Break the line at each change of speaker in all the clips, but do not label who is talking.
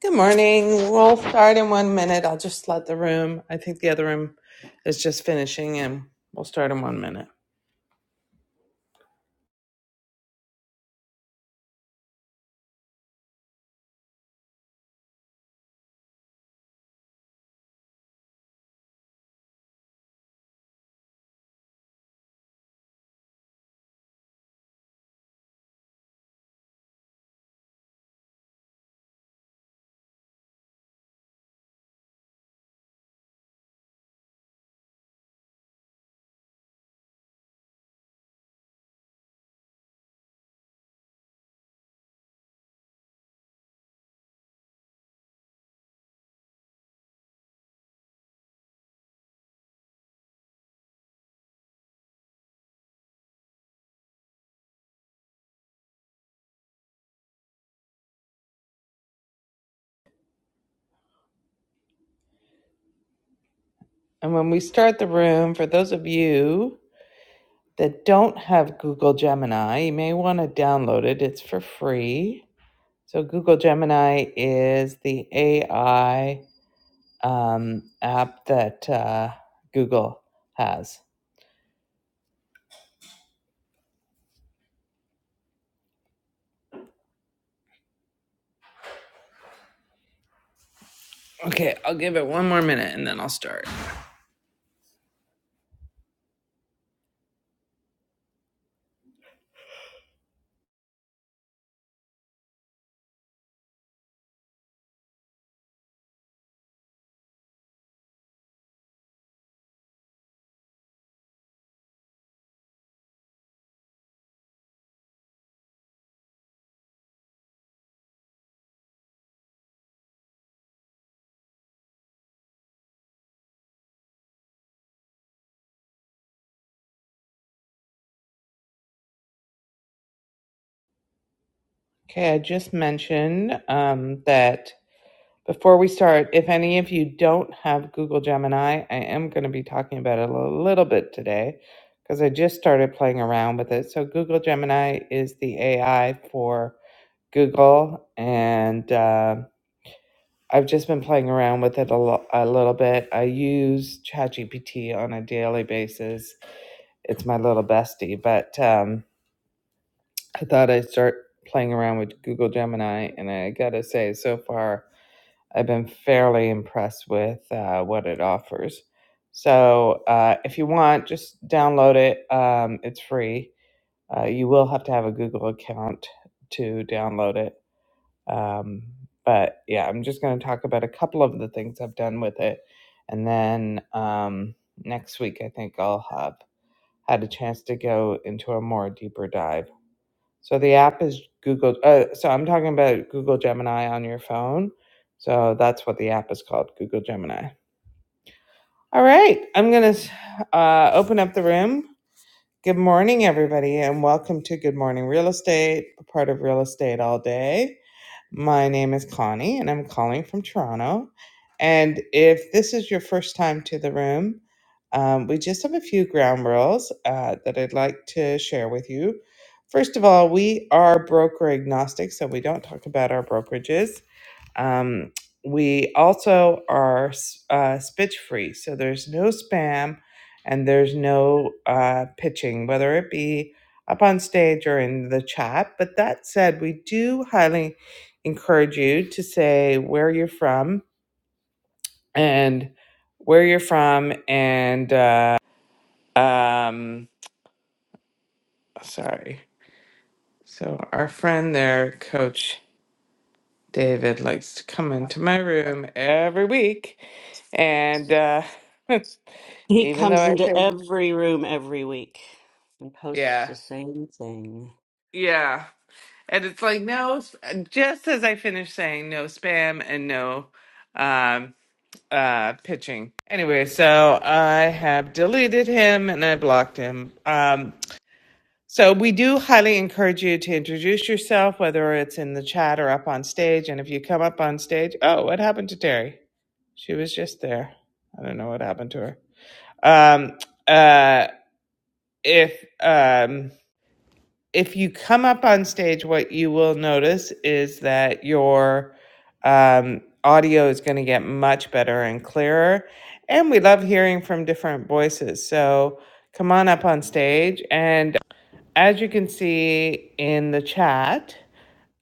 Good morning. We'll start in one minute. I'll just let the room, I think the other room is just finishing, and we'll start in one minute. And when we start the room, for those of you that don't have Google Gemini, you may want to download it. It's for free. So, Google Gemini is the AI um, app that uh, Google has. Okay, I'll give it one more minute and then I'll start. Okay, I just mentioned um, that before we start, if any of you don't have Google Gemini, I am going to be talking about it a little bit today because I just started playing around with it. So, Google Gemini is the AI for Google, and uh, I've just been playing around with it a, lo- a little bit. I use ChatGPT on a daily basis. It's my little bestie, but um, I thought I'd start playing around with Google Gemini, and I gotta say, so far, I've been fairly impressed with uh, what it offers. So, uh, if you want, just download it. Um, it's free. Uh, you will have to have a Google account to download it Um, but yeah, I'm just going to talk about a couple of the things I've done with it. And then um, next week, I think I'll have had a chance to go into a more deeper dive. So the app is Google. Uh, so I'm talking about Google Gemini on your phone. So that's what the app is called Google Gemini. All right. I'm going to uh, open up the room. Good morning, everybody, and welcome to Good Morning Real Estate, a part of Real Estate All Day. My name is Connie, and I'm calling from Toronto. And if this is your first time to the room, um, we just have a few ground rules uh, that I'd like to share with you. First of all, we are broker agnostic, so we don't talk about our brokerages. Um, we also are uh, spitch free, so there's no spam and there's no uh, pitching, whether it be up on stage or in the chat. But that said, we do highly encourage you to say where you're from and where you're from and uh, um, sorry. So our friend there, Coach. David likes to come into my room every week, and uh,
He
even though
comes
I
into
said,
every room every week and posts
yeah,
the same thing.
yeah, and it's like no, s- just as I finished saying no spam and no um, uh, pitching. Anyway, so I have deleted him and I blocked him. Um, So we do highly encourage you to introduce yourself, whether it's in the chat or up on stage. And if you come up on stage, oh, what happened to Terry? She was just there. I don't know what happened to her. Um, uh, if um, if you come up on stage, what you will notice is that your um, audio is going to get much better and clearer. And we love hearing from different voices. So come on up on stage. and. As you can see in the chat,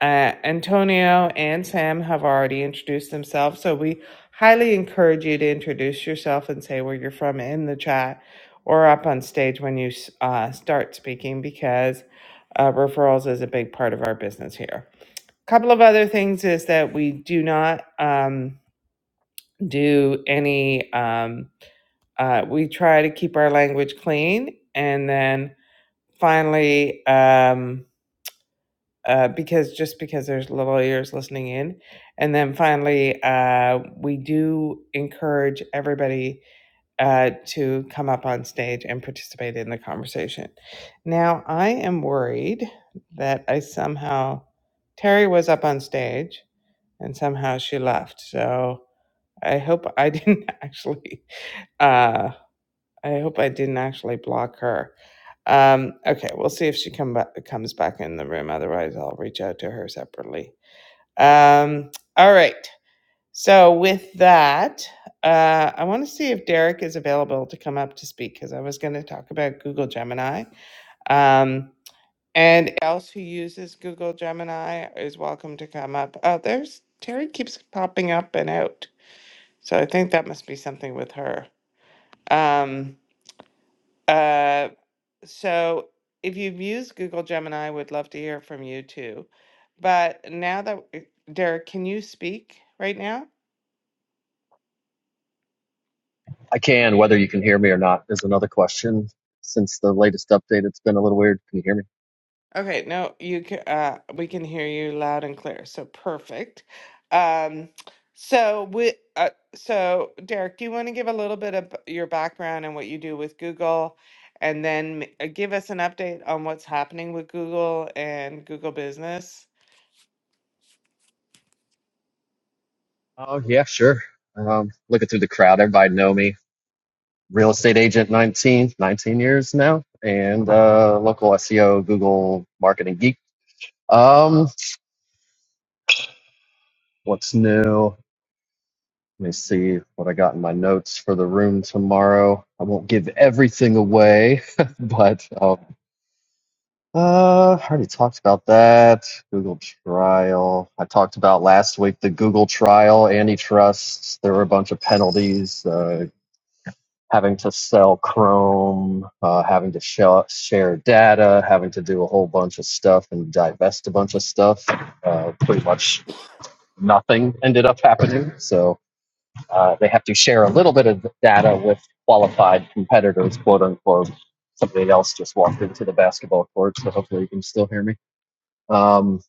uh, Antonio and Sam have already introduced themselves. So we highly encourage you to introduce yourself and say where you're from in the chat or up on stage when you uh, start speaking because uh, referrals is a big part of our business here. A couple of other things is that we do not um, do any, um, uh, we try to keep our language clean. And then finally, um, uh, because just because there's little ears listening in. And then finally, uh, we do encourage everybody uh, to come up on stage and participate in the conversation. Now, I am worried that I somehow, Terry was up on stage and somehow she left. So I hope I didn't actually. uh. I hope I didn't actually block her. Um, okay, we'll see if she come back, comes back in the room. Otherwise, I'll reach out to her separately. Um, all right. So with that, uh, I want to see if Derek is available to come up to speak because I was going to talk about Google Gemini. Um, and else who uses Google Gemini is welcome to come up. Oh, there's Terry keeps popping up and out. So I think that must be something with her. Um, uh, So if you've used Google Gemini, would love to hear from you too. But now that Derek, can you speak right now?
I can. Whether you can hear me or not is another question. Since the latest update, it's been a little weird. Can you hear me?
Okay, no, you can, uh, we can hear you loud and clear. So perfect. Um, so we, uh, so Derek, do you want to give a little bit of your background and what you do with Google, and then m- uh, give us an update on what's happening with Google and Google Business?
Oh yeah, sure. Um, looking through the crowd, everybody know me. Real estate agent, 19, 19 years now, and uh, local SEO, Google marketing geek. Um, what's new? Let me see what I got in my notes for the room tomorrow. I won't give everything away, but um, Uh, I already talked about that. Google trial. I talked about last week the Google trial, antitrust. There were a bunch of penalties, uh, having to sell Chrome, uh, having to shell share data, having to do a whole bunch of stuff and divest a bunch of stuff. Uh, pretty much nothing ended up happening. So uh, they have to share a little bit of data with qualified competitors, quote unquote. Somebody else just walked into the basketball court, so hopefully you can still hear me. Um,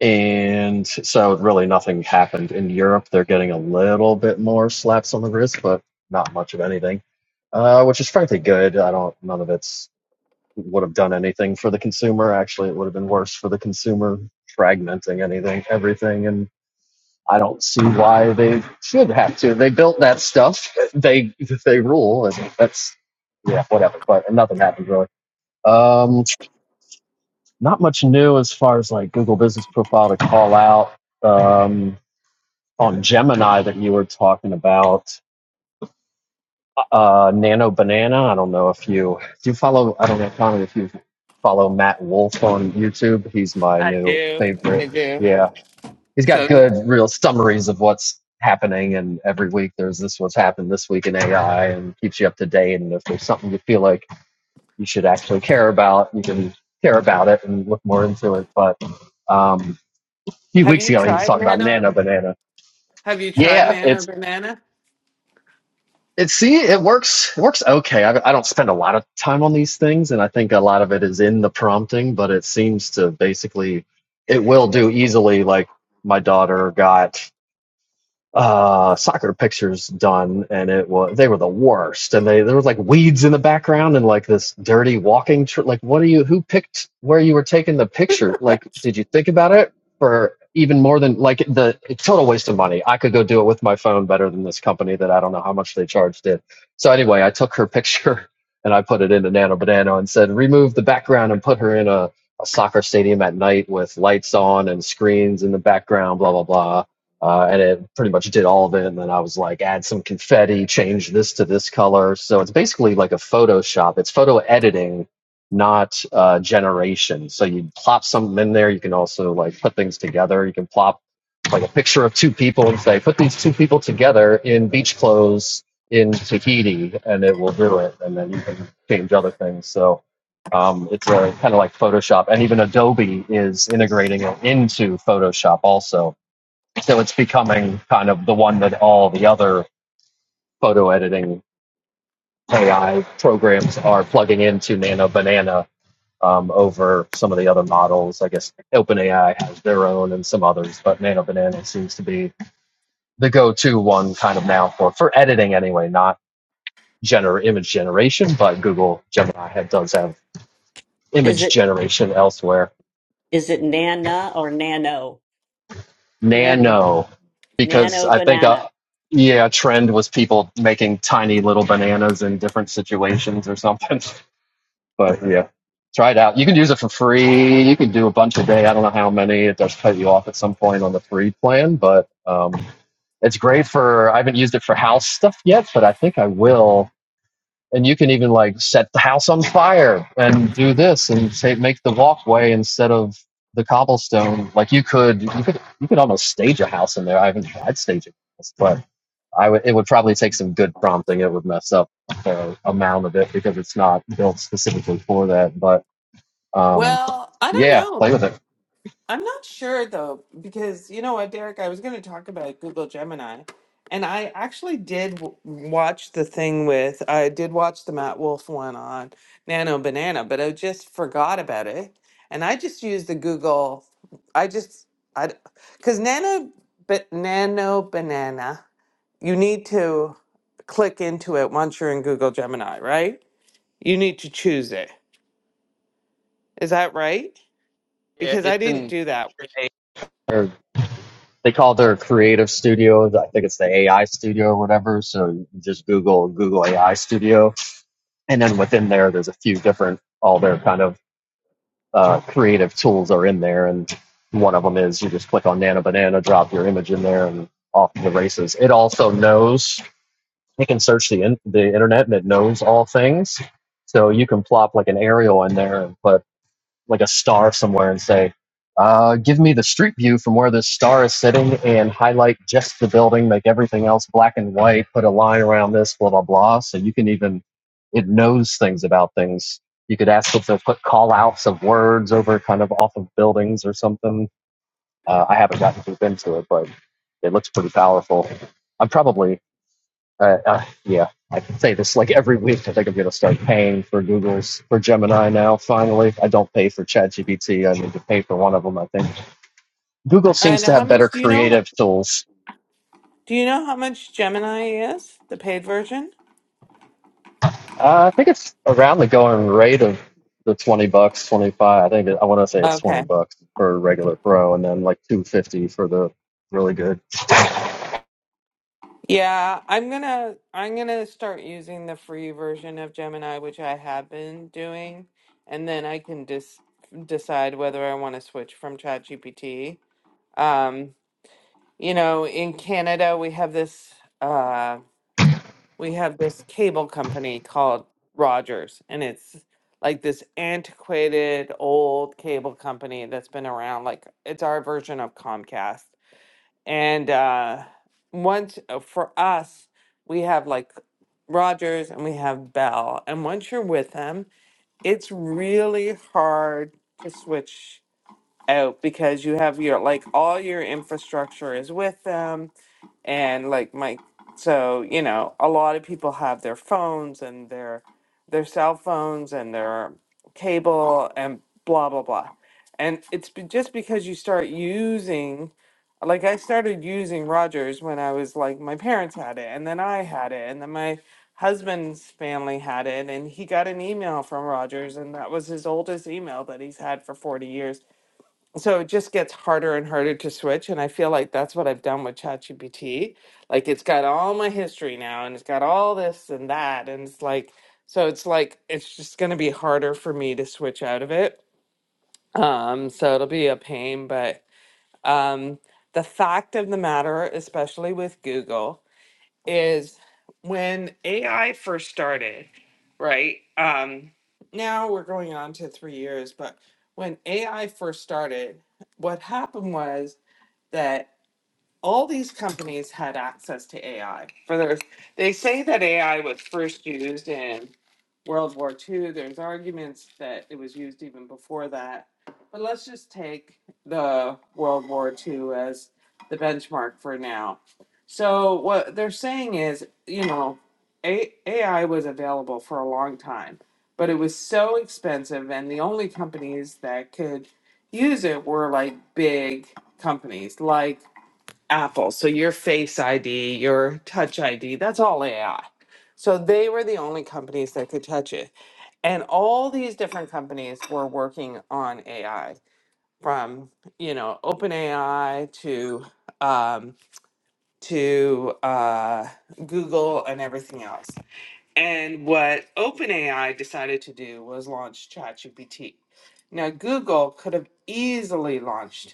and so really nothing happened in Europe. They're getting a little bit more slaps on the wrist, but not much of anything, uh, which is frankly good. I don't, none of it's would have done anything for the consumer. Actually, it would have been worse for the consumer fragmenting anything, everything. And I don't see why they should have to. They built that stuff. They, they rule and that's, yeah, whatever, but nothing happened really. Um, not much new as far as like Google Business Profile to call out um, on Gemini that you were talking about. Uh, uh, Nano Banana. I don't know if you do you follow. I don't know Connor, if you follow Matt Wolf on YouTube. He's my
I
new
do.
favorite.
I do.
Yeah, he's got
So
good real summaries of what's happening and every week there's this what's happened this week in ai and keeps you up to date and if there's something you feel like you should actually care about you can care about it and look more into it but um, few
have
weeks
you
ago he was
tried
talking about
Nano?
nano banana.
Have you tried
Yeah,
Nana or
it's
Banana?
it. See, it works. It works okay. I, I don't spend a lot of time on these things, and I think a lot of it is in the prompting. But it seems to basically, it will do easily. Like my daughter got. uh soccer pictures done and it was they were the worst and they there was like weeds in the background and like this dirty walking tr- like what are you who picked where you were taking the picture like did you think about it for even more than like the total waste of money i could go do it with my phone better than this company that i don't know how much they charged it so anyway i took her picture and i put it into nano banana and said remove the background and put her in a a soccer stadium at night with lights on and screens in the background, blah blah blah uh, and it pretty much did all of it. And then I was like, add some confetti, change this to this color. So it's basically like a Photoshop. It's photo editing, not uh, generation. So you plop something in there. You can also like put things together. You can plop like a picture of two people and say, put these two people together in beach clothes in Tahiti, and it will do it. And then you can change other things. So. Um, it's a kind of like Photoshop, and even Adobe is integrating it into Photoshop also. So it's becoming kind of the one that all the other photo editing AI programs are plugging into Nano Banana um, over some of the other models. I guess OpenAI has their own and some others, but Nano Banana seems to be the go-to one kind of now for for editing anyway, not gener image generation, but Google Gemini does have
Is
image
it
generation elsewhere.
is it Nana or Nano?
Nano.
nano because
Nano
I think a
banana.
yeah a trend was people making tiny little bananas in different situations or something. But yeah, try it out. You can use it for free. You can do a bunch a day. I don't know how many. It does cut you off at some point on the free plan, but um, it's great for. I haven't used it for house stuff yet, but I think I will and you can even like set the house on fire and do this and say make the walkway instead of the cobblestone like you could you could you could almost stage a house in there i haven't tried staging this but i would it would probably take some good prompting it would mess up the amount of it because it's not built specifically for that but um
Well, I don't
yeah
know.
play with it
I'm not sure though, because you know what, Derek, I was going to talk about Google Gemini, and I actually did w- watch the thing with, I did watch the Matt Wolf one on Nano Banana, but I just forgot about it. And I just used the Google, I just, I, because Nano, but Nano Banana, you need to click into it once you're in Google Gemini, right? You need to choose it. Is that right?
yeah
Because I
it's
didn't
in
do that.
their, they call their creative studio i think it's the ai studio or whatever so you just google google ai studio and then within there, there's a few different all their kind of uh, creative tools are in there, and one of them is you just click on Nano Banana, drop your image in there, and off to the races. It also knows it can search the in- the internet, and it knows all things. So you can plop like an aerial in there, and put like a star somewhere and say, uh, give me the street view from where this star is sitting and highlight just the building, make everything else black and white, put a line around this, blah, blah, blah. So you can even, it knows things about things. You could ask it to put call outs of words over kind of off of buildings or something. Uh, I haven't gotten deep into it, but it looks pretty powerful. I'm probably uh, uh, yeah, I can say this like every week. I think I'm going to start paying for Google's for Gemini now. Finally, I don't pay for ChatGPT. I need to pay for one of them. I think Google seems
And
to
how
have better
much do you know?
creative tools.
Do you know how much Gemini is, the paid version?
Uh, I think it's around the going rate of the twenty bucks, twenty five. I think it, I want to say it's twenty
Okay.
bucks for a regular pro, and then like two fifty for the really good.
Yeah, I'm gonna I'm gonna start using the free version of Gemini, which I have been doing, and then I can dis decide whether I want to switch from ChatGPT. Um, you know, in Canada, we have this uh, we have this cable company called Rogers, and it's like this antiquated old cable company that's been around. Like it's our version of Comcast. And uh, once uh, for us, we have like Rogers and we have Bell, and once you're with them, it's really hard to switch out because you have your like all your infrastructure is with them and like my so you know a lot of people have their phones and their their cell phones and their cable and blah blah blah and it's be- just because you start using like i started using rogers when i was like my parents had it and then i had it and then my husband's family had it and he got an email from rogers and that was his oldest email that he's had for 40 years so it just gets harder and harder to switch and i feel like that's what i've done with chatgpt like it's got all my history now and it's got all this and that and it's like so it's like it's just going to be harder for me to switch out of it um so it'll be a pain but um the fact of the matter especially with google is when AI first started, right? Um, now we're going on to three years, but when AI first started, what happened was that all these companies had access to AI. For their, they say that AI was first used in World War II. There's arguments that it was used even before that. But let's just take the World War II as the benchmark for now. So what they're saying is, you know, A- AI was available for a long time, but it was so expensive, and the only companies that could use it were like big companies, like Apple. So your Face ID, your Touch ID, that's all AI. So they were the only companies that could touch it. And all these different companies were working on AI from, you know, OpenAI to um, to uh, Google and everything else. And what OpenAI decided to do was launch ChatGPT. Now, Google could have easily launched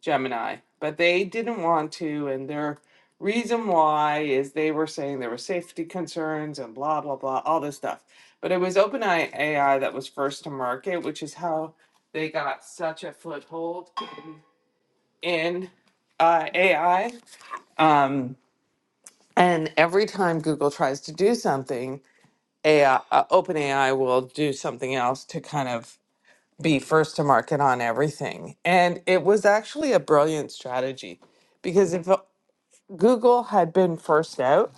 Gemini, but they didn't want to. And their reason why is they were saying there were safety concerns and blah, blah, blah, all this stuff. But it was OpenAI that was first to market, which is how they got such a foothold in uh, AI. Um, and every time Google tries to do something, AI, uh, OpenAI will do something else to kind of be first to market on everything. And it was actually a brilliant strategy because if Google had been first out.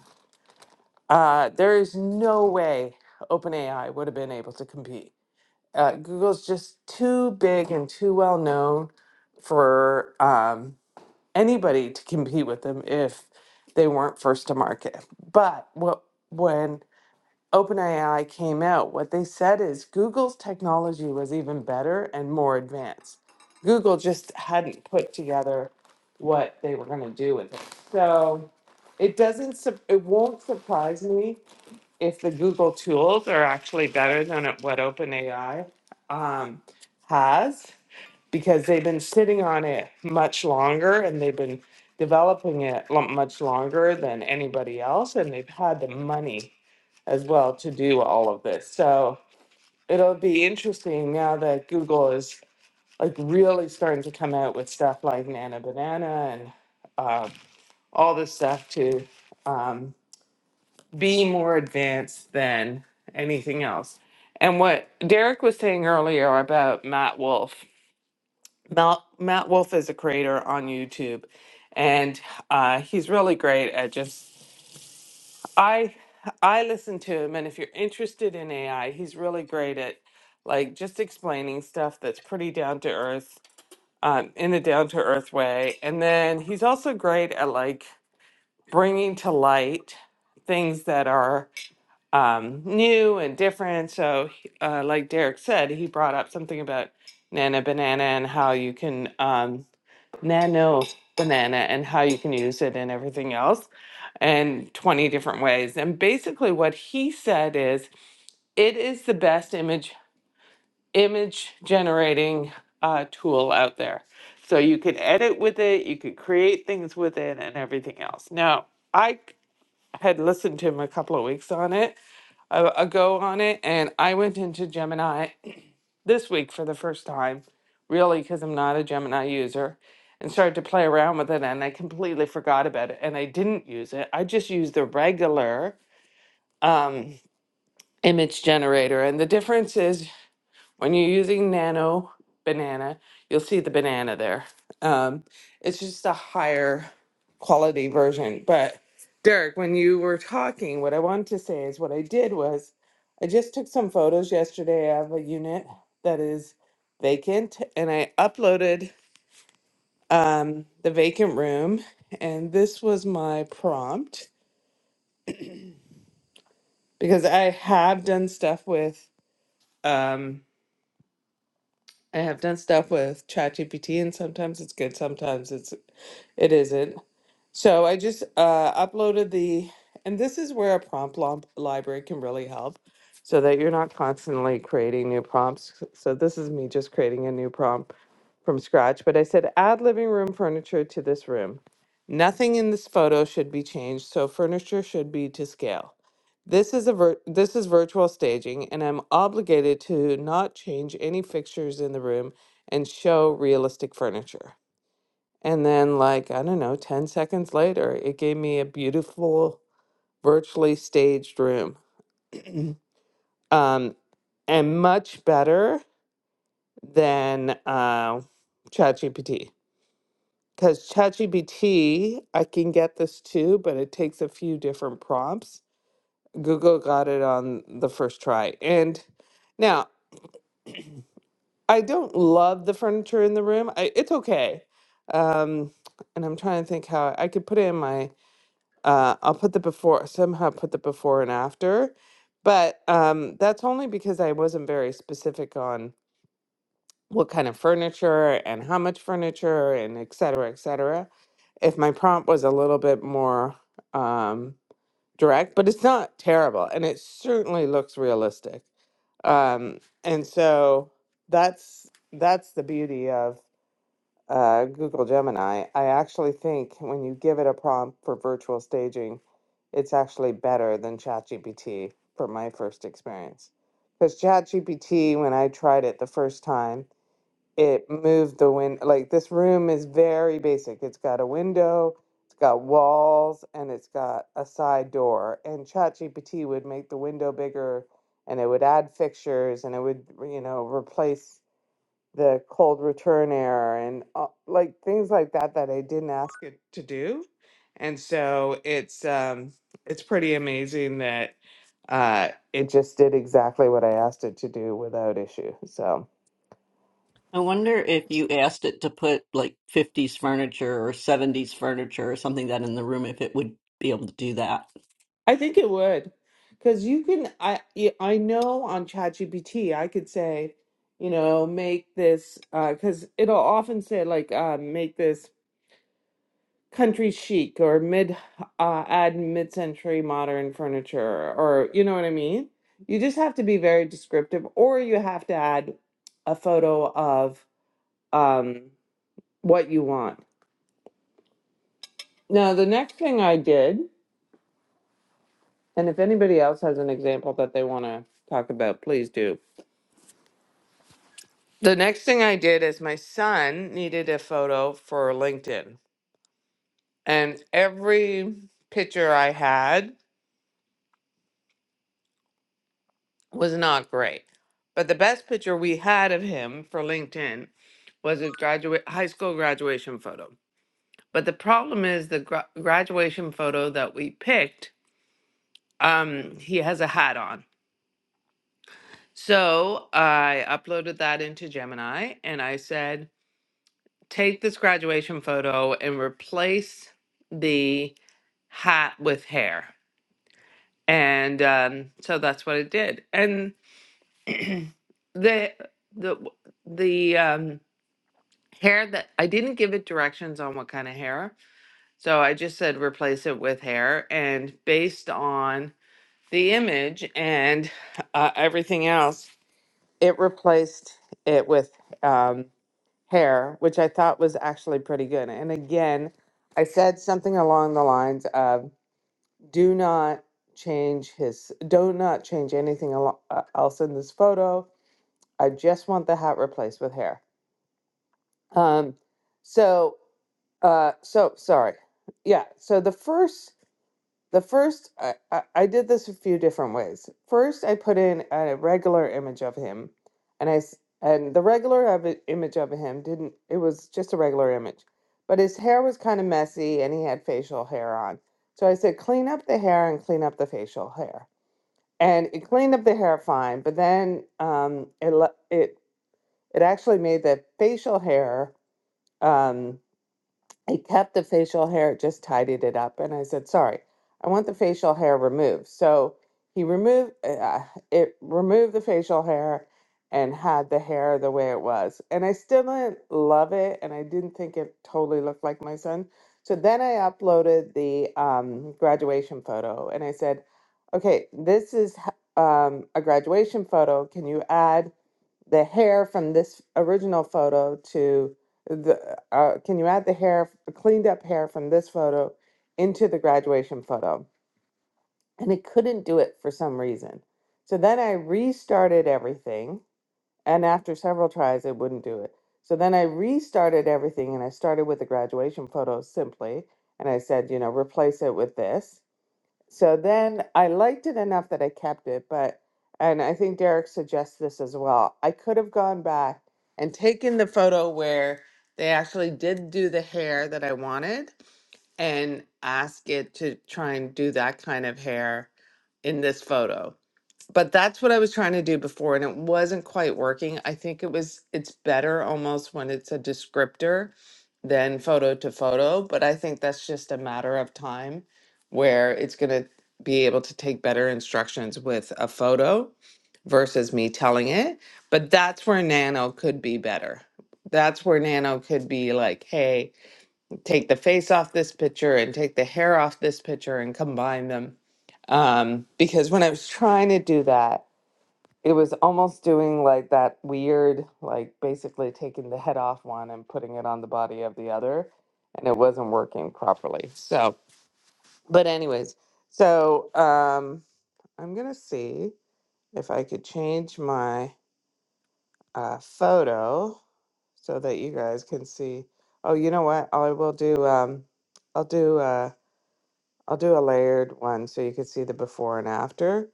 Uh, there is no way OpenAI would have been able to compete. Uh, Google's just too big and too well known for um, anybody to compete with them if they weren't first to market. But what when OpenAI came out, what they said is Google's technology was even better and more advanced. Google just hadn't put together what they were going to do with it. So it doesn't, sup- it won't surprise me if the Google tools are actually better than what OpenAI um, has because they've been sitting on it much longer and they've been developing it lo- much longer than anybody else and they've had the money as well to do all of this so it'll be interesting now that google is like really starting to come out with stuff like nana banana and uh, all this stuff to um, be more advanced than anything else and what derek was saying earlier about matt wolf Matt, Matt Wolf is a creator on YouTube, and uh, he's really great at just I I listen to him, and if you're interested in AI, he's really great at like just explaining stuff that's pretty down to earth, um, in a down to earth way, and then he's also great at like bringing to light things that are um, new and different. So, he- uh, like Derek said, he brought up something about Nana Banana and how you can. Um, nano banana and how you can use it and everything else and 20 different ways and basically what he said is it is the best image image generating uh, tool out there so you could edit with it you could create things with it and everything else now i had listened to him a couple of weeks on it uh, ago on it and i went into gemini this week for the first time, really, because I'm not a Gemini user, and started to play around with it. And I completely forgot about it, and I didn't use it. I just used the regular um, image generator, and the difference is when you're using nano banana, you'll see the banana there. Um, it's just a higher quality version. But Derek, when you were talking, what I wanted to say is what I did was I just took some photos yesterday of a unit that is vacant and I uploaded um, the vacant room. And this was my prompt because I have done stuff with. Um, I have done stuff with ChatGPT, and sometimes it's good, sometimes it's it isn't. So I just uh, uploaded the, and this is where a prompt lomp- library can really help so that you're not constantly creating new prompts. So this is me just creating a new prompt from scratch. But I said, add living room furniture to this room. Nothing in this photo should be changed, so furniture should be to scale. This is a vir- this is virtual staging, and I'm obligated to not change any fixtures in the room and show realistic furniture. And then, like, I don't know, 10 seconds later, it gave me a beautiful, virtually staged room. Um, and much better than uh, ChatGPT. Because ChatGPT, I can get this too, but it takes a few different prompts. Google got it on the first try. And now, I don't love the furniture in the room. I, it's okay. Um, and I'm trying to think how I could put it in my Uh, I'll put the before somehow put the before and after, but um, that's only because I wasn't very specific on what kind of furniture and how much furniture and et cetera, et cetera. If my prompt was a little bit more um, direct, but it's not terrible, and it certainly looks realistic. Um, and so that's that's the beauty of uh, Google Gemini, I actually think when you give it a prompt for virtual staging, it's actually better than ChatGPT from my first experience. Because ChatGPT, when I tried it the first time, it moved the wind. Like this room is very basic. It's got a window, it's got walls, and it's got a side door. And ChatGPT would make the window bigger, and it would add fixtures, and it would you know replace the cold return error and uh, like things like that that I didn't ask it to do. And so it's um it's pretty amazing that uh it just did exactly what I asked it to do without issue. So
I wonder if you asked it to put like 50s furniture or 70s furniture or something that in the room, if it would be able to do that.
I think it would cuz you can I y- I know on ChatGPT I could say you know make this uh cuz it'll often say like uh, make this country chic or mid uh, add mid-century modern furniture or you know what I mean? You just have to be very descriptive or you have to add a photo of um, what you want. Now, the next thing I did, and if anybody else has an example that they want to talk about, please do. The next thing I did is my son needed a photo for LinkedIn. And every picture I had was not great. But the best picture we had of him for LinkedIn was his graduate high school graduation photo. But the problem is the gra- graduation photo that we picked, um, he has a hat on. So I uploaded that into Gemini and I said, take this graduation photo and replace the hat with hair. And um, so that's what it did. And the the the um, hair that I didn't give it directions on what kind of hair. So I just said replace it with hair. And based on the image and uh, everything else, it replaced it with um, hair, which I thought was actually pretty good. And again, I said something along the lines of do not change his, do not change anything al- uh, else in this photo. I just want the hat replaced with hair. Um, so Uh, so sorry. Yeah. So the first, the first, I, I, I did this a few different ways. First, I put in a regular image of him, and I s- and the regular of it, image of him didn't. It was just a regular image, but his hair was kind of messy, and he had facial hair on. So I said, clean up the hair and clean up the facial hair, and it cleaned up the hair fine. But then um, it le- it it actually made the facial hair. um. I kept the facial hair, just tidied it up, and I said, "Sorry, I want the facial hair removed." So he removed uh, it, removed the facial hair, and had the hair the way it was. And I still didn't love it, and I didn't think it totally looked like my son. So then I uploaded the um, graduation photo, and I said, "Okay, this is h- um, a graduation photo. Can you add?" the hair from this original photo to the uh, can you add the hair cleaned up hair from this photo into the graduation photo and it couldn't do it for some reason so then i restarted everything and after several tries it wouldn't do it so then i restarted everything and i started with the graduation photo simply and i said you know replace it with this so then I liked it enough that I kept it, but and I think Derek suggests this as well. I could have gone back and taken the photo where they actually did do the hair that I wanted and ask it to try and do that kind of hair in this photo but that's what I was trying to do before, and it wasn't quite working. I think it was, it's better almost when it's a descriptor than photo to photo, but I think that's just a matter of time where it's going to be able to take better instructions with a photo versus me telling it. But that's where Nano could be better. That's where Nano could be like, hey, take the face off this picture and take the hair off this picture and combine them. Um, because when I was trying to do that, it was almost doing like that weird like basically taking the head off one and putting it on the body of the other and it wasn't working properly so but anyways so um i'm gonna see if i could change my uh, photo so that you guys can see oh you know what i will do um i'll do uh i'll do a layered one so you can see the before and after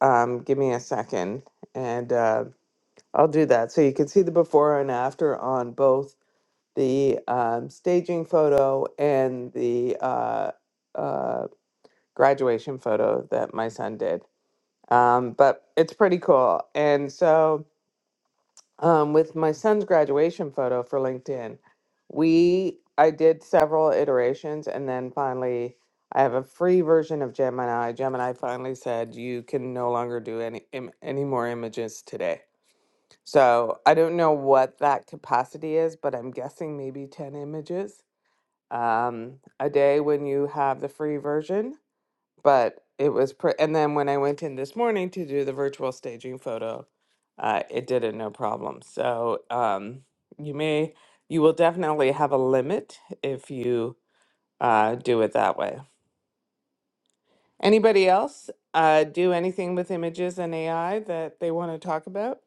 um give me a second and Um, I'll do that. So you can see the before and after on both the um, staging photo and the uh, uh, graduation photo that my son did. Um, but it's pretty cool. And so um, with my son's graduation photo for LinkedIn, we I did several iterations and then finally I have a free version of Gemini. Gemini finally said you can no longer do any im- any more images today so I don't know what that capacity is, but I'm guessing maybe 10 images um, a day when you have the free version. But it was, pre- and then when I went in this morning to do the virtual staging photo, uh, it did it no problem. So um, you may, you will definitely have a limit if you uh, do it that way. Anybody else uh, do anything with images and AI that they want to talk about?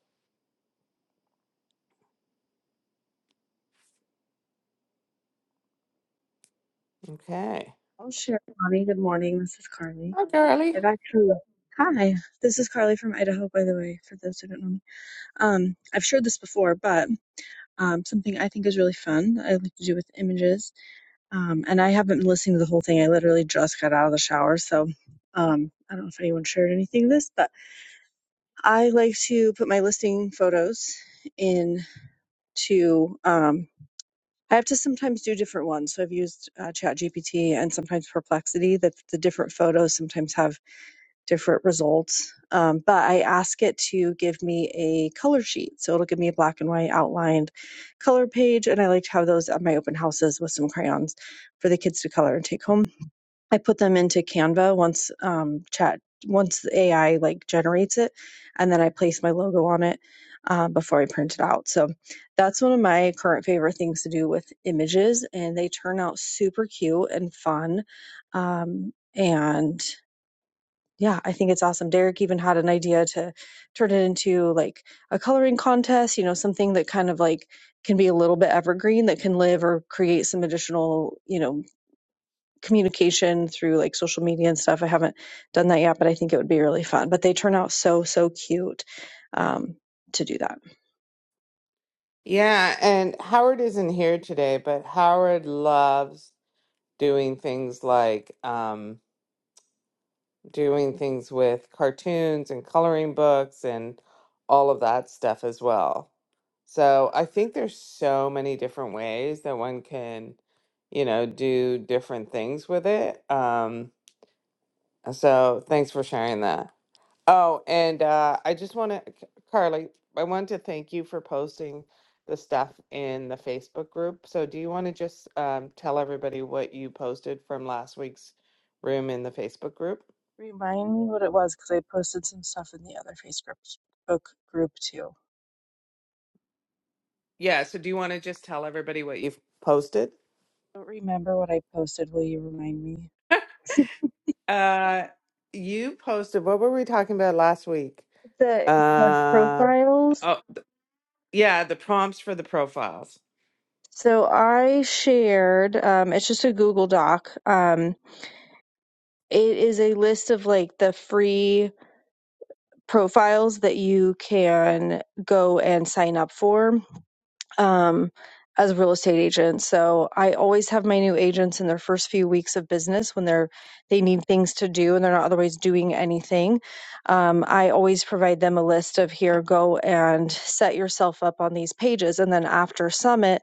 Okay.
I'll share, Connie. Good morning. This is Carly.
Hi, Carly.
I've actually hi. This is Carly from Idaho, by the way, for those who don't know me. Um, I've shared this before, but um, something I think is really fun. that I like to do with images, um, and I haven't been listening to the whole thing. I literally just got out of the shower, so um, I don't know if anyone shared anything of this, but I like to put my listing photos in to. Um, I have to sometimes do different ones. So I've used uh, ChatGPT and sometimes Perplexity. That the different photos sometimes have different results. Um, but I ask it to give me a color sheet. So it'll give me a black and white outlined color page. And I like to have those at my open houses with some crayons for the kids to color and take home. I put them into Canva once um, chat, once the AI like generates it. And then I place my logo on it uh, before I print it out. So that's one of my current favorite things to do with images. And they turn out super cute and fun. Um, and yeah, I think it's awesome. Derek even had an idea to turn it into like a coloring contest, you know, something that kind of like can be a little bit evergreen that can live or create some additional, you know, communication through like social media and stuff. I haven't done that yet, but I think it would be really fun. But they turn out so, so cute um, to do that.
Yeah, and Howard isn't here today, but Howard loves doing things like um, doing things with cartoons and coloring books and all of that stuff as well. So I think there's so many different ways that one can, you know, do different things with it. Um, so thanks for sharing that. Oh, and uh, I just want to, Carly, I want to thank you for posting the stuff in the Facebook group. So, do you want to just um, tell everybody what you posted from last week's room in the Facebook group?
Remind me what it was because I posted some stuff in the other Facebook group too.
Yeah. So, do you want to just tell everybody what you've posted?
I don't remember what I posted. Will you remind me? She
Uh, you posted, what were we talking about last week?
put the, the
Uh,
profiles.
oh, yeah, the prompts for the profiles.
So I shared. Um, it's just a Google Doc. Um, it is a list of like the free profiles that you can go and sign up for. um, as a real estate agent. So I always have my new agents in their first few weeks of business when they're they need things to do and they're not otherwise doing anything. Um, I always provide them a list of here, go and set yourself up on these pages, and then after summit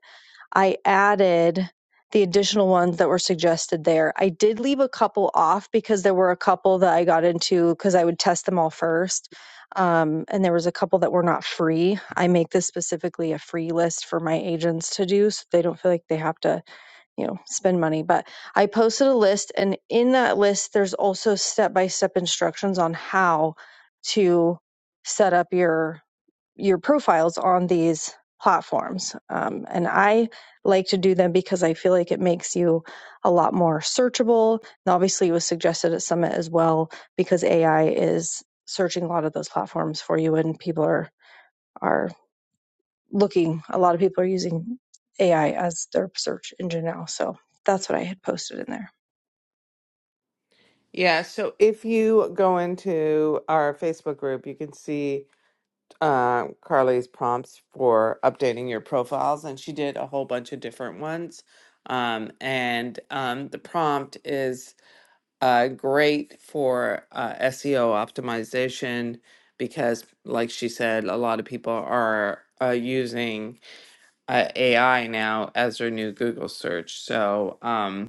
I added the additional ones that were suggested there. I did leave a couple off because there were a couple that I got into because I would test them all first. Um, and there was a couple that were not free. I make this specifically a free list for my agents to do so they don't feel like they have to, you know, spend money. But I posted a list, and in that list, there's also step by step instructions on how to set up your your profiles on these platforms. Um, and I like to do them because I feel like it makes you a lot more searchable. And obviously, it was suggested at Summit as well because AI is searching a lot of those platforms for you, and people are are looking. A lot of people are using AI as their search engine now. So that's what I had posted in there.
Yeah. So, if you go into our Facebook group, you can see. uh, Carly's prompts for updating your profiles, and she did a whole bunch of different ones. Um, and um, the prompt is uh, great for uh, SEO optimization because, like she said, a lot of people are uh, using uh, AI now as their new Google search. So, um,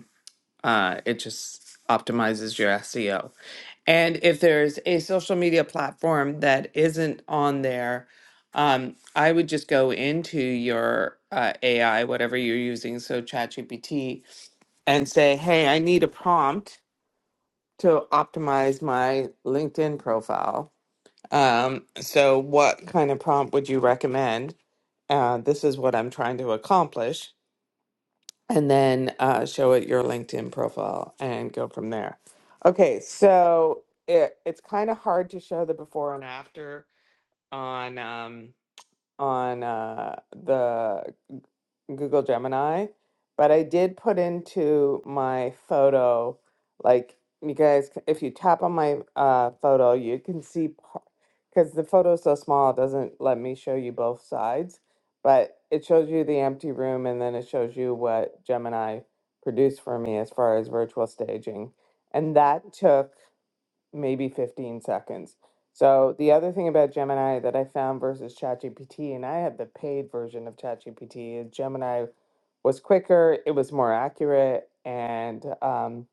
uh, it just optimizes your SEO. And if there's a social media platform that isn't on there, um, I would just go into your uh, AI, whatever you're using, so ChatGPT, and say, hey, I need a prompt to optimize my LinkedIn profile. Um, so, what kind of prompt would you recommend? Uh, this is what I'm trying to accomplish and then uh, show it your LinkedIn profile and go from there. Okay, so it, it's kind of hard to show the before and after on. Um, on uh, the G- Google Gemini, but I did put into my photo, like you guys, c- if you tap on my uh, photo, you can see because the photo is so small, it doesn't let me show you both sides, but it shows you the empty room and then it shows you what Gemini produced for me as far as virtual staging. And that took maybe 15 seconds. So the other thing about Gemini that I found versus ChatGPT, and I have the paid version of ChatGPT, is Gemini was quicker, it was more accurate, and um,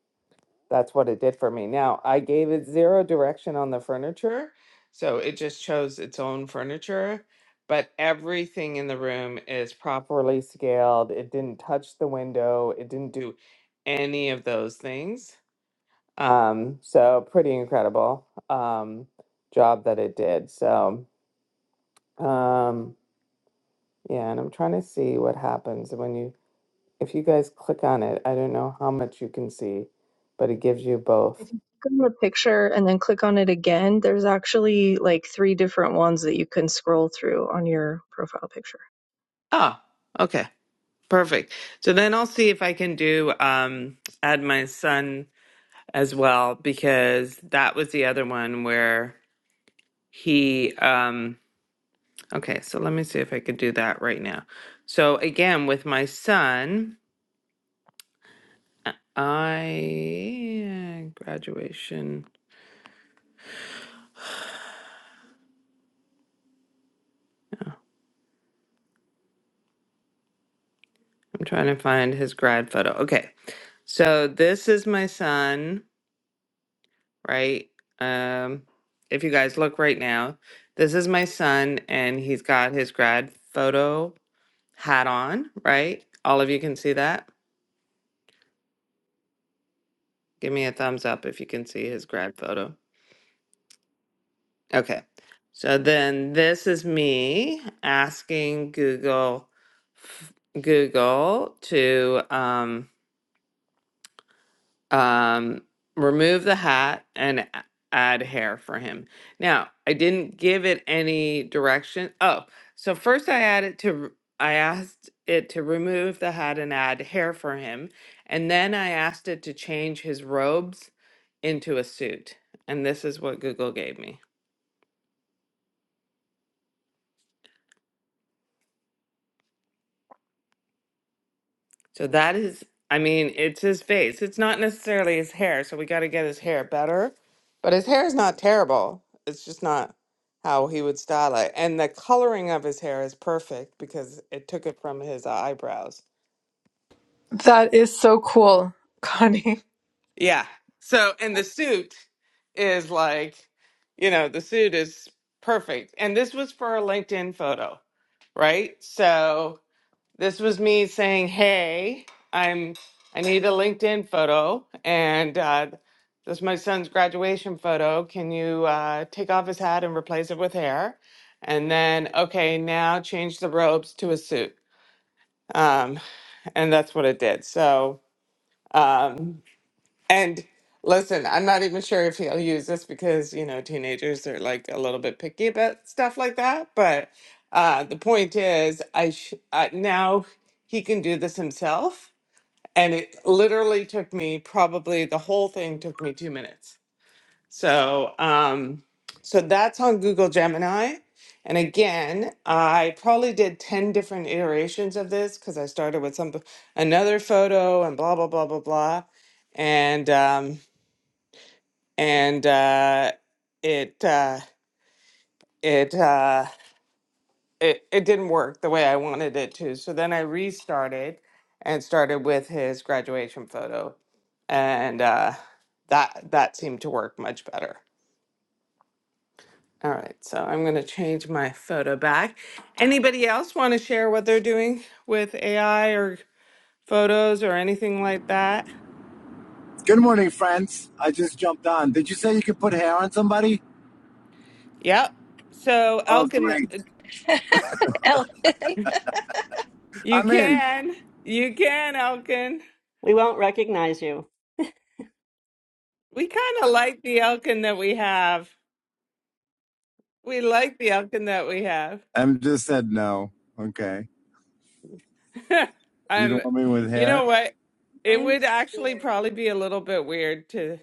that's what it did for me. Now I gave it zero direction on the furniture, so it just chose its own furniture. But everything in the room is properly scaled. It didn't touch the window. It didn't do any of those things. Um, so pretty incredible um, job that it did. So um, yeah, and I'm trying to see what happens when you if you guys click on it. I don't know how much you can see, but it gives you both.
If you click on the picture and then click on it again, there's actually like three different ones that you can scroll through on your profile picture.
Oh, okay, perfect. So then I'll see if I can do um, add my son as well because that was the other one where he. Um, okay, so let me see if I could do that right now. So again, with my son. I graduation. I'm trying to find his grad photo. Okay. So this is my son, right? Um if you guys look right now, this is my son and he's got his grad photo hat on, right? All of you can see that. Give me a thumbs up if you can see his grad photo. Okay. So then this is me asking Google Google to um um, remove the hat and a- add hair for him. Now, I didn't give it any direction. Oh, so first I added to, r- I asked it to remove the hat and add hair for him. And then I asked it to change his robes into a suit. And this is what Google gave me. So that is, I mean, it's his face. It's not necessarily his hair. So we got to get his hair better. But his hair is not terrible. It's just not how he would style it. And the coloring of his hair is perfect because it took it from his uh, eyebrows.
That is so cool, Connie.
Yeah. So, and the suit is like, you know, the suit is perfect. And this was for a LinkedIn photo, right? So, This was me saying, "Hey, I'm I need a LinkedIn photo, and uh, this is my son's graduation photo. Can you uh, take off his hat and replace it with hair?" And then, okay, now change the robes to a suit, um, and that's what it did. So. Um, and listen, I'm not even sure if he'll use this because, you know, teenagers are like a little bit picky about stuff like that. But uh, the point is, I sh- uh, now he can do this himself. And it literally took me probably the whole thing took me two minutes. So, um, so that's on Google Gemini. And again, I probably did 10 different iterations of this because I started with some another photo and blah blah blah blah blah. And um, and uh, it uh, it uh, it it didn't work the way I wanted it to. So then I restarted and started with his graduation photo, and uh, that that seemed to work much better. All right, so I'm going to change my photo back. Anybody else want to share what they're doing with AI or photos or anything like that?
Good morning, friends. I just jumped on. Did you say you could put hair on somebody?
Yep. So
Oh,
Elkin,
great.
uh,
Oh,
you
I'm in.
can, you can, Elkin.
We won't recognize you.
We kind of like the Elkin that we have. We like the Elkin that we have.
i just said no. Okay. You don't
Um,
want me with
you know
hair?
what? It
I'm
would actually
scared.
probably be a little bit weird to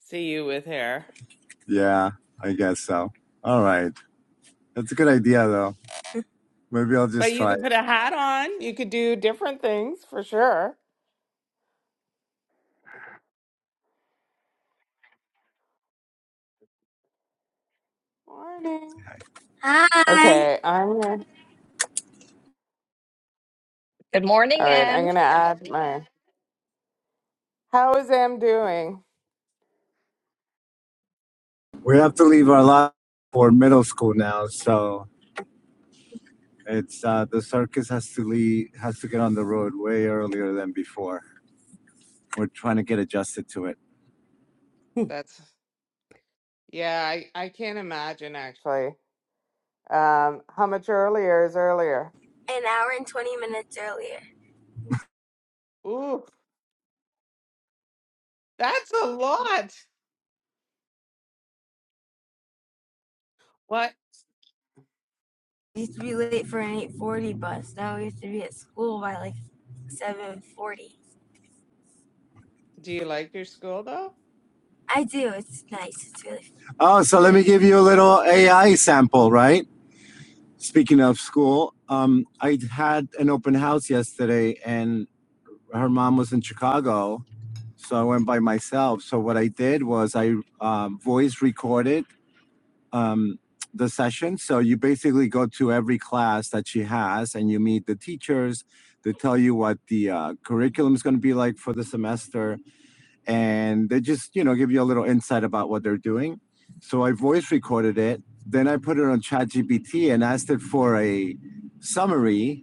see you with hair,
Yeah, I guess so. All right. That's a good idea, though. Maybe I'll
but
just
you
try
could put
it.
a hat on. You could do different things for sure. Morning.
Hi.
Okay, I'm gonna.
good morning,
All right,
Em.
I'm gonna add my. How is Em doing?
We have to leave our lot for middle school now, so it's uh, the circus has to leave, has to get on the road way earlier than before. We're trying to get adjusted to it.
Hmm.
That's yeah. I I can't imagine actually. Um, how much earlier is earlier?
An hour and 20 minutes earlier.
Ooh, that's a lot. What?
We used to be late for an 8:40 bus. Now we have to be at school by like 7:40.
Do you like your school though?
I do. It's nice. It's really fun. Oh, so let me give you a little AI sample, right? Speaking of school, um, I had an open house yesterday and her mom was in Chicago. So I went by myself. So what I did was I um, voice recorded um, the session. So you basically go to every class that she has and you meet the teachers. They tell you what the uh, curriculum is going to be like for the semester, and they just you know give you a little insight about what they're doing. So I voice recorded it. Then I put it on ChatGPT and asked it for a summary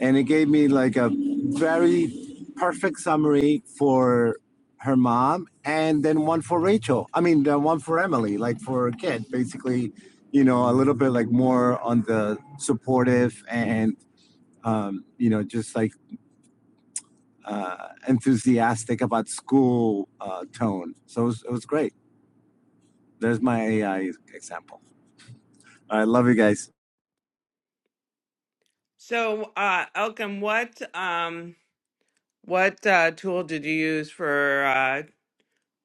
and it gave me like a very perfect summary for her mom and then one for Rachel. I mean, the one for Emily, like for her kid, basically, you know, a little bit like more on the supportive and, um, you know, just like uh, enthusiastic about school uh, tone. So it was, it was great. There's my AI example. I love you guys.
So, uh, Elkin, what um, what uh, tool did you use for uh,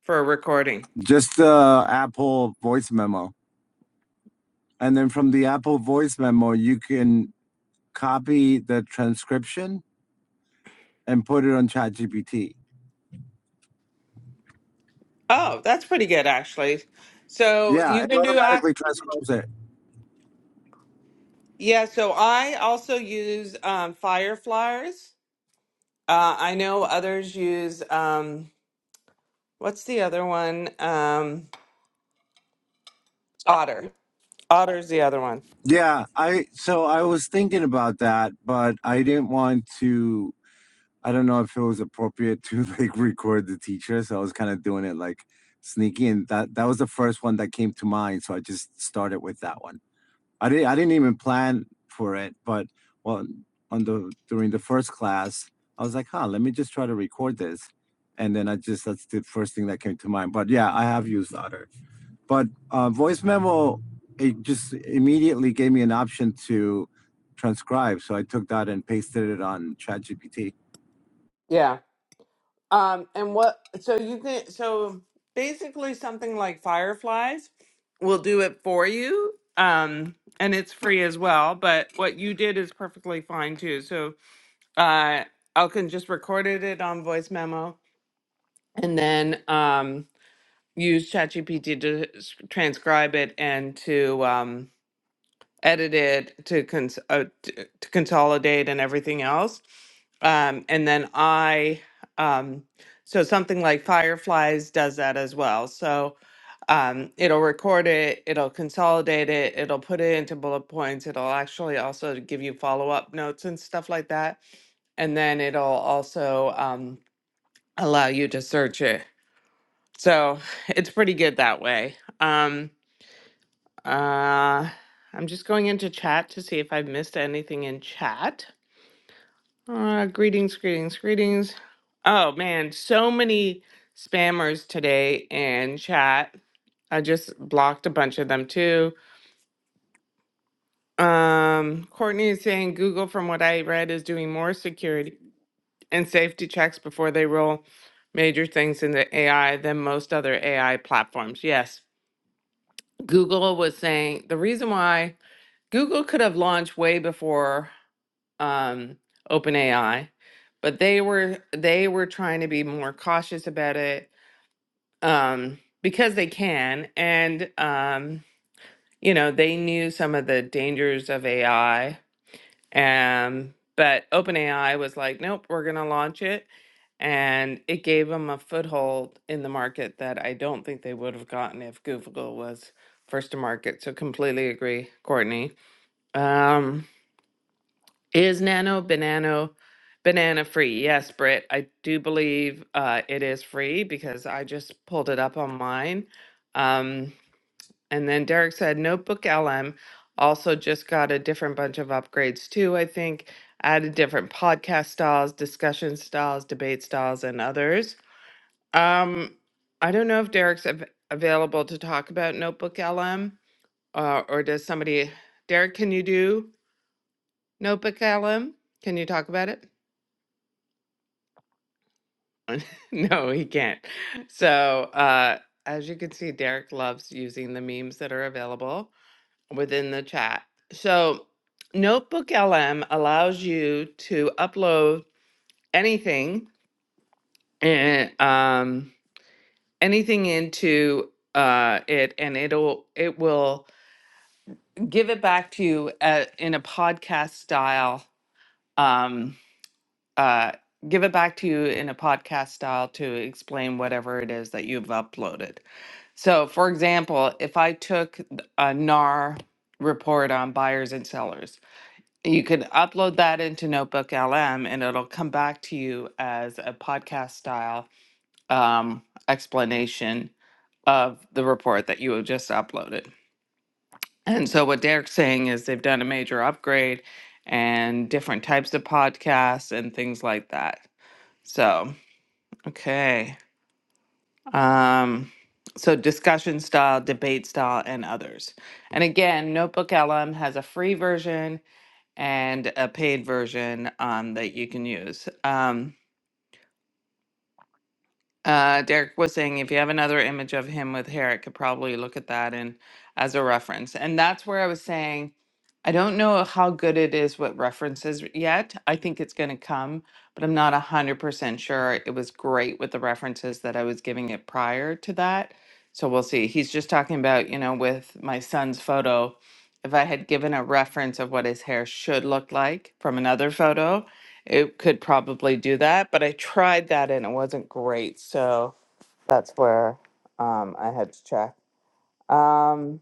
for recording?
Just the uh, Apple voice memo. And then from the Apple voice memo, you can copy the transcription and put it on ChatGPT.
Oh, that's pretty good actually. So
Yeah,
you
it
can do ac-
automatically transcribes it.
yeah. So I also use um, Fireflies. Uh, I know others use um, what's the other one? Um, Otter. Otter's the other one.
Yeah, I so I was thinking about that, but I didn't want to. I don't know if it was appropriate to like record the teacher, so I was kind of doing it like sneaky, and that that was the first one that came to mind, so I just started with that one. I didn't I didn't even plan for it, but well, on the during the first class, I was like, huh, let me just try to record this. And then I just that's the first thing that came to mind. But yeah, I have used Otter. But uh, voice memo, it just immediately gave me an option to transcribe. So I took that and pasted it on ChatGPT.
Yeah. Um, and what, so you can, so basically something like Fireflies will do it for you. Um, and it's free as well, but what you did is perfectly fine too. So, uh, Elkin just recorded it on voice memo and then, um, use ChatGPT to s- transcribe it and to, um, edited to, cons- uh, to, to consolidate and everything else. Um, and then I, um, so something like Fireflies does that as well. So um, it'll record it, it'll consolidate it, it'll put it into bullet points, it'll actually also give you follow up notes and stuff like that. And then it'll also um, allow you to search it. So it's pretty good that way. Um, uh, I'm just going into chat to see if I've missed anything in chat. Uh, greetings, greetings, greetings. Oh man, so many spammers today in chat. I just blocked a bunch of them too. Um, Courtney is saying Google, from what I read, is doing more security and safety checks before they roll major things in the AI than most other AI platforms. Yes, Google was saying the reason why Google could have launched way before um, OpenAI, but they were they were trying to be more cautious about it um, because they can, and um, you know they knew some of the dangers of AI. Um, but OpenAI was like, nope, we're gonna launch it, and it gave them a foothold in the market that I don't think they would have gotten if Google was first to market. So completely agree, Courtney. Um, Is Nano Banana Banana free? Yes, Britt, I do believe uh, it is free because I just pulled it up online. Um, and then Derek said Notebook LM also just got a different bunch of upgrades too, I think. Added different podcast styles, discussion styles, debate styles, and others. Um, I don't know if Derek's av- available to talk about Notebook LM uh, or does somebody, Derek, can you do Notebook LM? Can you talk about it? No, he can't. So, uh, as you can see, Derek loves using the memes that are available within the chat. So, Notebook LM allows you to upload anything and um, anything into uh, it, and it'll it will give it back to you uh in a podcast style. Um, uh, give it back to you in a podcast style to explain whatever it is that you've uploaded. So, for example, if I took a NAR report on buyers and sellers, you could upload that into Notebook LM and it'll come back to you as a podcast style um, explanation of the report that you have just uploaded. And so, what Derek's saying is they've done a major upgrade and different types of podcasts and things like that. So, okay. Um, so discussion style, debate style, and others. And again, Notebook LM has a free version and a paid version um, that you can use. Um, uh, Derek was saying if you have another image of him with hair, I could probably look at that and as a reference. And that's where I was saying, I don't know how good it is with references yet. I think it's going to come, but I'm not 100% sure. It was great with the references that I was giving it prior to that. So we'll see. He's just talking about, you know, with my son's photo, if I had given a reference of what his hair should look like from another photo, it could probably do that, but I tried that and it wasn't great. So that's where um, I had to check. Um,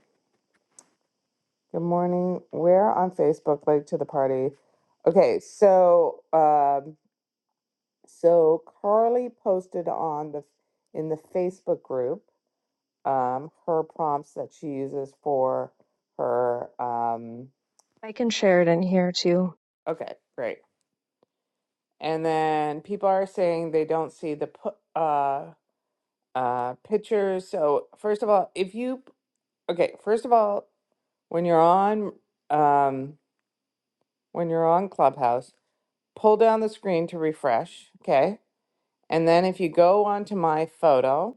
good morning. We're on Facebook, late to the party. Okay, so um, so Carly posted on the in the Facebook group um, her prompts that she uses for her. Um,
I can share it in here too.
okay, great. And then people are saying they don't see the po- uh, uh pictures. So first of all, if you okay, first of all, when you're on um when you're on Clubhouse, pull down the screen to refresh, okay? And then if you go onto my photo,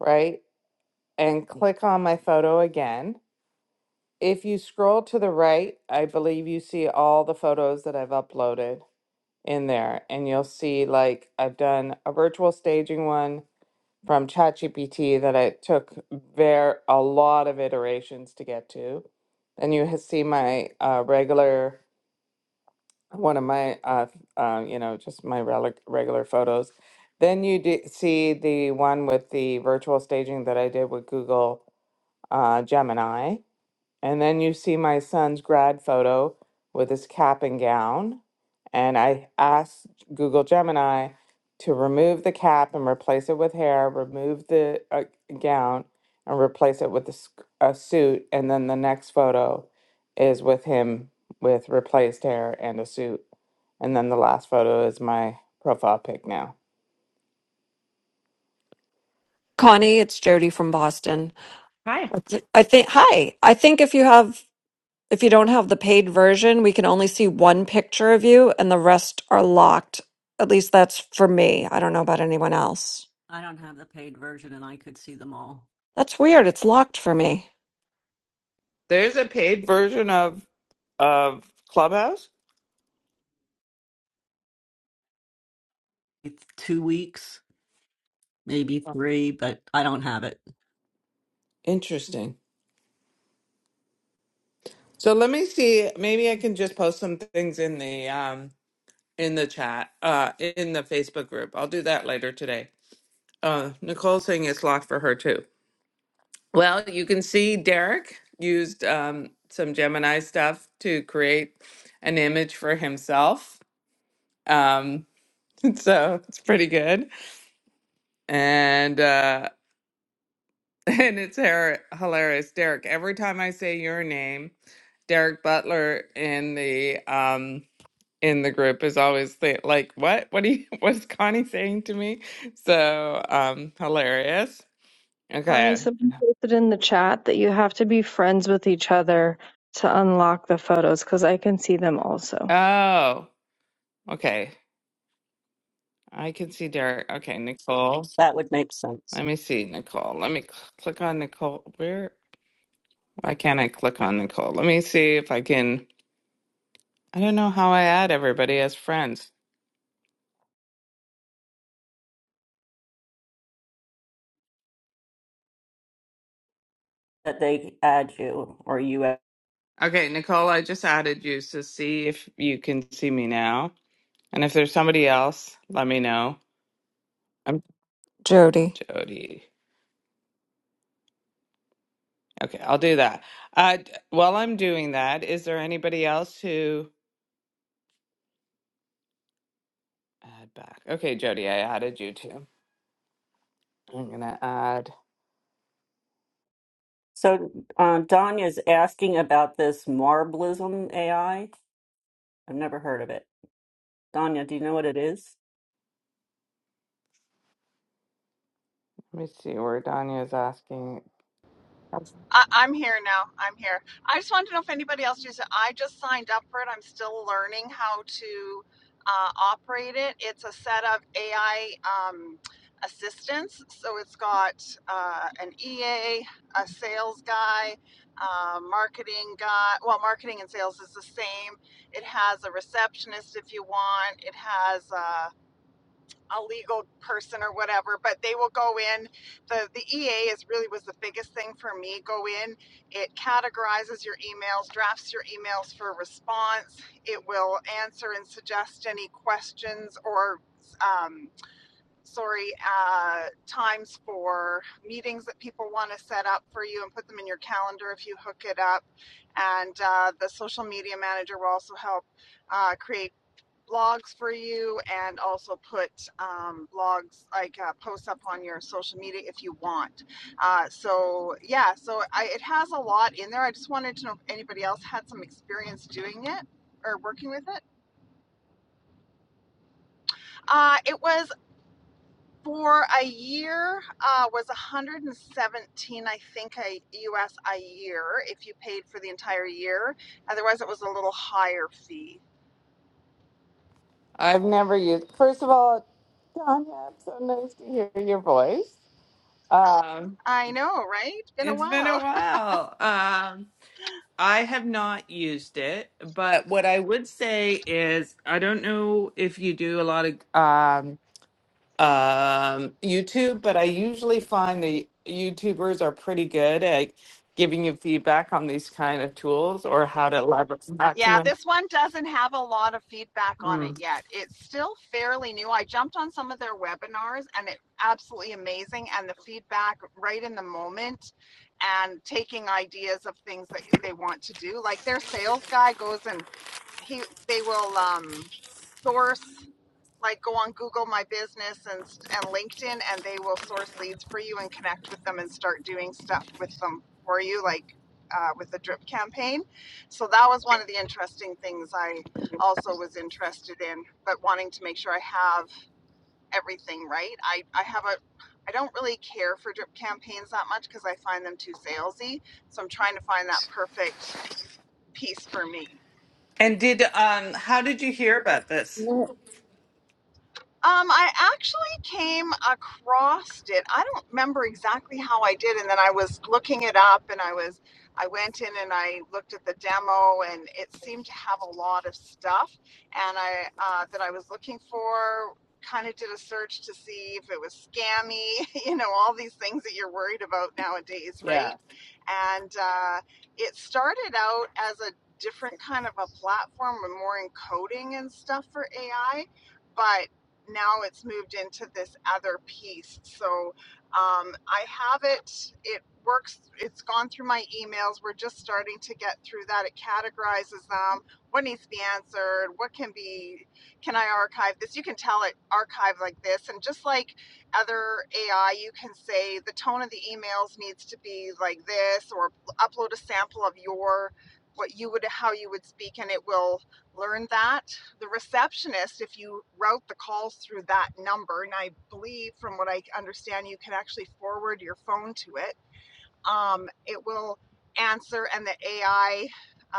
right, and click on my photo again, if you scroll to the right, I believe you see all the photos that I've uploaded in there and you'll see like I've done a virtual staging one from ChatGPT that it took ver a lot of iterations to get to. And you ha- see my uh, regular one of my uh, uh, you know just my rel- regular photos. Then you d- see the one with the virtual staging that I did with Google uh, Gemini and then you see my son's grad photo with his cap and gown. And I asked Google Gemini to remove the cap and replace it with hair, remove the uh, gown and replace it with a, sk- a suit. And then the next photo is with him with replaced hair and a suit. And then the last photo is my profile pic now.
Connie, it's Jody from Boston.
Hi.
I think, hi. I think if you have, if you don't have the paid version, we can only see one picture of you and the rest are locked. At least that's for me. I don't know about anyone else.
I don't have the paid version and I could see them all.
That's weird. It's locked for me,
There's a paid version of of Clubhouse.
It's two weeks, maybe three, but I don't have it.
Interesting. So let me see. Maybe I can just post some things in the um in the chat uh in the Facebook group. I'll do that later today. Uh, Nicole's saying it's locked for her too. Well, you can see Derek used um some Gemini stuff to create an image for himself. Um, so it's pretty good. And uh, and it's her- hilarious, Derek. Every time I say your name, Derek Butler in the um. in the group is always say, like, what? What do you what's Connie saying to me? So um hilarious.
Connie,
Okay.
someone posted in the chat that you have to be friends with each other to unlock the photos because I can see them also.
Oh, okay. I can see Derek. Okay, Nicole.
That would make sense
Let me see Nicole. Let me cl- click on Nicole. Where? Why can't I click on Nicole? Let me see if I can. I don't know how I add everybody as friends.
that they add you or you.
Okay, Nicole, I just added you, so see if you can see me now. And if there's somebody else, let me know. I'm
Jody.
Jody. Okay, I'll do that. Uh, d- while I'm doing that, is there anybody else who add back? Okay, Jody, I added you too. I'm gonna add.
So, uh, Danya's asking about this marblism AI. I've never heard of it. Danya, do you know what it is?
Let me see where Danya is asking. I've
I, I'm here now. I'm here. I just wanted to know if anybody else uses it. I just signed up for it. I'm still learning how to uh, operate it. It's a set of AI um, assistants. So it's got uh, an EA, a a sales guy, uh, marketing guy. Well, marketing and sales is the same. It has a receptionist if you want. It has a a legal person or whatever, but they will go in. The the EA is really was the biggest thing for me. Go in, it categorizes your emails, drafts your emails for response. It will answer and suggest any questions or um, sorry uh, times for meetings that people want to set up for you and put them in your calendar if you hook it up. And uh, the social media manager will also help uh, create blogs for you and also put um, blogs like uh, posts up on your social media if you want. Uh, so yeah, so I, it has a lot in there. I just wanted to know if anybody else had some experience doing it or working with it. Uh, it was for a year uh, was 117 i think a us a year if you paid for the entire year otherwise it was a little higher fee
I've never used. First of all, Danya, it's so nice to hear your voice. Um,
i know right been a
it's been
while
a while. Um, I have not used it, but what I would say is, I don't know if you do a lot of. um um, YouTube, but I usually find the YouTubers are pretty good at giving you feedback on these kind of tools or how to leverage
Yeah,
maximum.
this one doesn't have a lot of feedback on it
Mm.
yet. It's still fairly new. I jumped on some of their webinars and it absolutely amazing and the feedback right in the moment and taking ideas of things that they want to do. Like their sales guy goes and he they will um source like go on Google My Business and and LinkedIn, and they will source leads for you and connect with them and start doing stuff with them for you, like uh, with the drip campaign. So that was one of the interesting things I also was interested in, but wanting to make sure I have everything right. I I have a I don't really care for drip campaigns that much because I find them too salesy. So I'm trying to find that perfect piece for me.
And did um how did you hear about this?
No.
Um, I actually came across it. I don't remember exactly how I did, and then I was looking it up, and I was I went in and I looked at the demo, and it seemed to have a lot of stuff, and I uh, that I was looking for. Kind of did a search to see if it was scammy, you know, all these things that you're worried about nowadays, right?
Yeah.
And uh, it started out as a different kind of a platform, and more encoding and stuff for AI, but now it's moved into this other piece. So um, I have it. It works. It's gone through my emails. We're just starting to get through that. It categorizes them. What needs to be answered? What can be? Can I archive this? You can tell it archive like this, and just like other AI, you can say the tone of the emails needs to be like this, or upload a sample of your what you would how you would speak, and it will learn that the receptionist, if you route the calls through that number, and I believe from what I understand, you can actually forward your phone to it, um, it will answer and the AI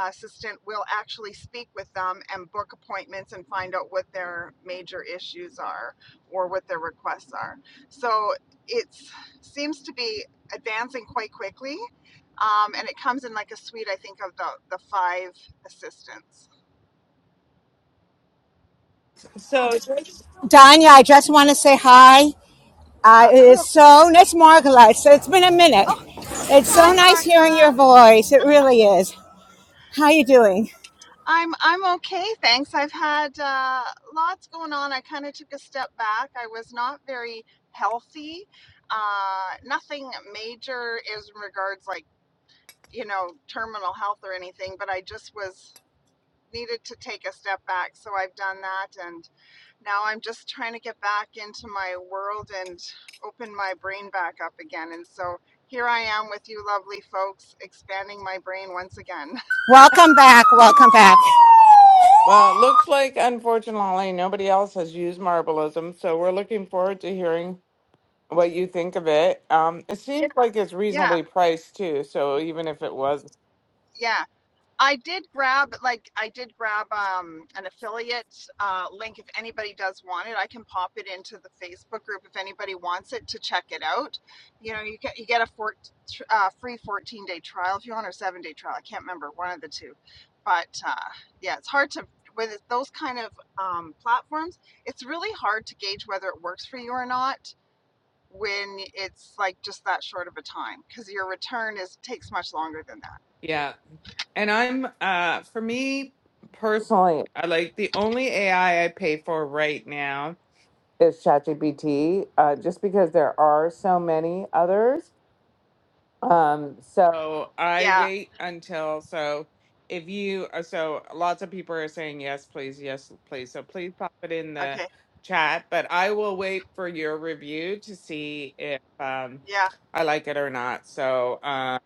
assistant will actually speak with them and book appointments and find out what their major issues are or what their requests are. So it seems to be advancing quite quickly. Um, and it comes in like a suite, I think, of the, the five assistants.
So it
Danya, I just want to say hi. Uh, it
Huh.
is so nice, Margaret. So it's been a minute. It's
Hi,
so nice hearing your
Margla.
voice. It really is. How are you doing?
I'm I'm okay, thanks. I've had uh, lots going on. I kind of took a step back. I was not very healthy. Uh, nothing major is in regards like you know terminal health or anything, but I just was needed to take a step back. So I've done that, and now I'm just trying to get back into my world and open my brain back up again. And so here I am with you, lovely folks, expanding my brain once again.
Welcome back. Welcome back.
well, it looks like unfortunately nobody else has used Marbleism, so we're looking forward to hearing what you think of it. Um, it seems like it's
Yeah,
reasonably priced too, so even if it was.
yeah. I did grab, like, I did grab um, an affiliate uh, link. If anybody does want it, I can pop it into the Facebook group if anybody wants it to check it out. You know, you get you get a four, uh, free fourteen day trial if you want, or seven day trial. I can't remember one of the two, but uh, yeah, it's hard to with those kind of um, platforms. It's really hard to gauge whether it works for you or not when it's like just that short of a time because your return is takes much longer than that.
Yeah. And I'm uh for me personally, I like the only AI I I pay for right now is ChatGPT, uh, just because there are so many others. Um, so I
Yeah.
wait until so if you uh, so lots of people are saying yes, please, yes, please. So please pop it in the
Okay.
chat, but I will wait for your review to see if um
Yeah.
I like it or not. So uh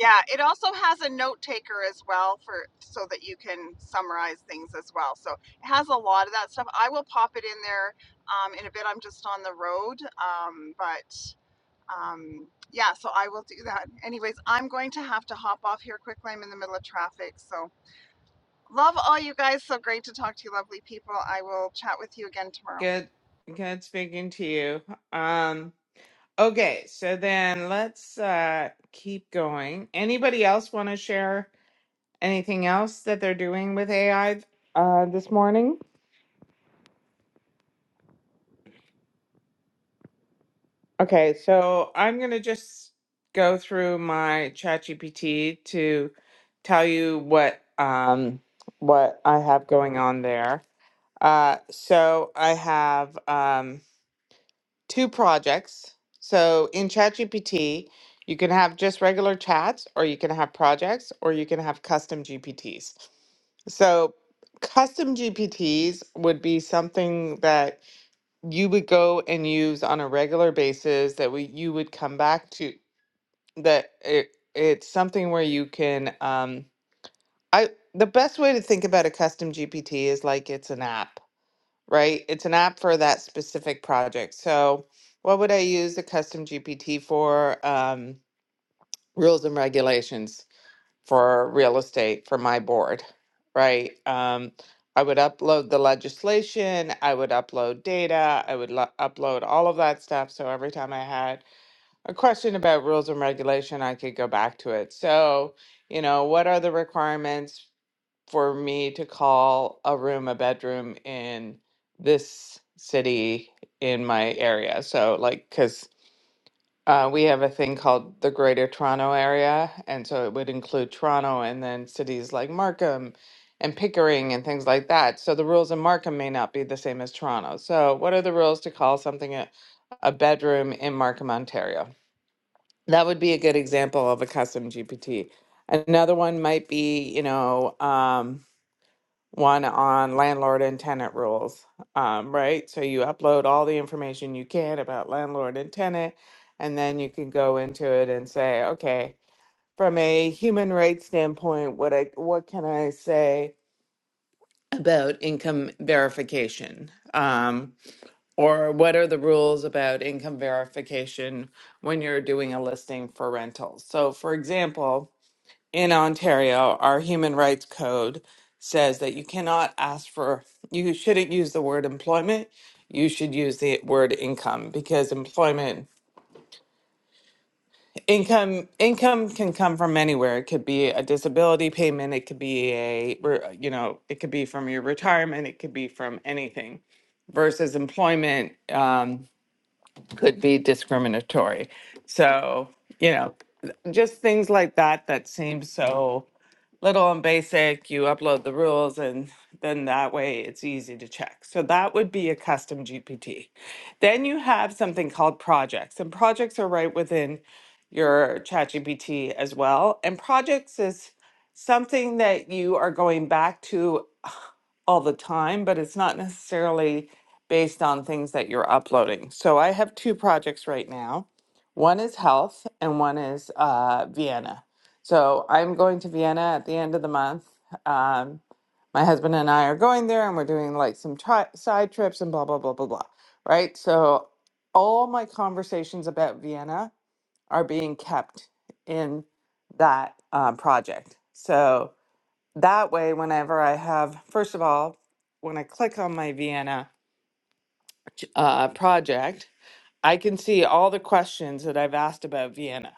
Yeah, it also has a note taker as well for so that you can summarize things as well. So it has a lot of that stuff. I will pop it in there um, in a bit. I'm just on the road, um, but um, yeah, so I will do that. Anyways, I'm going to have to hop off here quickly. I'm in the middle of traffic, so love all you guys. So great to talk to you, lovely people. I will chat with you again tomorrow.
good good speaking to you. Um Okay, so then let's uh, keep going. Anybody else want to share anything else that they're doing with AI uh, this morning? Okay, so I'm going to just go through my ChatGPT to tell you what um, what I have going on there. Uh, so I have. Um, two projects. So in ChatGPT, you can have just regular chats, or you can have projects, or you can have custom GPTs. So custom GPTs would be something that you would go and use on a regular basis that we you would come back to that it, it's something where you can um I the best way to think about a custom GPT is like it's an app right? It's an app for that specific project. So, what would I use the custom GPT for? Um, rules and regulations for real estate for my board, right? Um, I would upload the legislation, I would upload data, I would lo- upload all of that stuff. So, every time I had a question about rules and regulation, I could go back to it. So, you know, what are the requirements? for me to call a room a bedroom in this city in my area. So, like, because uh, we have a thing called the Greater Toronto Area, and so it would include Toronto and then cities like Markham and Pickering and things like that. So, the rules in Markham may not be the same as Toronto. So, what are the rules to call something a, a bedroom in Markham, Ontario? That would be a good example of a custom GPT. Another one might be, you know, um, one on landlord and tenant rules, um, right? So you upload all the information you can about landlord and tenant, and then you can go into it and say, okay, from a human rights standpoint, what I what can I say about income verification? Um, or what are the rules about income verification when you're doing a listing for rentals? So, for example in Ontario, our human rights code says that you cannot ask for, you shouldn't use the word employment. You should use the word income because employment income income can come from anywhere. It could be a disability payment. It could be a re- you know it could be from your retirement. It could be from anything. Versus employment um, could be discriminatory. So you know just things like that that seem so little and basic, you upload the rules, and then that way it's easy to check. So that would be a custom GPT. Then you have something called projects, and projects are right within your ChatGPT as well. And projects is something that you are going back to all the time, but it's not necessarily based on things that you're uploading. So I have two projects right now. One is health and one is uh, Vienna. So I'm going to Vienna at the end of the month. Um, my husband and I are going there and we're doing like some tri- side trips and blah, blah, blah, blah, blah. Right. So all my conversations about Vienna are being kept in that um, project. So that way whenever i have first of all when i click on my vienna uh, project i can see all the questions that i've asked about vienna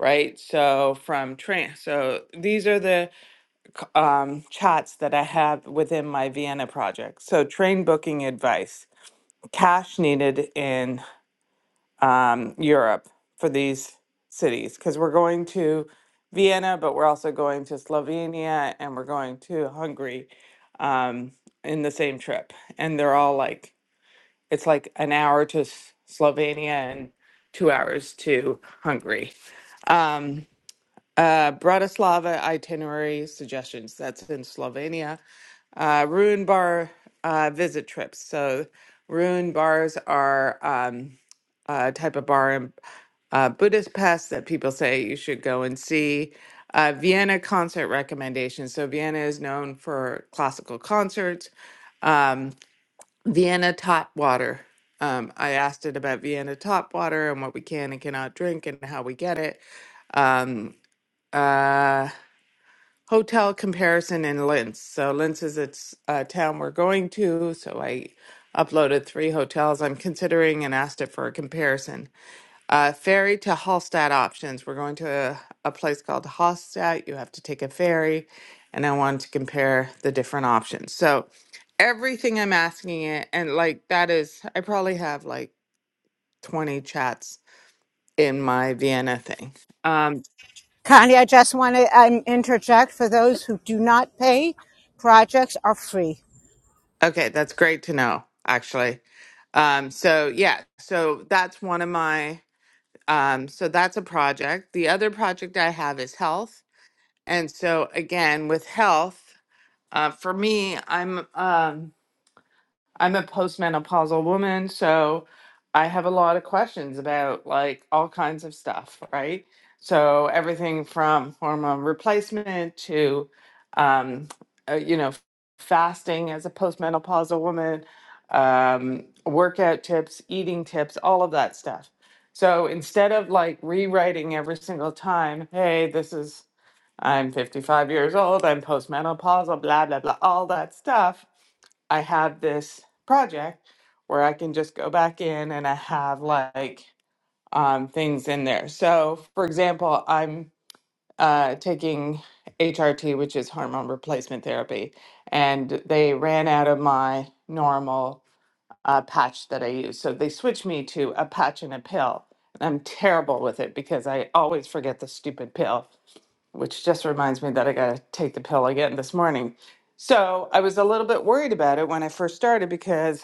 right so from train so these are the c- um, chats that i have within my vienna project so train booking advice cash needed in um, Europe for these cities because we're going to Vienna, but we're also going to Slovenia and we're going to Hungary um, in the same trip. And they're all like, it's like an hour to S- Slovenia and two hours to Hungary. Um, uh, Bratislava itinerary suggestions that's in Slovenia. Uh, ruin bar uh, visit trips. So, ruin bars are. Um, uh, type of bar in uh, Buddhist Pest that people say you should go and see. Uh, Vienna concert recommendations. So Vienna is known for classical concerts. Vienna tap water. Um, I asked it about Vienna tap water and what we can and cannot drink and how we get it. Um, uh, hotel comparison in Linz. So Linz is its uh, town we're going to. So I uploaded three hotels I'm considering and asked it for a comparison. Uh, ferry to Hallstatt options. We're going to a, a place called Hallstatt. You have to take a ferry, and I wanted to compare the different options. So, everything I'm asking it, and like that is, I probably have like 20 chats in my Vienna thing. Um,
Connie, I just want to um, interject for those who do not pay. Projects are free.
Okay, that's great to know, actually. Um, so yeah, so that's one of my um, so that's a project. The other project I have is health. And so again, with health, Uh, for me, I'm um, I'm a postmenopausal woman, so I have a lot of questions about like all kinds of stuff, right? So everything from hormone replacement to, um, uh, you know, fasting as a postmenopausal woman, um, workout tips, eating tips, all of that stuff. So instead of like rewriting every single time, hey, this is I'm 55 years old, I'm postmenopausal, blah, blah, blah, all that stuff, I have this project where I can just go back in and I have like um, things in there. So, for example, I'm uh, taking HRT, which is hormone replacement therapy, and they ran out of my normal uh, patch that I use. So they switched me to a patch and a pill. And I'm terrible with it because I always forget the stupid pill which just reminds me that I got to take the pill again this morning. So I was a little bit worried about it when I first started because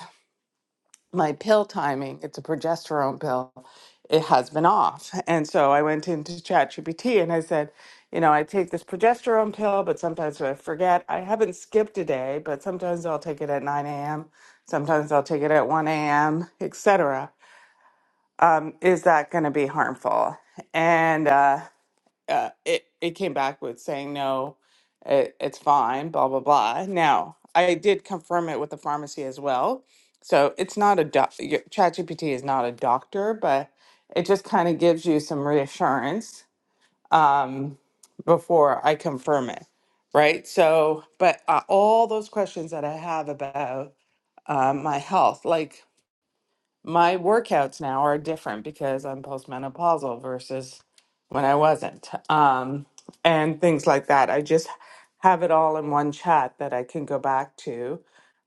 my pill timing, it's a progesterone pill, it has been off. And so I went into ChatGPT and I said, you know, I take this progesterone pill, but sometimes I forget. I haven't skipped a day, but sometimes I'll take it at 9 a.m. Sometimes I'll take it at 1 a.m., etc. Um, is that going to be harmful? And uh, uh, it it came back with saying no, it, it's fine, blah blah blah. Now I did confirm it with the pharmacy as well, so it's not a doc. y- ChatGPT is not a doctor, but it just kind of gives you some reassurance um, before I confirm it, right? So, but uh, all those questions that I have about uh, my health, like my workouts now are different because I'm postmenopausal versus when I wasn't, um, and things like that. I just have it all in one chat that I can go back to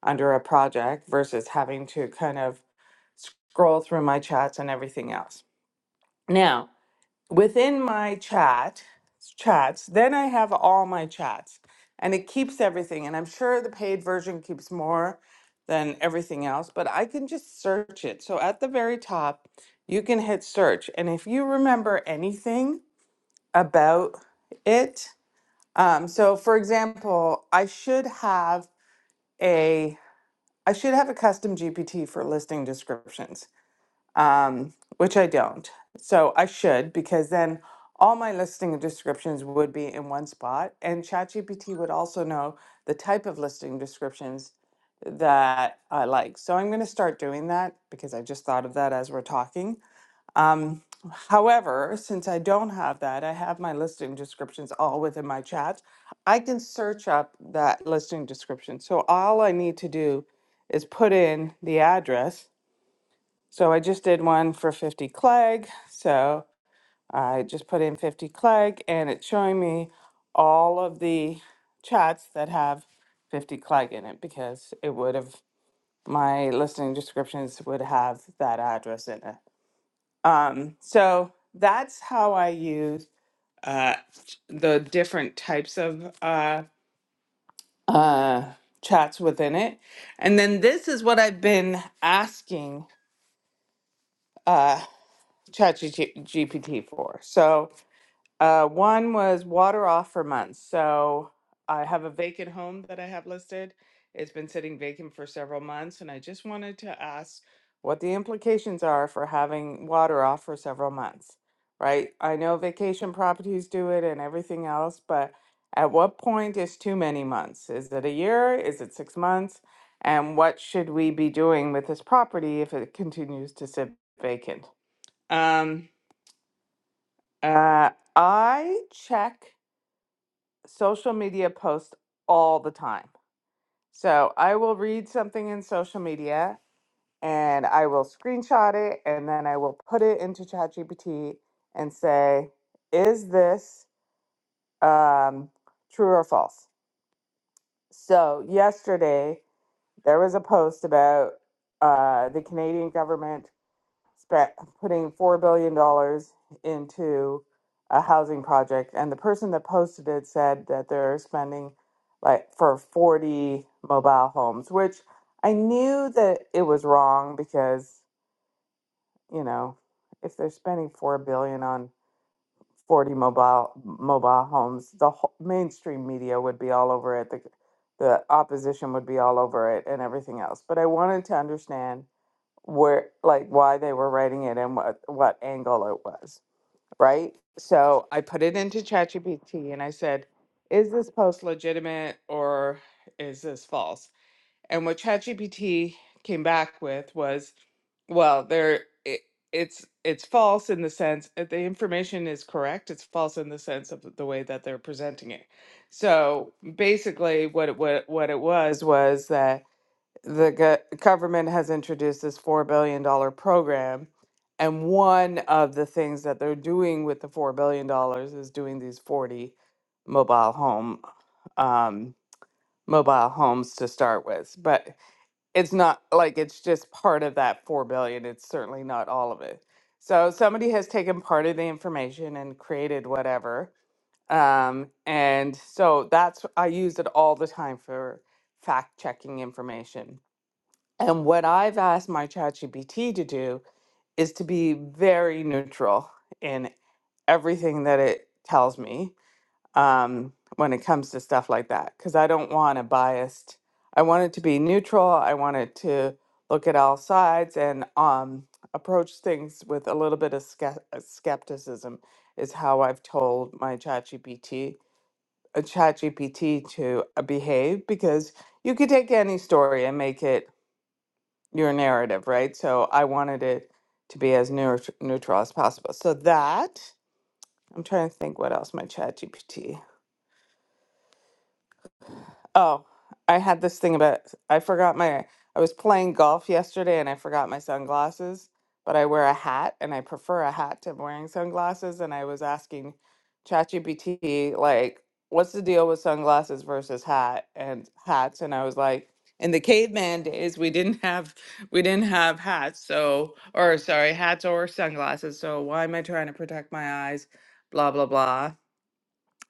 under a project versus having to kind of scroll through my chats and everything else. Now, within my chat chats then i have all my chats and it keeps everything and i'm sure the paid version keeps more than everything else but i can just search it so at the very top you can hit search and if you remember anything about it um, so for example i should have a i should have a custom gpt for listing descriptions um, which I don't. So I should because then all my listing descriptions would be in one spot, and ChatGPT would also know the type of listing descriptions that I like. So I'm going to start doing that because I just thought of that as we're talking. Um, however, since I don't have that, I have my listing descriptions all within my chat. I can search up that listing description. So all I need to do is put in the address so I just did one for 50 Clegg. So I just put in 50 Clegg and it's showing me all of the chats that have 50 Clegg in it because it would have, my listening descriptions would have that address in it. Um, so that's how I use uh, the different types of uh, uh, chats within it. And then this is what I've been asking uh, ChatGPT for. So Uh, one was water off for months. So I have a vacant home that I have listed. It's been sitting vacant for several months, and I just wanted to ask what the implications are for having water off for several months, right? I know vacation properties do it and everything else, but at what point is too many months? Is it a year? Is it six months? And what should we be doing with this property if it continues to sit vacant? Um, uh, I check social media posts all the time. So I will read something in social media and I will screenshot it and then I will put it into ChatGPT and say, is this um, true or false? So yesterday there was a post about uh, the Canadian government spe- putting four billion dollars into a housing project, and the person that posted it said that they're spending like for forty mobile homes, which I knew that it was wrong because you know if they're spending four billion on forty mobile mobile homes, the whole, mainstream media would be all over it. The the opposition would be all over it and everything else. But I wanted to understand where like why they were writing it and what what angle it was right so i put it into chatgpt and i said is this post legitimate or is this false and what chatgpt came back with was well there it, it's it's false in the sense that the information is correct it's false in the sense of the way that they're presenting it so basically what it, what, what it was was that the go- government has introduced this $4 billion dollar program. And one of the things that they're doing with the $4 billion dollars is doing these 40 mobile home um, mobile homes to start with. But it's not like it's just part of that 4 billion. It's certainly not all of it. So somebody has taken part of the information and created whatever. Um, and so that's I use it all the time for fact checking information and what I've asked my ChatGPT to do is to be very neutral in everything that it tells me um, when it comes to stuff like that, because I don't want a biased. I want it to be neutral. I want it to look at all sides and um, approach things with a little bit of ske- uh, skepticism. Is how I've told my ChatGPT, uh, ChatGPT to uh, behave, because you could take any story and make it your narrative, right? So I wanted it to be as neut- neutral as possible. So that I'm trying to think what else my chat GPT. Oh, I had this thing about I forgot my I was playing golf yesterday and I forgot my sunglasses, but I wear a hat and I prefer a hat to wearing sunglasses and I was asking ChatGPT like what's the deal with sunglasses versus hat and hats and I was like in the caveman days we didn't have we didn't have hats so or sorry hats or sunglasses so why am I trying to protect my eyes blah blah blah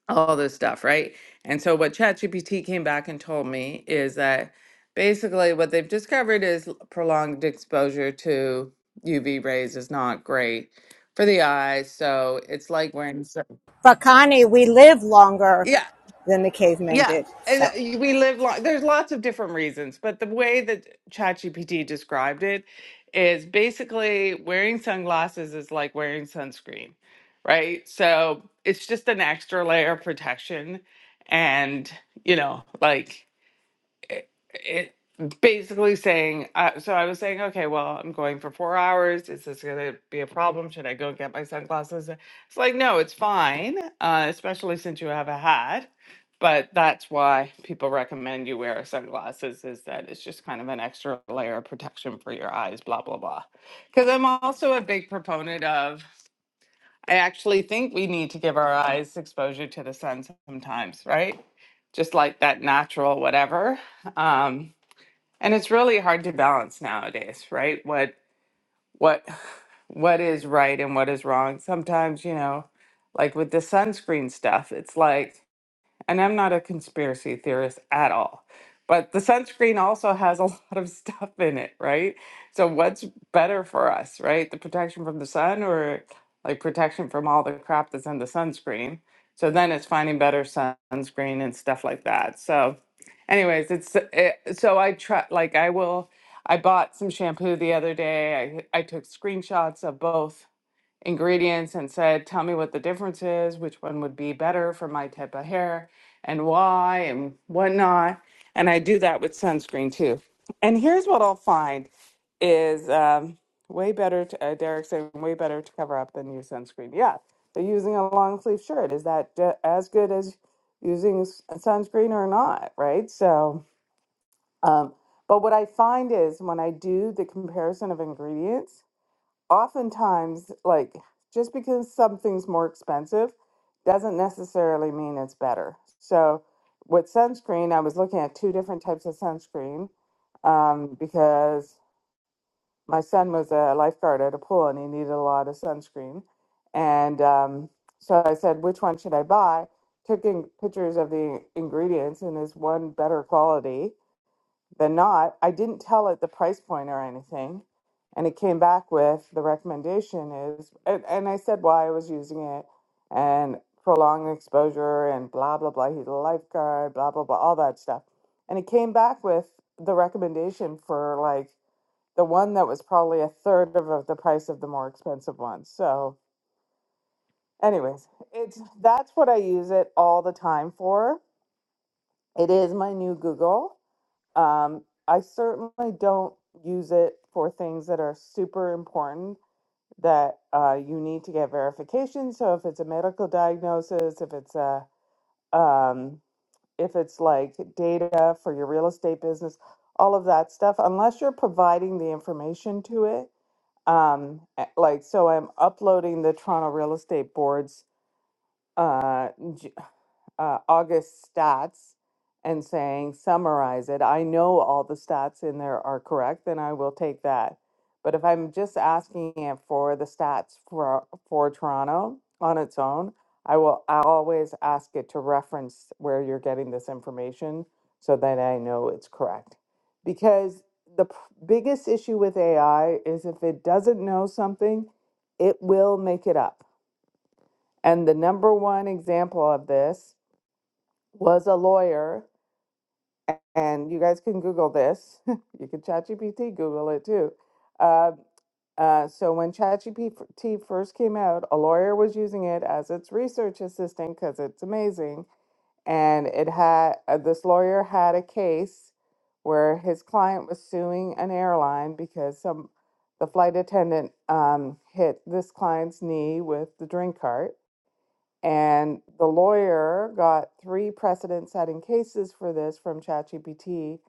all this stuff, right? And so what ChatGPT came back and told me is that basically what they've discovered is l- prolonged exposure to UV rays is not great for the eyes. So it's like wearing so-
But Connie, we live longer
yeah.
than the cavemen
Yeah.
did.
And uh,
So,
we live like there's lots of different reasons, but the way that ChatGPT described it is basically wearing sunglasses is like wearing sunscreen, right? So it's just an extra layer of protection. And, you know, like it, it basically saying uh, so i was saying okay well i'm going for four hours is this going to be a problem should i go get my sunglasses it's like no it's fine uh, especially since you have a hat but that's why people recommend you wear sunglasses is that it's just kind of an extra layer of protection for your eyes blah blah blah because i'm also a big proponent of i actually think we need to give our eyes exposure to the sun sometimes right just like that natural whatever Um, and it's really hard to balance nowadays, right? What what what is right and what is wrong. Sometimes, you know, like with the sunscreen stuff, it's like and I'm not a conspiracy theorist at all. But the sunscreen also has a lot of stuff in it, right? So what's better for us, right? The protection from the sun or like protection from all the crap that's in the sunscreen. So then it's finding better sun- sunscreen and stuff like that. So anyways, it's it, so I try like I will I bought some shampoo the other day. I I took screenshots of both ingredients and said, tell me what the difference is, which one would be better for my type of hair and why and whatnot. And I do that with sunscreen too. And here's what I'll find is um, way better, to, uh, Derek saying, way better to cover up than use sunscreen. Yeah. So using a long sleeve shirt, is that ju- as good as using s- uh, sunscreen or not? Right. So, um, but what I find is when I do the comparison of ingredients, oftentimes like just because something's more expensive doesn't necessarily mean it's better so with sunscreen i was looking at two different types of sunscreen um, because my son was a lifeguard at a pool and he needed a lot of sunscreen and um, so i said which one should i buy took in pictures of the ingredients and is one better quality than not. I didn't tell it the price point or anything. And it came back with the recommendation is, and, and I said why I was using it and prolonged exposure and blah, blah, blah. He's a lifeguard, blah, blah, blah, all that stuff. And it came back with the recommendation for like the one that was probably a third of, of the price of the more expensive one. So, anyways, it's that's what I use it all the time for. It is my new Google um, I certainly don't use it for things that are super important that uh, you need to get verification. So if it's a medical diagnosis, if it's a um, if it's like data for your real estate business, all of that stuff, unless you're providing the information to it. Um, eh, like so, I'm uploading the Toronto Real Estate Board's uh, j- uh, August stats and saying, summarize it. I know all the stats in there are correct, then I will take that. But if I'm just asking it for the stats for, for Toronto on its own, I will I always ask it to reference where you're getting this information so that I know it's correct. Because the pr- biggest issue with AI is if it doesn't know something, it will make it up. And the number one example of this was a lawyer, and you guys can Google this. you can ChatGPT Google it too. Uh, uh, so when ChatGPT first came out, a lawyer was using it as its research assistant because it's amazing. And it had uh, this lawyer had a case where his client was suing an airline because some the flight attendant um, hit this client's knee with the drink cart and the lawyer got three precedent setting cases for this from ChatGPT.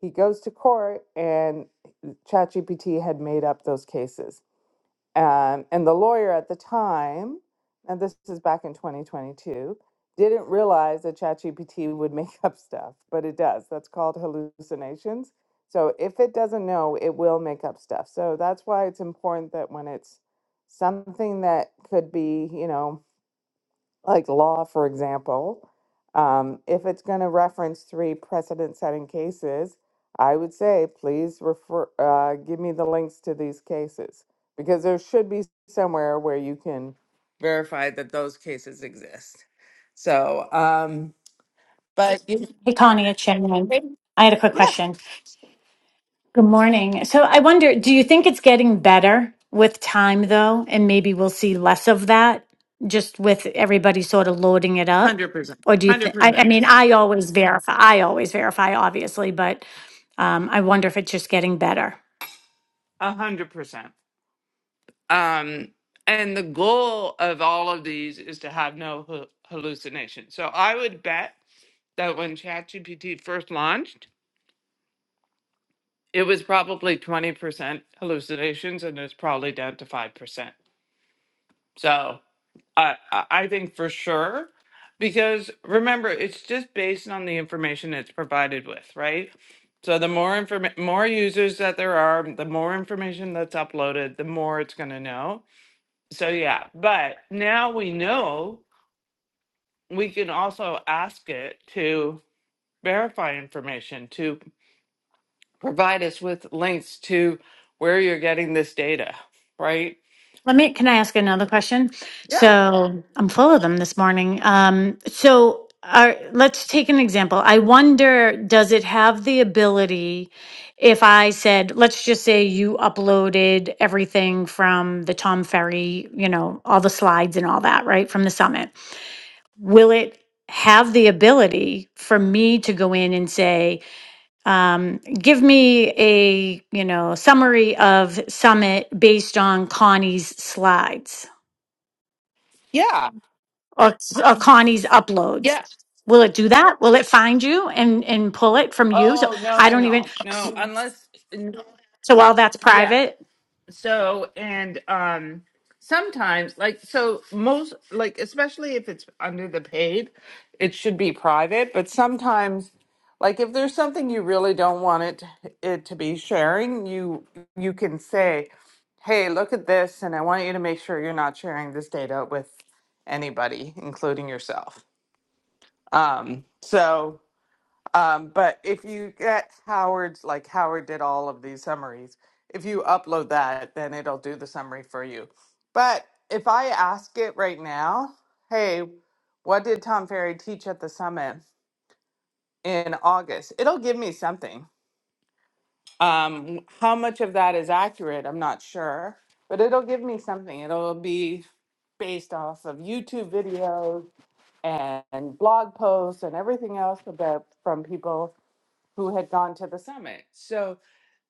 He goes to court, and ChatGPT had made up those cases. Um, and the lawyer at the time, and this is back in 2022, didn't realize that ChatGPT would make up stuff, but it does. That's called hallucinations. So if it doesn't know, it will make up stuff. So that's why it's important that when it's something that could be, you know, like law, for example, um, if it's going to reference three precedent-setting cases, I would say, please refer, uh, give me the links to these cases because there should be somewhere where you can verify that those cases exist. So, um, but you-
Hey, Connie, it's Shannon. I had a quick
yeah,
question. Good morning. So I wonder, do you think it's getting better with time, though? And maybe we'll see less of that just with everybody sort of loading it up?
hundred percent,
Or do you
hundred
think, I, I
percent,
mean, I always verify, I always verify, obviously, but um, I wonder if it's just getting better.
a hundred percent. Um, and the goal of all of these is to have no hu- hallucinations. So I would bet that when ChatGPT first launched, it was probably 20% hallucinations and it's probably down to 5%. So I, I I think for sure, because remember, it's just based on the information it's provided with, right? So the more informa- more users that there are, the more information that's uploaded, the more it's going to know. so yeah, but now we know we can also ask it to verify information, to provide us with links to where you're getting this data, right?
Let me, can I ask another question?
Yeah.
So I'm full of them this morning. Um, so are, let's take an example. I wonder, does it have the ability if I said, let's just say you uploaded everything from the Tom Ferry, you know, all the slides and all that, right, from the summit? Will it have the ability for me to go in and say, um, give me a you know summary of summit based on connie's slides
Yeah.
or, or Connie's uploads.
yes.
Will it do that? Will it find you and and pull it from you? So
Oh, no,
I
no,
don't even.
no. No, unless, no.
So all that's
yeah.
private.
so and um sometimes like so most like especially if it's under the paid it should be private but sometimes like if there's something you really don't want it it to be sharing you you can say hey look at this and i want you to make sure you're not sharing this data with anybody including yourself um so um, but if you get Howard's, like Howard did all of these summaries, if you upload that, then it'll do the summary for you. But if I ask it right now, hey, what did Tom Ferry teach at the summit in August? It'll give me something. Um, how much of that is accurate, I'm not sure, but it'll give me something. It'll be based off of YouTube videos and blog posts and everything else about from people who had gone to the summit. So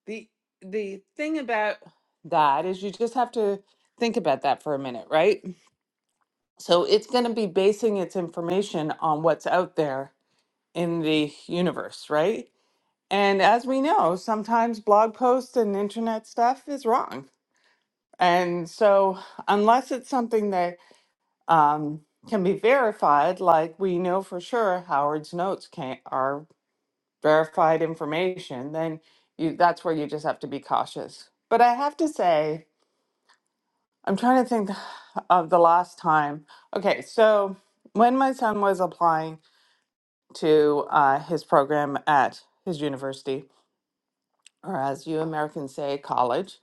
the the thing about that is you just have to think about that for a minute, right? So it's going to be basing its information on what's out there in the universe, right? And as we know, sometimes blog posts and internet stuff is wrong. And so unless it's something that um, can be verified, like we know for sure Howard's notes can are verified information, then you that's where you just have to be cautious. But I have to say, I'm trying to think of the last time. Okay, so when my son was applying to uh, his program at his university, or as you Americans say, college,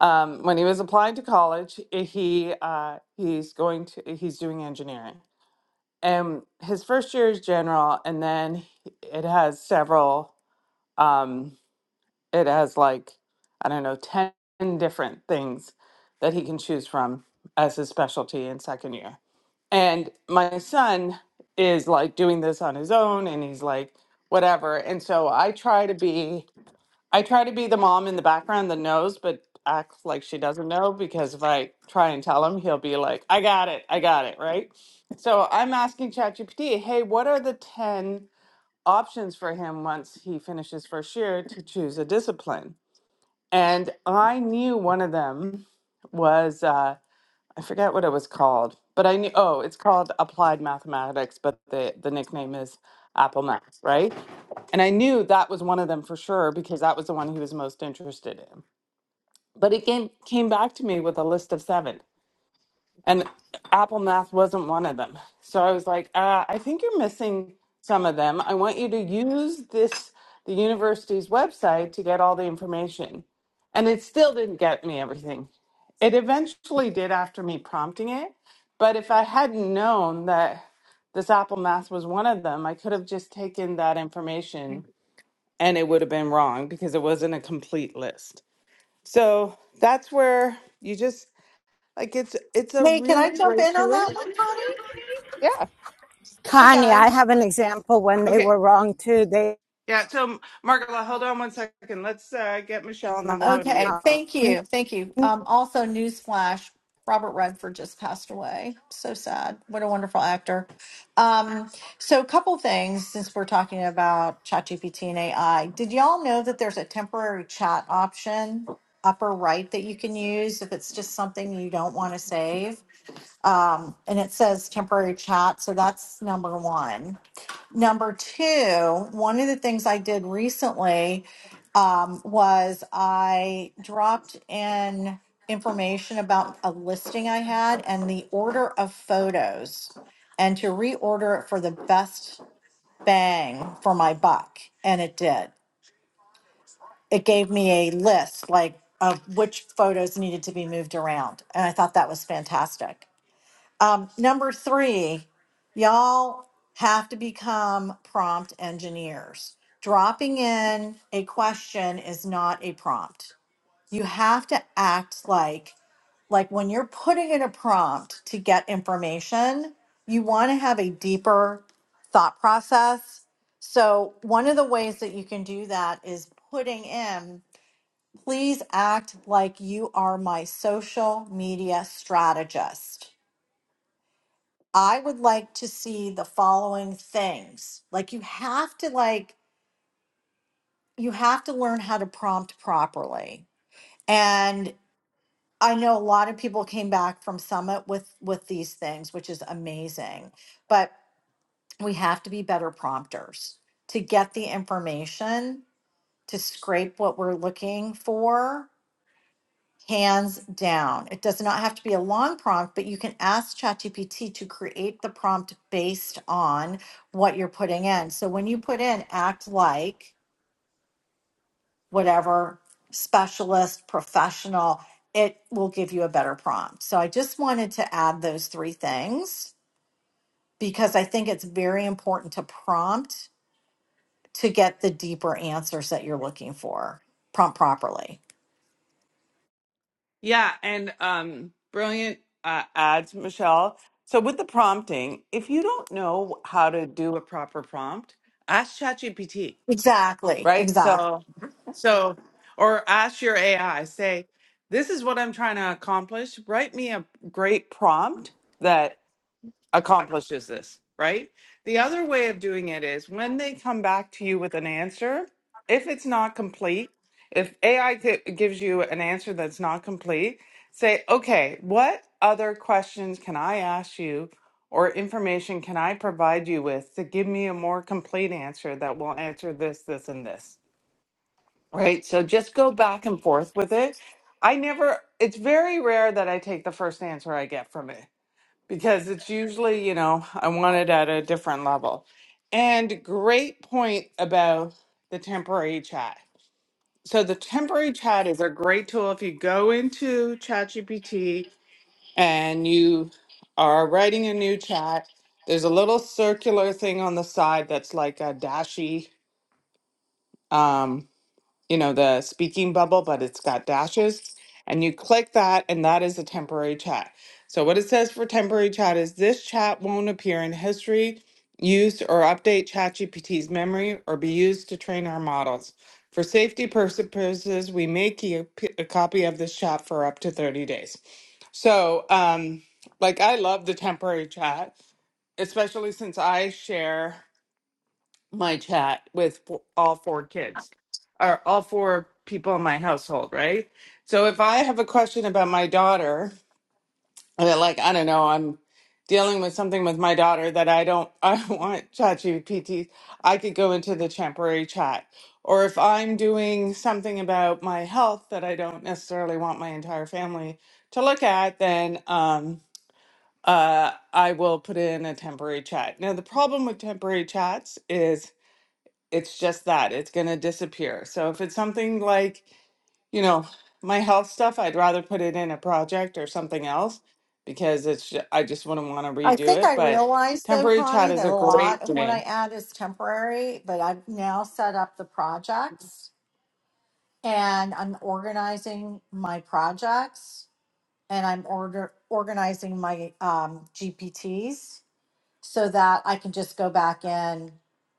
um, when he was applying to college, eh, he uh, he's going to he's doing engineering, and his first year is general, and then it has several. Um, it has like i don't know 10 different things that he can choose from as his specialty in second year and my son is like doing this on his own and he's like whatever and so i try to be i try to be the mom in the background that knows but acts like she doesn't know because if i try and tell him he'll be like i got it i got it right so i'm asking chatgpt hey what are the 10 options for him once he finishes first year to choose a discipline and I knew one of them was uh, I forget what it was called, but I knew oh, it's called Applied Mathematics, but the the nickname is Apple Math, right? And I knew that was one of them for sure because that was the one he was most interested in. But it came came back to me with a list of seven and Apple Math wasn't one of them. So I was like, uh, I think you're missing some of them. I want you to use this the university's website to get all the information, and it still didn't get me everything. It eventually did after me prompting it, but if I hadn't known that this Apple Math was one of them, I could have just taken that information and it would have been wrong because it wasn't a complete list. So that's where you just like it's it's a
Hey, can
really
I jump
great
in on
tool.
that one, Connie?
Yeah.
Hey,
Connie, I
guys.
have an example when they
Okay.
were wrong too. They
Yeah. So Margola, hold on one second. Let's uh, get Michelle and then we'll go to you.
Okay,
um,
thank you. Thank you. Um, also, newsflash Robert Redford just passed away. So sad. What a wonderful actor. Um, so, a couple things since we're talking about ChatGPT and AI. Did y'all know that there's a temporary chat option upper right that you can use if it's just something you don't want to save? Um, and it says temporary chat. So, that's number one. Number two, one of the things I did recently um, was I dropped in information about a listing I had and the order of photos and to reorder it for the best bang for my buck. And it did. It gave me a list like of which photos needed to be moved around. And I thought that was fantastic. Um, number three, y'all have to become prompt engineers. Dropping in a question is not a prompt. You have to act like like when you're putting in a prompt to get information, you want to have a deeper thought process. So one of the ways that you can do that is putting in, please act like you are my social media strategist I would like to see the following things. Like you have to like you have to learn how to prompt properly. And I know a lot of people came back from summit with with these things, which is amazing. But we have to be better prompters to get the information, to scrape what we're looking for hands down. It does not have to be a long prompt, but you can ask ChatGPT to create the prompt based on what you're putting in. So when you put in act like whatever specialist, professional, it will give you a better prompt. So I just wanted to add those three things because I think it's very important to prompt to get the deeper answers that you're looking for. Prompt properly.
Yeah. And um, brilliant uh, ads, Michelle. So with the prompting, if you don't know how to do a proper prompt, ask ChatGPT,
Exactly.
right?
Exactly.
So, so, or ask your AI, say, this is what I'm trying to accomplish. Write me a great prompt that accomplishes this, right? The other way of doing it is when they come back to you with an answer, if it's not complete, if AI gi- gives you an answer that's not complete, say, okay, what other questions can I ask you or information can I provide you with to give me a more complete answer that will answer this, this, and this, right? So just go back and forth with it. I never, it's very rare that I take the first answer I get from it because it's usually, you know, I want it at a different level. And great point about the temporary chat. So the temporary chat is a great tool if you go into ChatGPT and you are writing a new chat. There's a little circular thing on the side that's like a dashy. Um, you know, the speaking bubble, but it's got dashes. And you click that, and that is a temporary chat. So, what it says for temporary chat is this chat won't appear in history, use or update ChatGPT's memory or be used to train our models. For safety purposes, we may keep a copy of this chat for up to 30 days. So, um, like, I love the temporary chat, especially since I share my chat with f- all four kids or all four people in my household, right? So if I have a question about my daughter, or like I don't know, I'm dealing with something with my daughter that I don't I don't want ChatGPT, I could go into the temporary chat. Or if I'm doing something about my health that I don't necessarily want my entire family to look at, then um uh, I will put in a temporary chat. Now, the problem with temporary chats is it's just that it's going to disappear. So if it's something like, you know, my health stuff, I'd rather put it in a project or something else because it's ju- I just wouldn't want to
I
redo
think
it.
I
But
realized though,
temporary
Connie,
chat is
that
a
a lot
great
of what I
name.
add is temporary, but I've now set up the projects and I'm organizing my projects and I'm order organizing my um, GPTs so that I can just go back in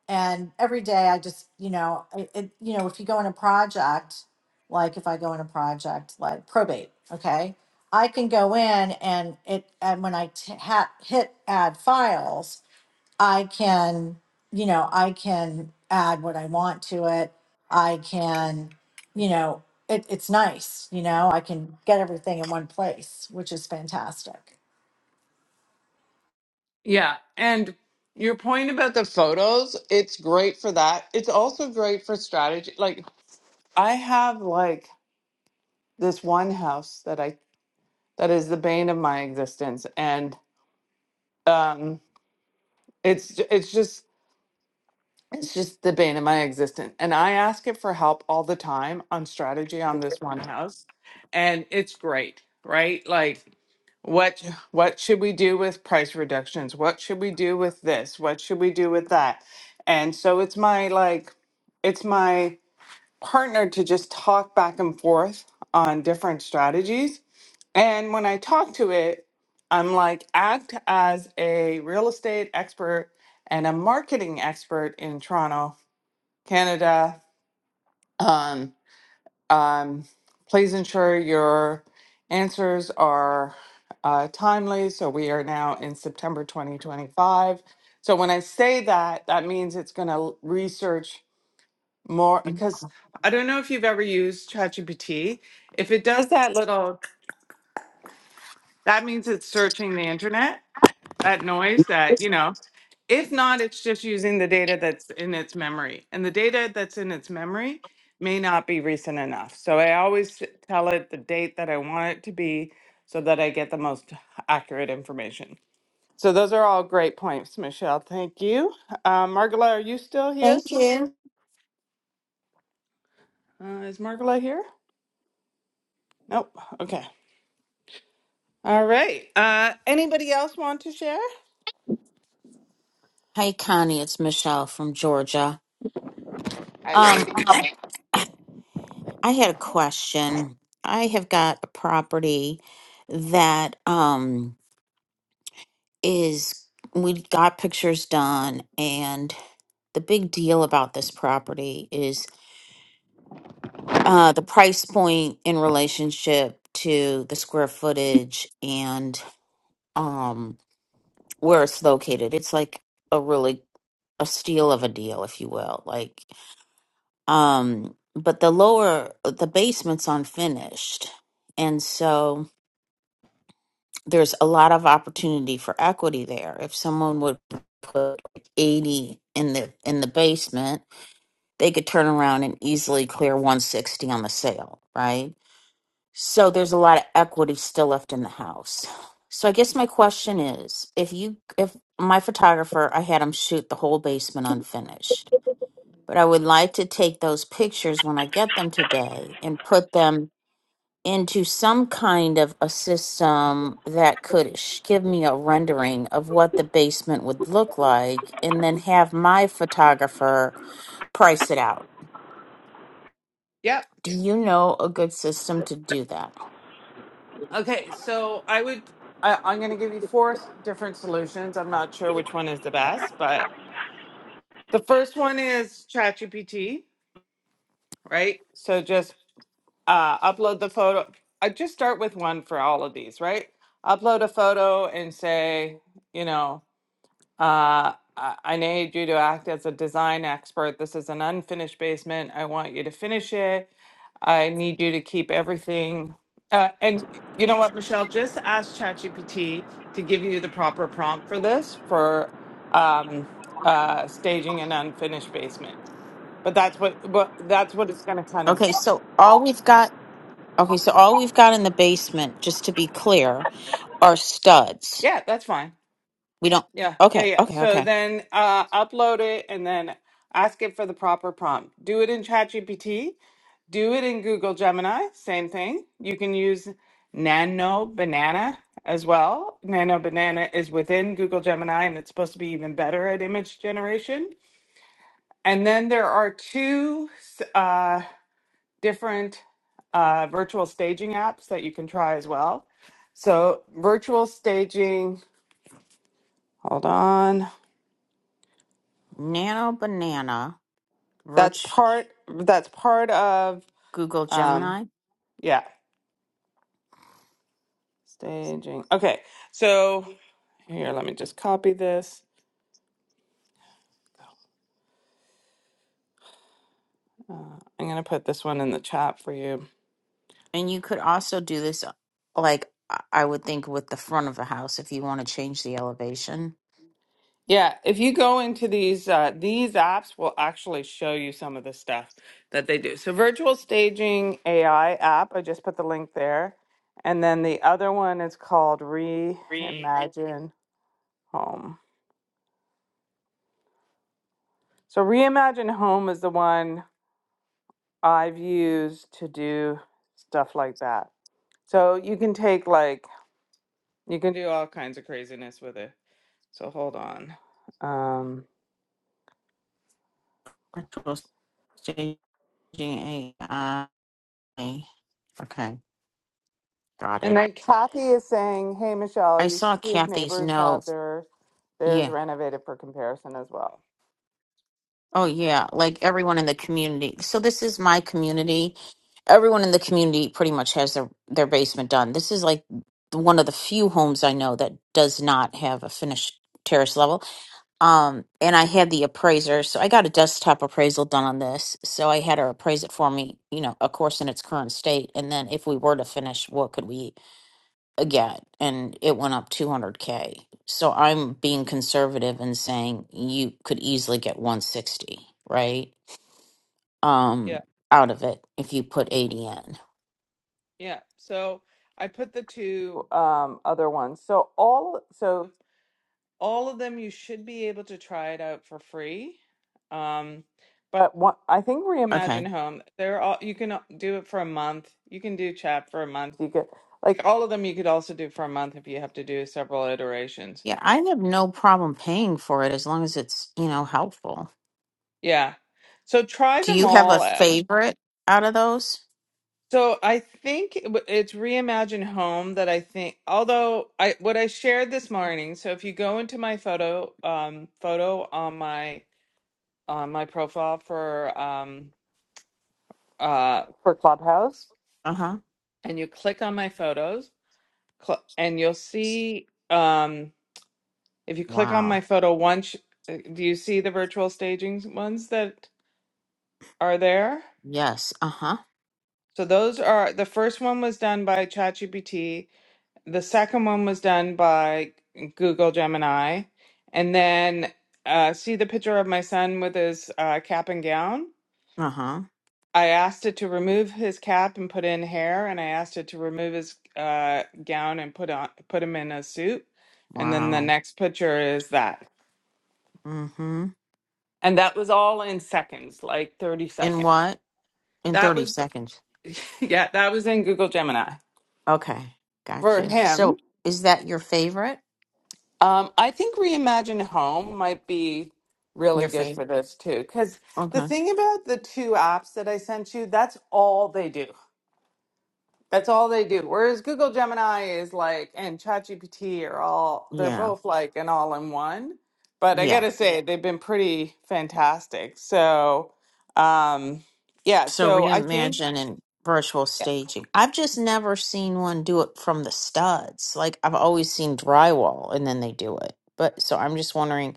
and every day I just, you know, it, it, you know, if you go in a project, like if I go in a project like probate, okay, I can go in and it and when I t- ha- hit add files I can, you know, I can add what I want to it. I can, you know, it, it's nice, you know, I can get everything in one place, which is fantastic.
Yeah, and your point about the photos, it's great for that. It's also great for strategy. Like I have like this one house that I that is the bane of my existence, and um, it's it's just It's just the bane of my existence. And I ask it for help all the time on strategy on this one house. And it's great, right? Like what what should we do with price reductions? What should we do with this? What should we do with that? And so it's my like it's my partner to just talk back and forth on different strategies. And when I talk to it, I'm like act as a real estate expert and a marketing expert in Toronto Canada. Um, um, please ensure your answers are uh, timely. So we are now in September 2025. So when I say that, that means it's going to research more because I don't know if you've ever used ChatGPT. If it does that little, that means it's searching the internet, that noise that, you know, If not, it's just using the data that's in its memory. And the data that's in its memory may not be recent enough. So I always s- tell it the date that I want it to be so that I get the most accurate information. So those are all great points, Michelle. Thank you. Uh, Margola, are you still here?
Thank you.
Uh, is Margola here? Nope. Okay. All right. Uh, anybody else want to share?
Hi, Connie. It's Michelle from Georgia.
Hi,
Um,
lady.
I had a question. I have got a property that um is we got pictures done, and the big deal about this property is uh the price point in relationship to the square footage and um where it's located. It's like a really a steal of a deal, if you will. Like Um, but the lower, the basement's unfinished. And so there's a lot of opportunity for equity there. If someone would put like, 80 in the in the basement, they could turn around and easily clear 160 on the sale, right? So there's a lot of equity still left in the house. So I guess my question is, if you if my photographer, I had him shoot the whole basement unfinished but I would like to take those pictures when I get them today and put them into some kind of a system that could sh- give me a rendering of what the basement would look like and then have my photographer price it out.
Yep.
Do you know a good system to do that?
Okay, so I would I, I'm going to give you four s- different solutions. I'm not sure which one is the best, but the first one is ChatGPT, right? So just uh, upload the photo. I just start with one for all of these, right? Upload a photo and say, you know. Uh, I I need you to act as a design expert. This is an unfinished basement. I want you to finish it. I need you to keep everything. Uh, and you know what, Michelle? Just ask ChatGPT to give you the proper prompt for this for um, uh, staging an unfinished basement. But that's what, but that's what it's going to kind of.
Okay, so all we've got okay, so all we've got in the basement, just to be clear, are studs.
Yeah, that's fine.
We don't
Yeah, yeah,
okay,
yeah.
okay,
So
okay.
then uh, upload it and then ask it for the proper prompt. Do it in ChatGPT Do it in Google Gemini, same thing. You can use Nano Banana as well. Nano Banana is within Google Gemini and it's supposed to be even better at image generation. And then there are two uh, different uh, virtual staging apps that you can try as well. So virtual staging, hold on.
Nano banana,
That's
Virch
part that's part of
Google
um
Gemini.
yeah, staging. Okay. So here, let me just copy this. Uh, I'm gonna put this one in the chat for you.
And you could also do this, like I I would think, with the front of the house if you want to change the elevation.
Yeah, if you go into these, uh, these apps will actually show you some of the stuff that they do. So, virtual staging AI app, I just put the link there, and then the other one is called Reimagine Home. So, Reimagine Home is the one I've used to do stuff like that. So you can take like you can do all kinds of craziness with it. So hold on. Um,
Actual staging AI. Okay, got
And
it.
then Kathy is saying, "Hey, Michelle,
I
you should
saw
see if
Kathy's
neighbors
note.
have their theirs
Yeah.
renovated for comparison as well."
Oh, yeah. Like everyone in the community. So this is my community. Everyone in the community pretty much has their their basement done. This is like one of the few homes I know that does not have a finished terrace level Um, and I had the appraiser, so I got a desktop appraisal done on this. So I had her appraise it for me, you know, of course, in its current state. And then if we were to finish, what could we uh, get? And it went up 200K. So I'm being conservative and saying you could easily get 160, right?
Yeah,
Um, out of it if you put 80 in.
yeah. So I put the two um, other ones. So all so all of them, you should be able to try it out for free. Um, but one, I think
Okay.
Reimagine Home, they're all you can do it for a month. You can do chat for a month. You could like all of them. You could also do for a month if you have to do several iterations.
Yeah, I have no problem paying for it as long as it's, you know, helpful.
Yeah. So try
Do
them
you have a
all out
favorite out of those?
So I think it w- it's Reimagine Home that I think, although I what I shared this morning. So if you go into my photo, um, photo on my on my profile for um uh for Clubhouse,
Uh huh.
and you click on my photos, cl and you'll see um if you click on
Wow.
my photo once, uh, do you see the virtual staging ones that are there?
Yes. Uh huh.
So those are the first one was done by ChatGPT. The second one was done by Google Gemini. And then, uh, see the picture of my son with his uh, cap and gown?
Uh huh.
I asked it to remove his cap and put in hair, and I asked it to remove his uh, gown and put on put him in a suit. And then the
Wow.
next picture is that.
Mm hmm.
And that was all in seconds, like 30
In
seconds.
what? In
That
30
was,
seconds.
yeah, that was in Google Gemini
Okay.
for
Gotcha.
him.
So is that your favorite?
Um, I think Reimagine Home might be really
Your
good for
favorite.
this too. Because the
Okay.
thing about the two apps that I sent you, that's all they do. That's all they do. Whereas Google Gemini is like, and ChatGPT are all, they're
Yeah.
both like an all in one. But I
Yeah.
gotta say, they've been pretty fantastic. So, um, yeah,
So
so I think,
reimagine and virtual
yeah.
staging. I've just never seen one do it from the studs. Like I've always seen drywall and then they do it. But so I'm just wondering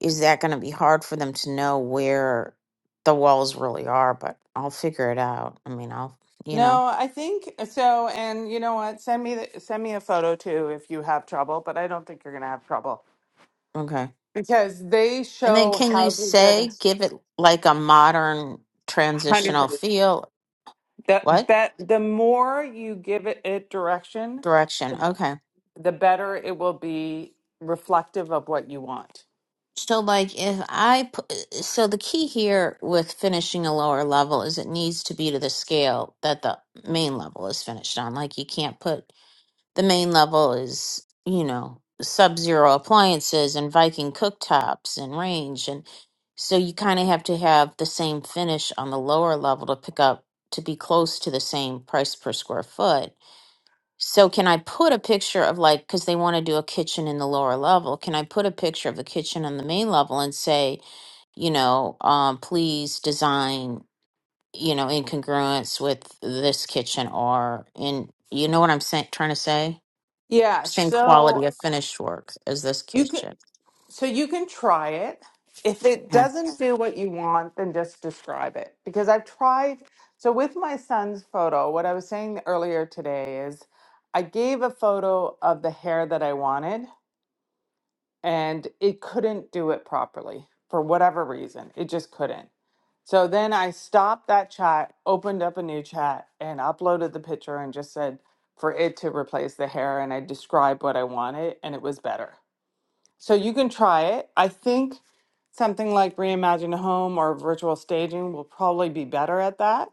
is that going to be hard for them to know where the walls really are? But I'll figure it out. I mean, I'll, you know,
no, I think so. And you know what? Send me the, send me a photo too if you have trouble, but I don't think you're gonna have trouble
okay.
because they
And then
show
can you
houses that are
say, give it like a modern
hundred
transitional
per-
feel?
that
What
that the more you give it, it direction,
direction?
the,
Okay.
the better it will be reflective of what you want.
So, like, if I, pu- uh, so the key here with finishing a lower level is it needs to be to the scale that the main level is finished on. Like, you can't put The main level is, you know, sub zero appliances and Viking cooktops and range. And so you kind of have to have the same finish on the lower level to pick up to be close to the same price per square foot. So can I put a picture of like, because they want to do a kitchen in the lower level, can I put a picture of the kitchen on the main level and say, you know, um, please design, you know, in congruence with this kitchen or in, you know what I'm saying, trying to say?
Yeah,
same quality
so
of finished work as this
you can
kitchen.
So you can try it. If it
Okay.
doesn't do what you want, then just describe it. Because I've tried, so with my son's photo, what I was saying earlier today is I gave a photo of the hair that I wanted and it couldn't do it properly for whatever reason. It just couldn't. So then I stopped that chat, opened up a new chat, and uploaded the picture and just said for it to replace the hair. And I described what I wanted and it was better. So you can try it. I think something like Reimagine a Home or virtual staging will probably be better at that.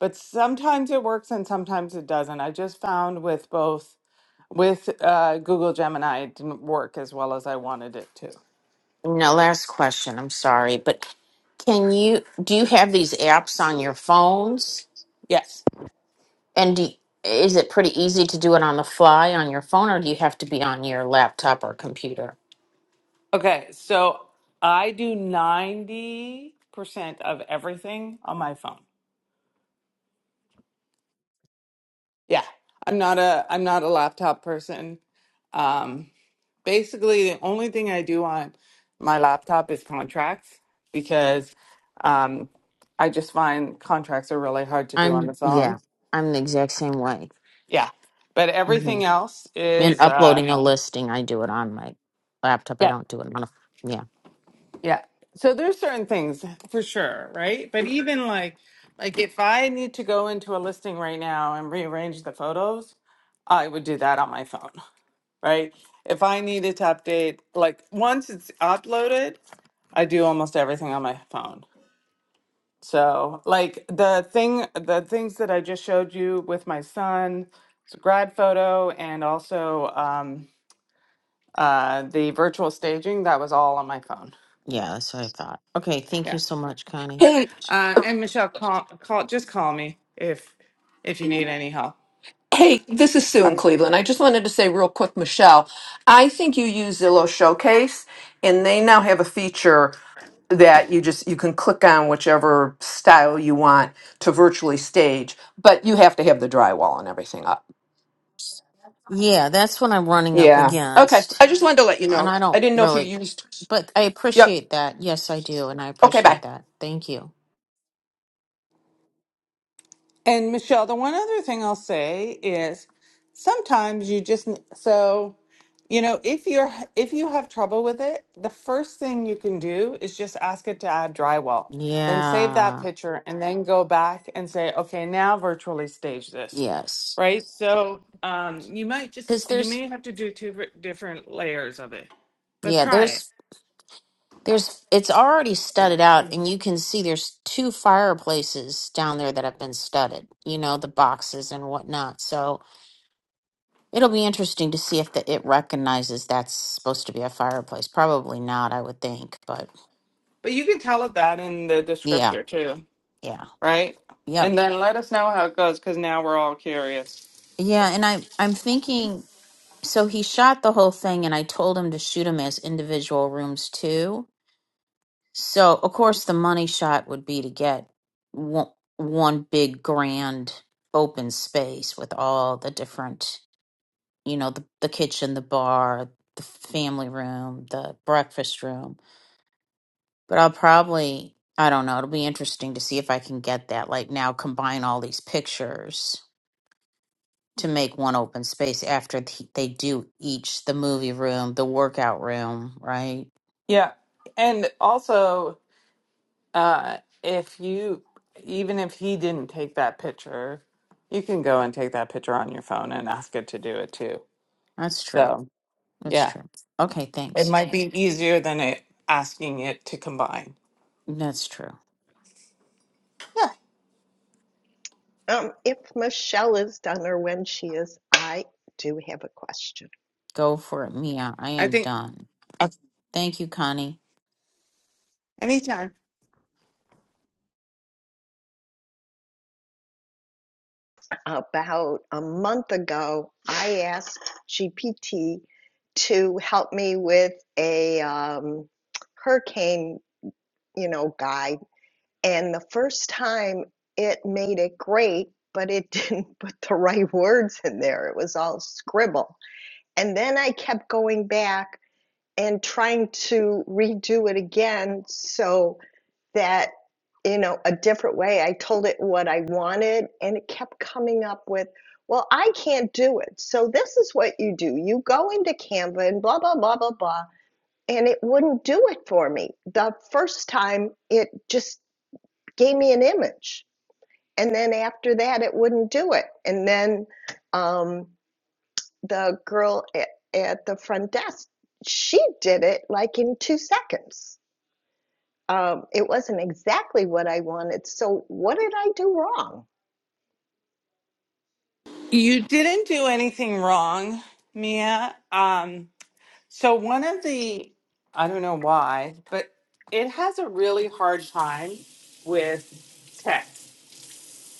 But sometimes it works and sometimes it doesn't. I just found with both with uh, Google Gemini, it didn't work as well as I wanted it to.
No, last question. I'm sorry, but can you do you have these apps on your phones?
Yes.
And do, is it pretty easy to do it on the fly on your phone, or do you have to be on your laptop or computer?
Okay. So I do 90% of everything on my phone. Yeah, I'm not a I'm not a laptop person. Um, basically, the only thing I do on my laptop is contracts because um, I just find contracts are really hard to do on
I'm
the phone.
yeah, I'm the exact same way.
Yeah, but
hmm
everything else
In
is uh,
uploading a listing, I do it on my laptop. I
yeah,
don't do it on a yeah,
yeah. So there's certain things for sure, right? But even like like if I need to go into a listing right now and rearrange the photos, I would do that on my phone. right? If I needed to update, like once it's uploaded, I do almost everything on my phone. So, like the thing, the things that I just showed you with my son, it's a grad photo, and also um, uh, the virtual staging, that was all on my phone.
yeah. That's what I thought. Okay, thank you
Yeah.
so much, Connie.
Hey,
Uh, and Michelle, call, call, just call me if if you need any help.
hey, this is Sue in
Okay.
Cleveland. I just wanted to say real quick, Michelle, I think you use Zillow Showcase and they now have a feature that you just you can click on whichever style you want to virtually stage, but you have to have the drywall and everything up.
Yeah, that's what I'm running up
Yeah. Okay.
against.
I just wanted to let you
And
know.
I
I
don't
didn't know if you
really,
used
but I
Yep.
appreciate that. Yes, I do. And I
Okay, bye.
appreciate that. Thank you.
And Michelle, the one other thing I'll say is sometimes you just n- so you know if you're if you have trouble with it, the first thing you can do is just ask it to add drywall. Then save that
Yeah.
picture and then go back and say, okay, now virtually stage this.
Yes.
Right? So um, you might just
Because
you
there's,
may have to do two ver- different layers of it, but
yeah,
try it.
there's, there's, it's already studded out, and you can see there's two fireplaces down there that have been studded, you know, the boxes and whatnot. So it'll be interesting to see if the, it recognizes that's supposed to be a fireplace. Probably not, I would think. But
But you can tell it that in the
yeah,
descriptor too,
yeah,
right?
yep.
And then let us know how it goes because now we're all curious.
Yeah, and I I'm thinking So he shot the whole thing, and I told him to shoot them as individual rooms too. So, of course, the money shot would be to get one, one big grand open space with all the different, you know, the, the kitchen, the bar, the family room, the breakfast room. But I'll probably, I don't know, it'll be interesting to see if I can get that. Like now, combine all these pictures to make one open space after th- they do each the movie room, the workout room, right?
Yeah. And also, uh, if you, even if he didn't take that picture, you can go and take that picture on your phone and ask it to do it too.
That's true.
So,
That's
yeah,
true. Okay,
it
thanks.
might be easier than it asking it to combine.
That's true.
Um, if Michelle is done or when she is, I do have a question.
Go for it, Mia. I
I
am
think
done.
uh,
Thank you, Connie.
anytime
About a month ago, I asked GPT to help me with a um, hurricane, you know, guide. And the first time it made it great, but it didn't put the right words in there. It was all scribble. And then I kept going back and trying to redo it again. So that you know a different way i told it what i wanted and it kept coming up with well i can't do it so this is what you do you go into canva and blah blah blah blah blah and it wouldn't do it for me the first time it just gave me an image and then after that it wouldn't do it and then um, the girl at, at the front desk she did it like in two seconds um, it wasn't exactly what I wanted. So what did I do wrong?
you didn't do anything wrong, Mia. Um, so one of the, I don't know why, but it has a really hard time with text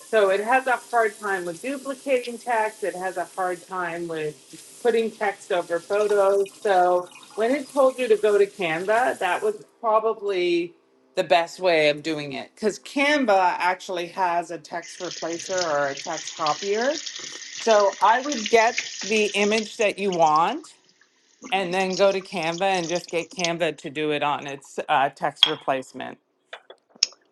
So it has a hard time with duplicating text. It has a hard time with putting text over photos. So when it told you to go to Canva, that was probably the best way of doing it because Canva actually has a text replacer or a text copier. So I would get the image that you want and then go to Canva and just get Canva to do it on its uh, text replacement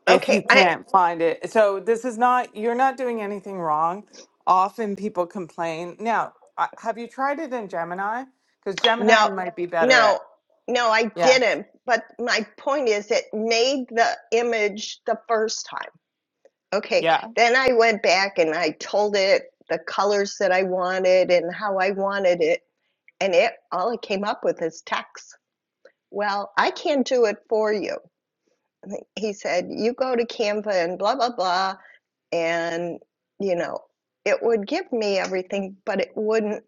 if
Okay,
you
I
can't find it. So this is not you're not doing anything wrong. Often people complain. Now, uh, have you tried it in Gemini? Because Gemini
no,
might be better at.
no, no, I
Yeah,
didn't. But my point is, it made the image the first time. Okay,
yeah,
then I went back and I told it the colors that I wanted and how I wanted it, and it all it came up with is text. Well, I can't do it for you. He said, you go to Canva and blah blah blah, and you know it would give me everything but it wouldn't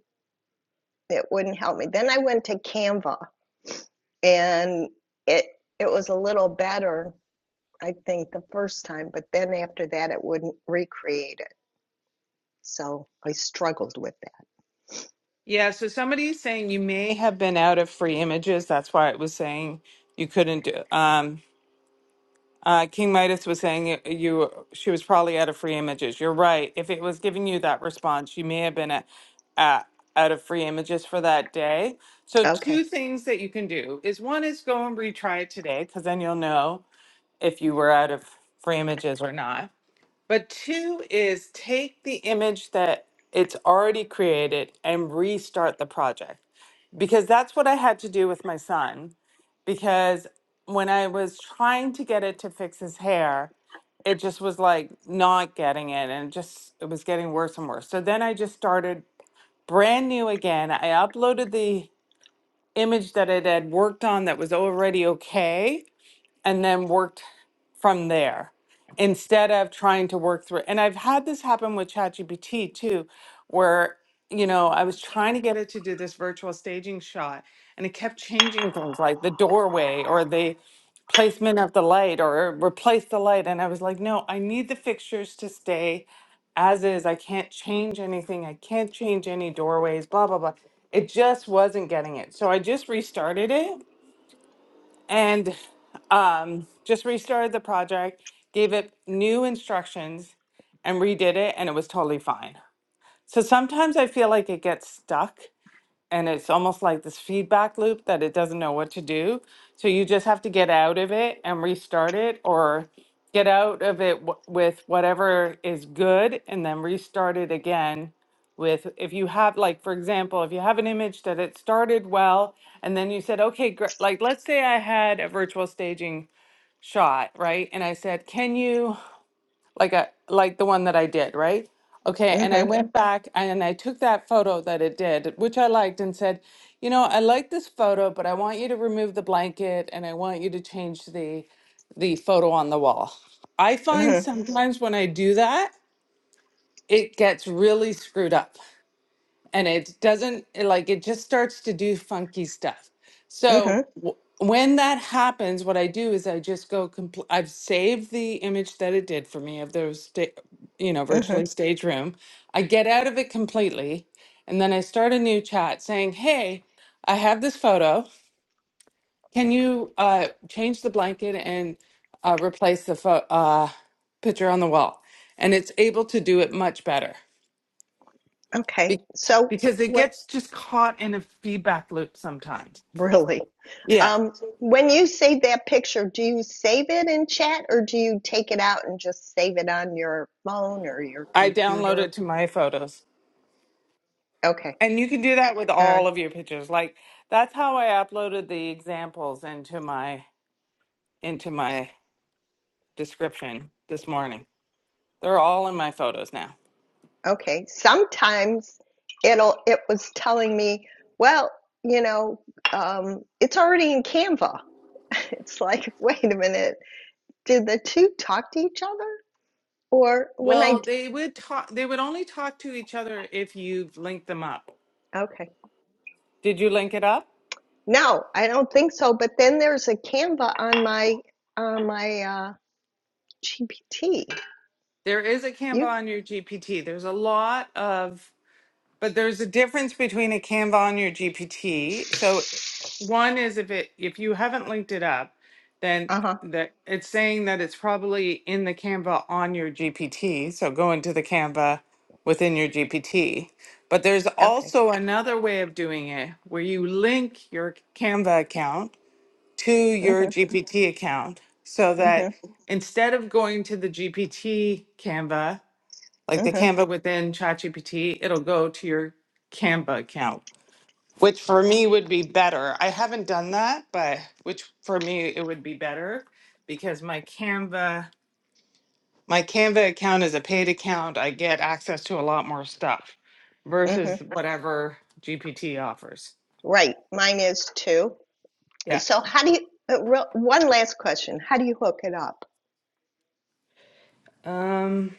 it wouldn't help me then i went to canva and it it was a little better i think the first time but then after that it wouldn't recreate it so i struggled with
yeah. So somebody's saying you may have been out of free images. That's why it was saying you couldn't do. Um, Uh, King Midas was saying it- you she was probably out of free images. You're right. If it was giving you that response, you may have been at, at, out of free images for that day. So
that okay
two things that you can do is one is go and retry it today because then you'll know if you were out of free images or not. But two is take the image that it's already created and restart the project because that's what I had to do with my son. Because when I was trying to get it to fix his hair, it just was like not getting it and it just it was getting worse and worse. So then I just started brand new again. I uploaded the image that it had worked on that was already okay and then worked from there instead of trying to work through. And I've had this happen with ChatGPT too, where you know I was trying to get it to do this virtual staging shot, and it kept changing things like the doorway or the placement of the light or replace the light. And I was like, no, I need the fixtures to stay as is. I can't change anything. I can't change any doorways. Blah blah blah. It just wasn't getting it. So I just restarted it and um, just restarted the project, gave it new instructions, and redid it, and it was totally fine. So sometimes I feel like it gets stuck and it's almost like this feedback loop that it doesn't know what to do. So you just have to get out of it and restart it or get out of it w- with whatever is good and then restart it again with if you have like for example if you have an image that it started well and then you said okay gr- like let's say i had a virtual staging shot right and i said can you like I like the one that I did, right? Okay, and I
mhm
went back and I took that photo that it did, which I liked, and said, you know, I like this photo, but I want you to remove the blanket and I want you to change the the photo on the wall. I find
mhm
sometimes when I do that, it gets really screwed up and it doesn't it, like it just starts to do funky stuff so
mhm
w- when that happens what i do is i just go compl- i've saved the image that it did for me of those sta- you know
mhm
virtually stage room i get out of it completely and then i start a new chat saying hey i have this photo can you uh, change the blanket and uh, replace the pho- uh, picture on the wall and it's able to do it much better
okay
be-
so
because it
what
gets just caught in a feedback loop sometimes.
Really?
Yeah,
Um, when you save that picture, do you save it in chat or do you take it out and just save it on your phone or your
I download
computer?
it to my photos.
Okay.
And you can do that with
All right.
all of your pictures. Like that's how I uploaded the examples into my into my description this morning. They're all in my photos now.
Okay. Sometimes it'll it was telling me, well, you know, um, it's already in Canva. It's like, wait a minute, did the two talk to each other? Or when I,
Well, they would talk they would only talk to each other if you've linked them up.
okay.
Did you link it up?
No, I don't think so. But then there's a Canva on my on my uh, GPT.
There is a Canva
You?
on your GPT. There's a lot of But there's a difference between a Canva and your GPT. So one is if it if you haven't linked it up, then
Uh-huh.
that it's saying that it's probably in the Canva on your GPT. So go into the Canva within your GPT. But there's
Okay.
also another way of doing it where you link your Canva account to your
Mm-hmm.
GPT account so that
Mm-hmm.
instead of going to the GPT Canva, like the
Mm-hmm.
Canva within ChatGPT, it'll go to your Canva account, which for me would be better. I haven't done that, but which for me it would be better because my Canva my Canva account is a paid account. I get access to a lot more stuff
Mm-hmm.
versus whatever GPT offers.
Right. Mine is too.
Yeah.
So how do you uh, real, one last question. How do you hook it up?
Um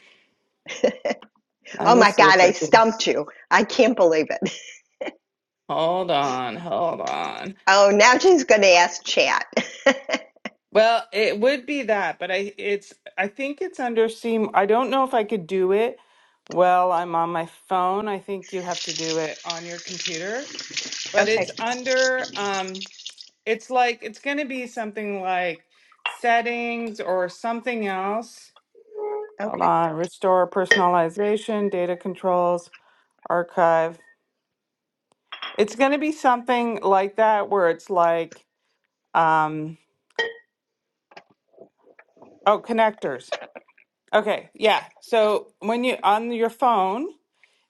let
Oh
me
my
see if
God, I
I can
stumped you. I can't believe it.
hold on, hold on.
Oh, now she's gonna ask chat.
Well, it would be that, but I it's I think it's under C. I don't know if I could do it while I'm on my phone. I think you have to do it on your computer, but
Okay.
it's under um it's like it's going to be something like settings or something else. Hold
Okay.
on, restore personalization, data controls, archive. It's going to be something like that where it's like um oh, connectors. Okay, yeah. So when you on your phone,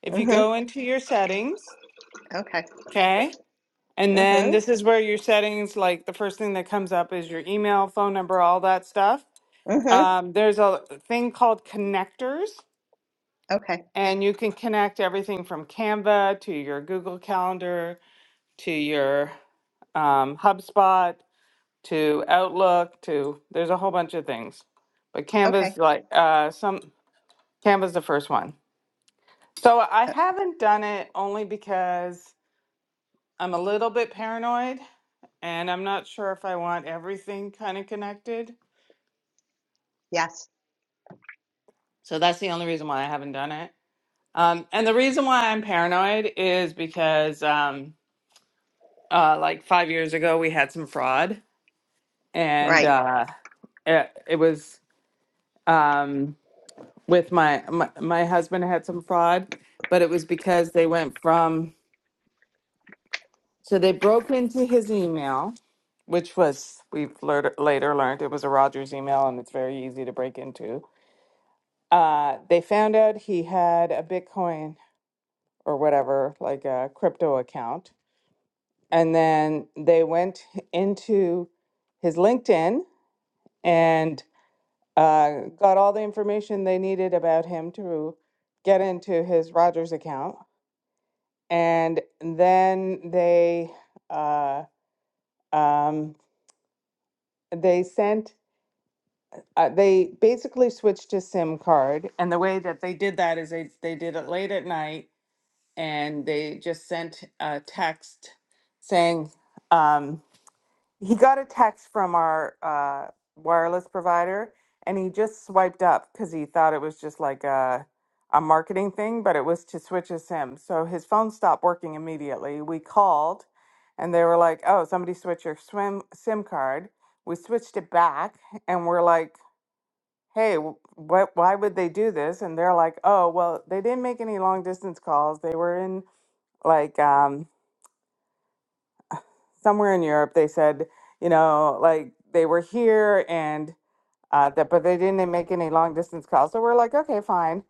if you
Mm-hmm.
go into your settings,
Okay.
okay, and then
Mm-hmm.
this is where your settings, like the first thing that comes up is your email, phone number, all that stuff.
Mm-hmm.
Um, there's a thing called connectors,
Okay.
and you can connect everything from Canva to your Google Calendar to your um, HubSpot to Outlook to there's a whole bunch of things. But
Okay.
Canva's like uh, some Canva's the first one. So I
Uh,
haven't done it only because I'm a little bit paranoid and I'm not sure if I want everything kind of connected.
yes.
So that's the only reason why I haven't done it. Um, and the reason why I'm paranoid is because, um, uh, like five years ago, we had some fraud, and
Right.
uh, it, it was um, with my, my my husband had some fraud, but it was because they went from So they broke into his email, which was, we've lear- later learned, it was a Rogers email and it's very easy to break into. Uh, they found out he had a Bitcoin or whatever, like a crypto account. And then they went into his LinkedIn and uh, got all the information they needed about him to get into his Rogers account. And then they uh, um, they sent uh, they basically switched to SIM card, and the way that they did that is they they did it late at night, and they just sent a text saying um, he got a text from our uh, wireless provider, and he just swiped up because he thought it was just like a a marketing thing, but it was to switch a SIM. So his phone stopped working immediately. We called, and they were like, "Oh, somebody switched your swim SIM card." We switched it back, and we're like hey, what, why would they do this? And they're like, oh, well, they didn't make any long distance calls. They were in like um, somewhere in Europe. They said, you know, like they were here and uh, that, but they didn't make any long distance calls. So we're like, okay, fine.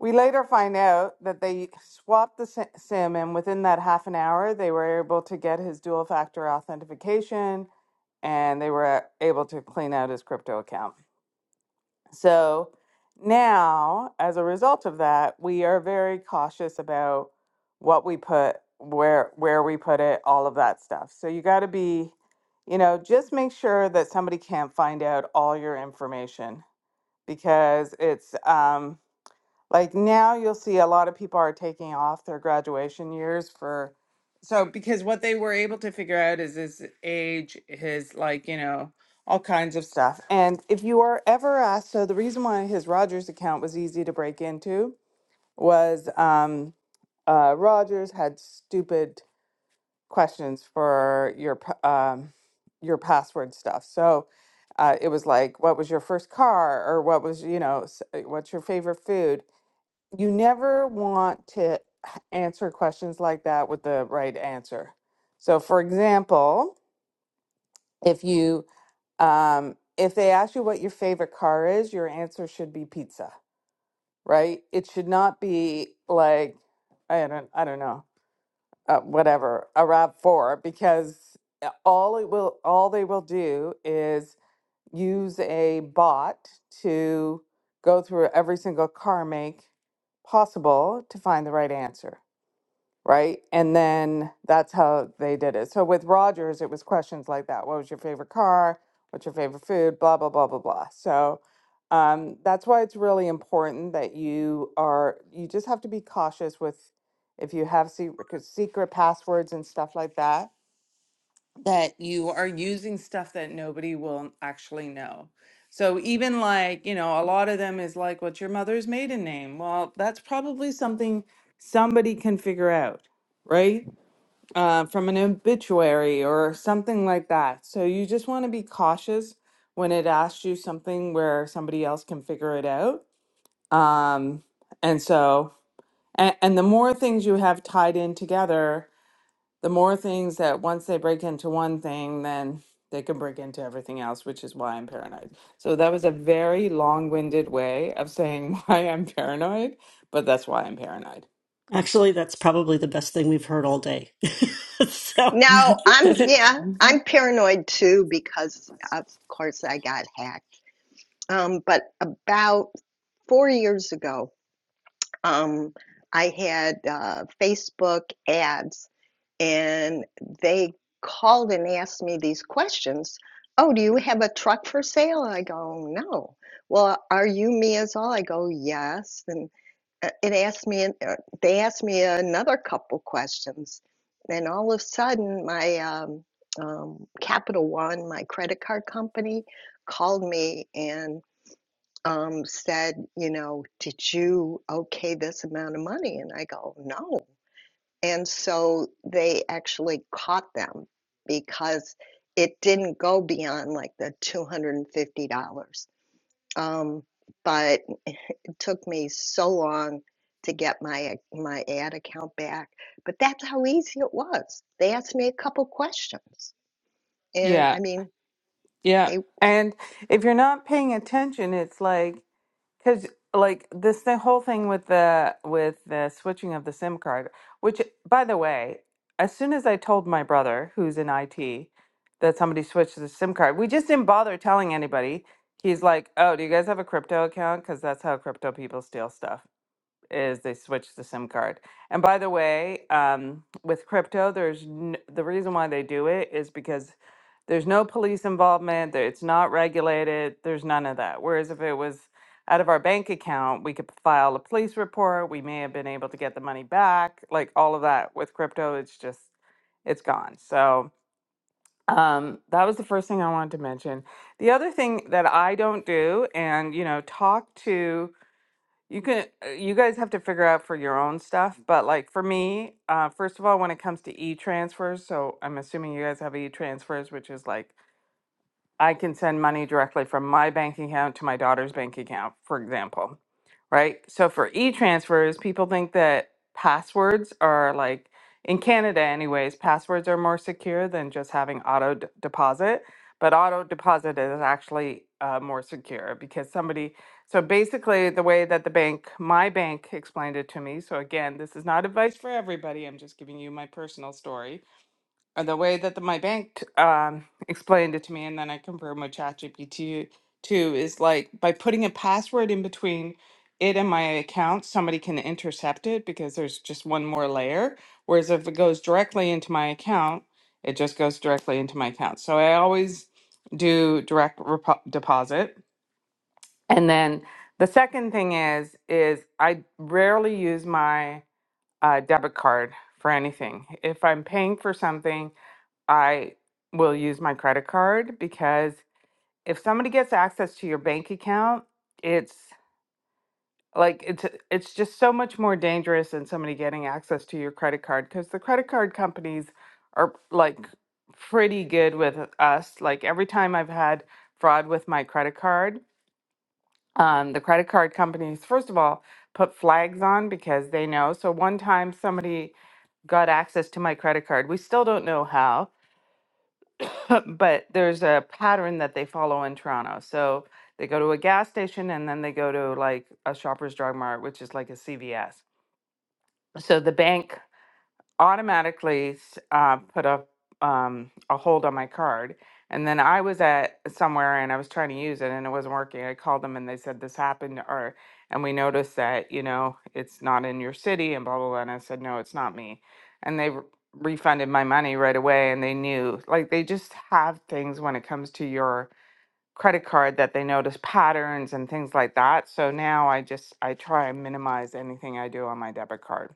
We later find out that they swapped the si- SIM, and within that half an hour, they were able to get his dual factor authentication and they were uh, able to clean out his crypto account. So now, as a result of that, we are very cautious about what we put, where where we put it, all of that stuff. So you got to be, you know, just make sure that somebody can't find out all your information because it's um, like now you'll see a lot of people are taking off their graduation years for so because what they were able to figure out is his age, his like, you know, all kinds of stuff. And if you are ever asked, so the reason why his Rogers account was easy to break into was um uh Rogers had stupid questions for your p- um your password stuff. So uh, it was like, what was your first car, or what was you know, s- uh, what's your favorite food? you never want to answer questions like that with the right answer. So, for example, if you um, if they ask you what your favorite car is, your answer should be pizza, right? It should not be like I don't I don't know uh, whatever a Rav Four because uh, all it will all they will do is use a bot to go through every single car make possible to find the right answer right? And then that's how they did it. So with Rogers, it was questions like that: What was your favorite car? What's your favorite food? Blah blah blah blah blah. So um, that's why it's really important that you are. You just have to be cautious with if you have secret, secret passwords and stuff like that that you are using stuff that nobody will actually know. So even like, you know, a lot of them is like, what's your mother's maiden name? Well, that's probably something somebody can figure out, right? Uh, from an obituary or something like that. So you just want to be cautious when it asks you something where somebody else can figure it out. Um, and so, and, and the more things you have tied in together, the more things that once they break into one thing, then they can break into everything else, which is why I'm paranoid. So that was a very long winded way of saying why I'm paranoid, but that's why I'm paranoid.
Actually, that's probably the best thing we've heard all day. so,
Now I'm
hey,
yeah, I'm paranoid too because of course I got hacked. Um, but about four years ago, um, I had uh, Facebook ads, and they called and asked me these questions. Oh, do you have a truck for sale? And I go, no. Well, are you me as all? I go, yes. And uh, it asked me, uh, they asked me another couple questions, and all of a sudden, my um, um, Capital One, my credit card company, called me and um, said, you know, did you okay this amount of money? And I go, no. And so they actually caught them because it didn't go beyond like the $250. Um, but it took me so long to get my my ad account back. But that's how easy it was. They asked me a couple questions. And
yeah,
I mean,
yeah.
they
And if you're not paying attention, it's like Because like this the whole thing with the with the switching of the SIM card, which by the way, as soon as I told my brother who's in IT that somebody switched the SIM card, we just didn't bother telling anybody. He's like, "Oh, do you guys have a crypto account? Because that's how crypto people steal stuff." is they switch the SIM card. And by the way, um, with crypto, there's n- the reason why they do it is because there's no police involvement. there- It's not regulated. There's none of that. Whereas if it was out of our bank account, we could file a police report. We may have been able to get the money back. Like all of that with crypto, it's just it's gone. So um, that was the first thing I wanted to mention. The other thing that I don't do, and you know, talk to you can, uh, you guys have to figure out for your own stuff, but like for me, uh, first of all, when it comes to e-transfers, so I'm assuming you guys have e-transfers, which is like I can send money directly from my bank account to my daughter's bank account, for example right? So for e transfers, people think that passwords are like, in Canada, anyways, passwords are more secure than just having auto d- deposit. But auto deposit is actually uh, more secure because somebody, so basically, the way that the bank, my bank explained it to me. So again, this is not advice for everybody. I'm just giving you my personal story and the way that the, my bank um, explained it to me, and then I confirmed with ChatGPT too, is like by putting a password in between it and my account, somebody can intercept it because there's just one more layer. Whereas if it goes directly into my account, it just goes directly into my account. So I always do direct repo- deposit. And then the second thing is is I rarely use my uh, debit card for anything. If I'm paying for something I will use my credit card because if somebody gets access to your bank account, it's like it's it's just so much more dangerous than somebody getting access to your credit card because the credit card companies are like pretty good with us. Like every time I've had fraud with my credit card, um, the credit card companies first of all put flags on because they know. So one time somebody got access to my credit card. We still don't know how but there's a pattern that they follow in Toronto. So they go to a gas station and then they go to like a Shoppers Drug Mart, which is like a CVS. So the bank automatically s- uh, put a um, a hold on my card. And then I was at somewhere and I was trying to use it and it wasn't working. I called them and they said this happened or and we noticed that you know it's not in your city and blah blah blah. And I said no, it's not me. And they re- refunded my money right away. And they knew like they just have things when it comes to your credit card that they notice patterns and things like that. So now I just I try and minimize anything I do on my debit card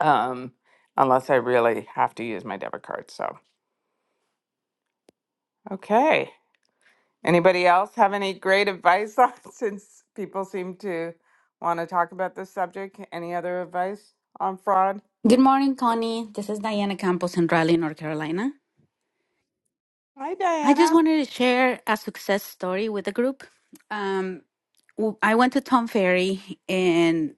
um, unless I really have to use my debit card. So, okay. Anybody else have any great advice on since people seem to want to talk about this subject? Any other advice on fraud?
Good morning, Connie. This is Diana Campos in Raleigh, North Carolina.
Hi,
I just
Diana.
wanted to share a success story with the group. Um, w- I went to Tom Ferry and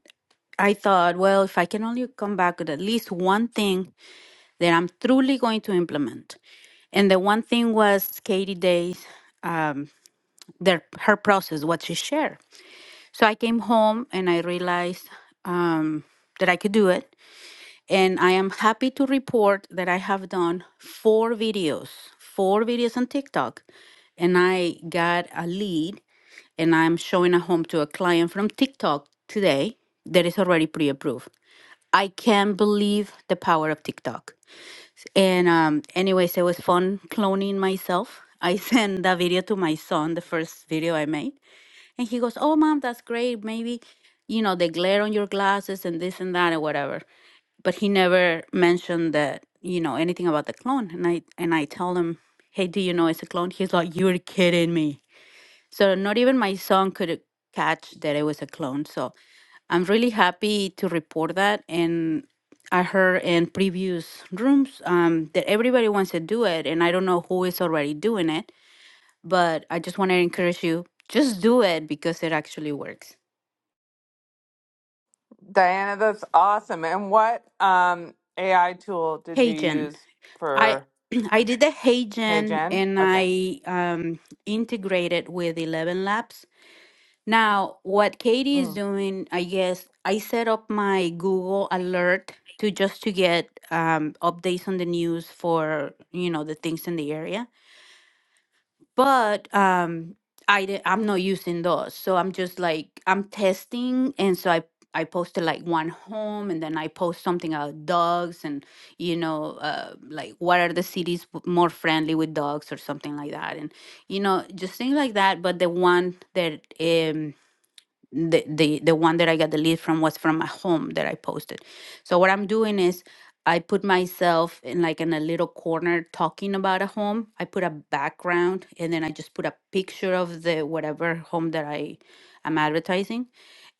I thought, well, if I can only come back with at least one thing that I'm truly going to implement. And the one thing was Katie Day's, their, her process, what she shared. So I came home and I realized um, that I could do it. And I am happy to report that I have done four videos, four videos on TikTok. And I got a lead, and I'm showing a home to a client from TikTok today that is already pre approved. I can't believe the power of TikTok. And um, anyways, it was fun cloning myself. I sent that video to my son, the first video I made and he goes, Oh, mom, that's great. Maybe, you know, the glare on your glasses and this and that and whatever. But he never mentioned that, you know, anything about the clone. And I and I tell him, Hey, do you know it's a clone? He's like, You're kidding me. So not even my son could catch that it was a clone. So I'm really happy to report that. And I heard in previous rooms um, that everybody wants to do it. And I don't know who is already doing it but I just want to encourage you just do it because it actually works.
Diana, that's awesome. And what um, AI tool did
Hey
you
Jen,
use
I
for
I did the Hey
Hey
Jen
Jen?
and
Okay.
I um, integrated with Eleven Labs. Now, what Katie is
Mm.
doing, I guess, I set up my Google alert to just to get um, updates on the news for you know the things in the area but um i di- i'm not using those so i'm just like i'm testing and so i i posted like one home and then i post something about dogs and you know uh, like what are the cities w- more friendly with dogs or something like that and you know just things like that but the one that um the the the one that I got the lead from was from a home that I posted. So what I'm doing is I put myself in like in a little corner talking about a home. I put a background and then I just put a picture of the whatever home that I am advertising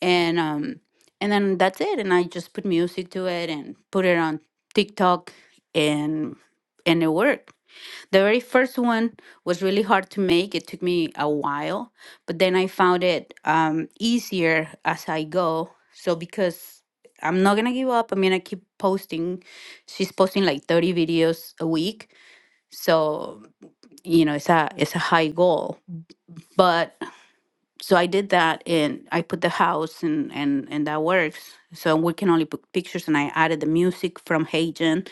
and um and then that's it and I just put music to it and put it on TikTok and and it worked the very first one was really hard to make. It took me a while, but then I found it um, easier as I go. So because I'm not gonna give up, I'm gonna keep posting. She's posting like 30 videos a week, so you know it's a it's a high goal. But so I did that, and I put the house, and and and that works. So I'm working only put pictures, and I added the music from Hagen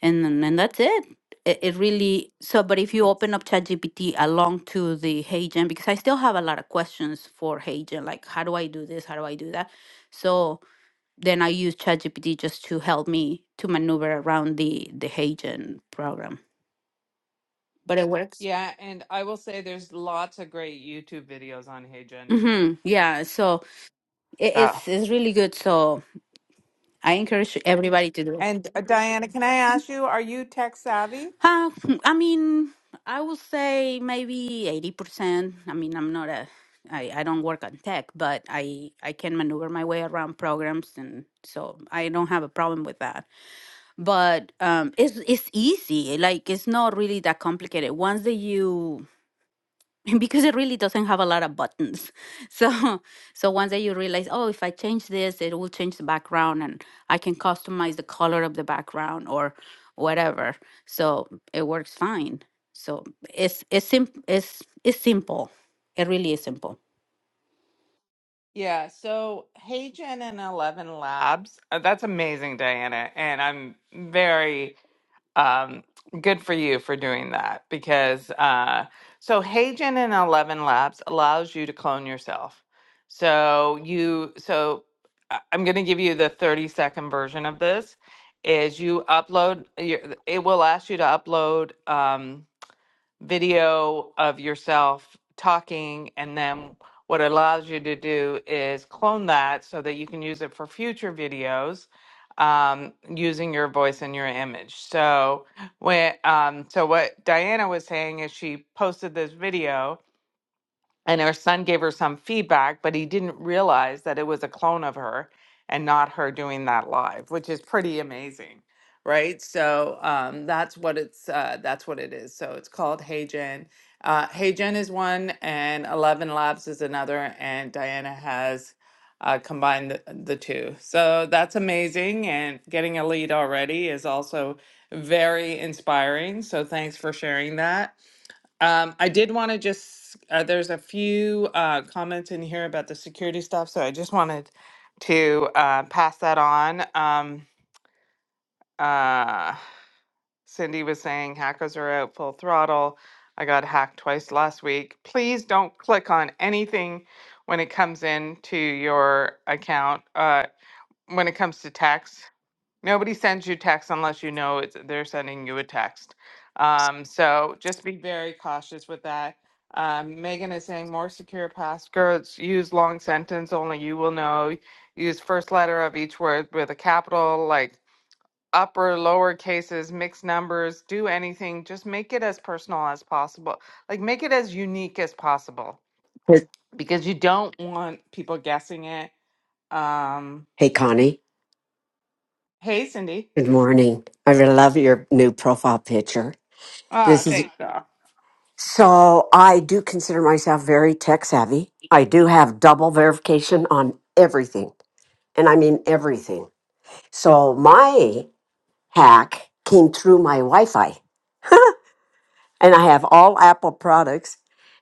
and then- and that's it. it. It really so. But if you open
That's-
up ChatGPT along to the HeyGen, because I still have a lot of questions for HeyGen, like how do I do this? How do I do that? So then I use ChatGPT just to help me to maneuver around the the HeyGen program. But it works.
Yeah, and I will say there's lots of great YouTube videos on Hey Jen too.
Mm-hmm. Yeah. So it,
So.
it's it's really good. So I encourage everybody to do it.
And uh, Diana, can I ask you, are you tech savvy?
Uh, I mean, I would say maybe eighty percent. I mean, I'm not a, I, I don't work on tech, but I I can maneuver my way around programs, and so I don't have a problem with that. But um, it's it's easy. Like it's not really that complicated. Once that you because it really doesn't have a lot of buttons. So so once that you realize, oh, if I change this, it will change the background and I can customize the color of the background or whatever. So it works fine. So it's it's sim- it's it's simple. It really is simple.
Yeah, so Hagen and Eleven Labs, uh, that's amazing, Diana. And I'm very um, good for you for doing that because uh, so Hagen and Eleven Labs allows you to clone yourself. So you, so I- I'm going to give you the 30 second version of this is you upload your, it will ask you to upload. Um, video of yourself talking and then what it allows you to do is clone that so that you can use it for future videos um, using your voice and your image so when um, so what diana was saying is she posted this video and her son gave her some feedback, but he didn't realize that it was a clone of her and not her doing that live, which is pretty amazing, right? So um, that's what it's uh, that's what it is. So it's called Hey Jen. Uh, hey Jen is one, and Eleven Labs is another, and Diana has uh, combined the, the two. So that's amazing, and getting a lead already is also very inspiring. So thanks for sharing that. Um, I did want to just, uh, there's a few uh, comments in here about the security stuff, so I just wanted to uh, pass that on. Um, uh, Cindy was saying hackers are out full throttle. I got hacked twice last week. Please don't click on anything when it comes in to your account. Uh, when it comes to text. Nobody sends you text unless you know it's they're sending you a text. Um, so just be very cautious with that. Um, Megan is saying more secure passwords. Use long sentence only you will know. Use first letter of each word with a capital, like upper lower cases, mixed numbers. Do anything. Just make it as personal as possible. Like make it as unique as possible.
Hey,
Don't want people guessing it. Um,
hey, Connie.
hey, Cindy.
Good morning. I really love your new profile picture. This
Ah,
is
thanks. doll.
so I do consider myself very tech savvy. I do have double verification on everything, and I mean everything. So my hack came through my Wi-Fi, and I have all Apple products.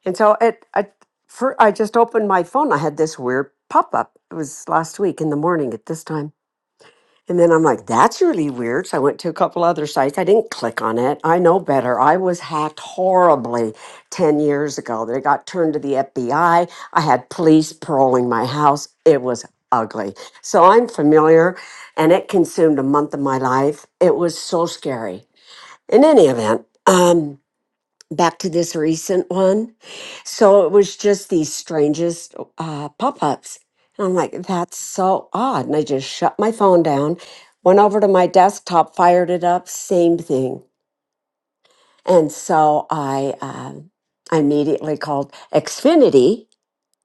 And so it, I, for, I just opened my phone. I had this weird pop-up. It was last week in the morning at this time And then I'm like, that's really weird. So I went to a couple other sites. I didn't click on it. I know better. I was hacked horribly 10 years ago. They got turned to the FBI. I I had police paroling my house. It was ugly. So I'm familiar and it consumed a month of my life. It was so scary. In any event, um, back to this recent one. So it was just these strangest uh, pop ups. And I'm like, that's so odd. And I just shut my phone down, went over to my desktop, fired it up, same thing. And so I, um I immediately called Xfinity.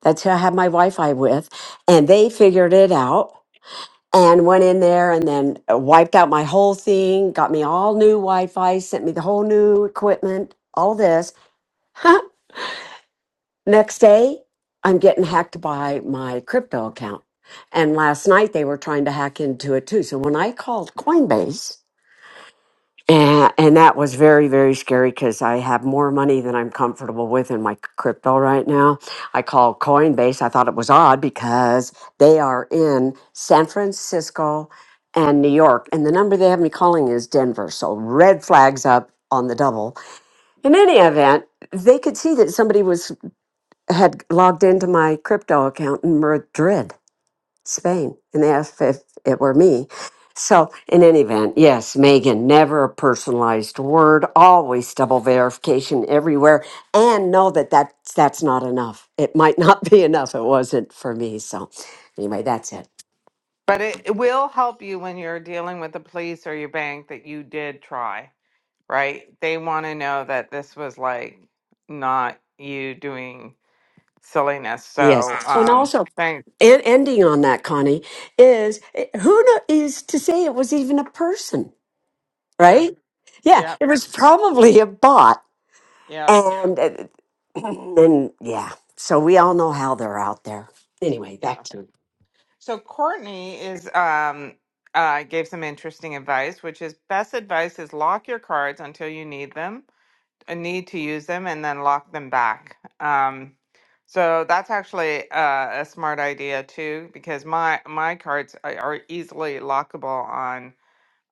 That's who I had my Wi Fi with. And they figured it out and went in there and then uh, wiped out my whole thing, got me all new Wi Fi, sent me the whole new equipment, all this. Next day, I'm getting hacked by my crypto account. And last night they were trying to hack into it too. So when I called Coinbase, and, and that was very, very scary because I have more money than I'm comfortable with in my crypto right now. I called Coinbase. I thought it was odd because they are in San Francisco and New York. And the number they have me calling is Denver. So red flags up on the double. In any event, they could see that somebody was had logged into my crypto account in Madrid, Spain, and they asked if it were me. So, in any event, yes, Megan, never a personalized word, always double verification everywhere, and know that that's, that's not enough. It might not be enough. It wasn't for me. So, anyway, that's it.
But it, it will help you when you're dealing with the police or your bank that you did try, right? They want to know that this was like not you doing silliness.
Yes.
So,
And
um,
also,
thanks.
and ending on that, Connie, is eh, who kno- is to say it was even a person,
True.
right? Yeah,
Yeah.
it was probably a bot
Yeah.
And uh, then, yeah, so we all know how they're out there. Anyway, back
Yeah.
to you.
So Courtney is um uh gave some interesting advice, which is best advice is lock your cards until you need them a need to use them and then lock them back. Um, so that's actually uh, a smart idea too, because my my cards are are easily lockable on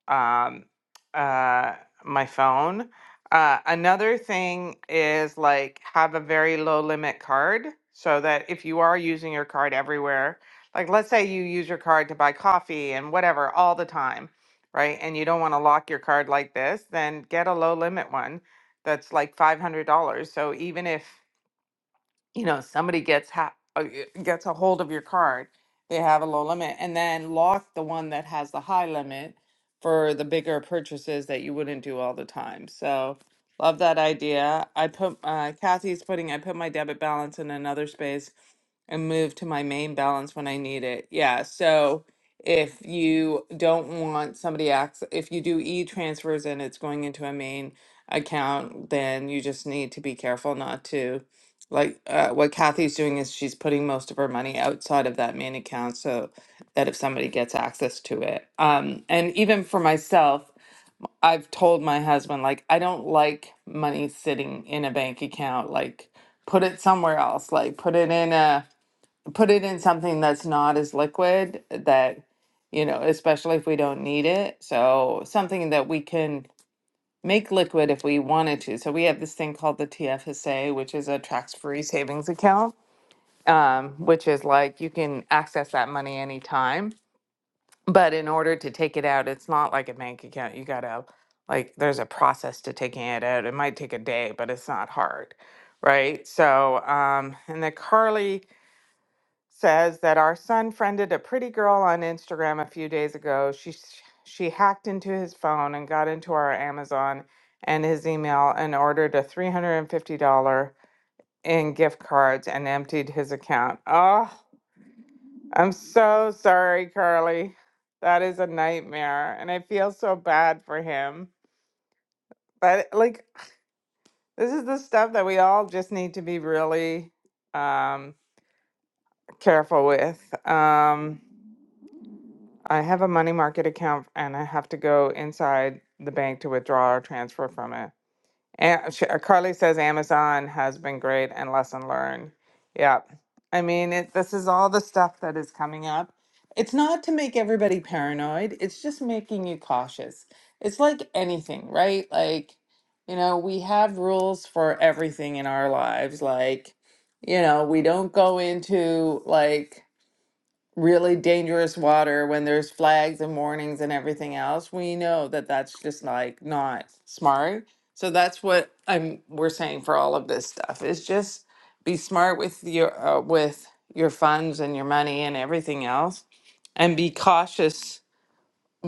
um, uh, my phone. Uh, another thing is like have a very low limit card so that if you are using your card everywhere, like let's say you use your card to buy coffee and whatever all the time, right? And you don't want to lock your card like this, then get a low limit one that's like $500. So even if you know somebody gets ha- uh, gets a hold of your card they have a low limit and then lock the one that has the high limit for the bigger purchases that you wouldn't do all the time so love that idea i put uh, kathy's putting i put my debit balance in another space and move to my main balance when i need it yeah so if you don't want somebody acts if you do e-transfers and it's going into a main account then you just need to be careful not to like uh, what Kathy's doing is she's putting most of her money outside of that main account so that if somebody gets access to it. Um, and even for myself, I've told my husband, like, I don't like money sitting in a bank account. Like, put it somewhere else. Like, put it in a, put it in something that's not as liquid that, you know, especially if we don't need it. So, something that we can make liquid if we wanted to. So we have this thing called the TFSA, which is a tax-free savings account, um, which is like you can access that money anytime. But in order to take it out, it's not like a bank account. You gotta like there's a process to taking it out. It might take a day, but it's not hard, right? So um, and the Carly says that our son friended a pretty girl on Instagram a few days ago. She she hacked into his phone and got into our Amazon and his email and ordered a $350 in gift cards and emptied his account. Oh, I'm so sorry, Carly. That is a nightmare and I feel so bad for him. But like this is the stuff that we all just need to be really um careful with. Um I have a money market account and I have to go inside the bank to withdraw or transfer from it. And sh- uh, Carly says Amazon has been great and lesson learned. Yeah. I mean, it, this is all the stuff that is coming up. It's not to make everybody paranoid, it's just making you cautious. It's like anything, right? Like, you know, we have rules for everything in our lives. Like, you know, we don't go into like, really dangerous water when there's flags and warnings and everything else we know that that's just like not smart so that's what i'm we're saying for all of this stuff is just be smart with your uh, with your funds and your money and everything else and be cautious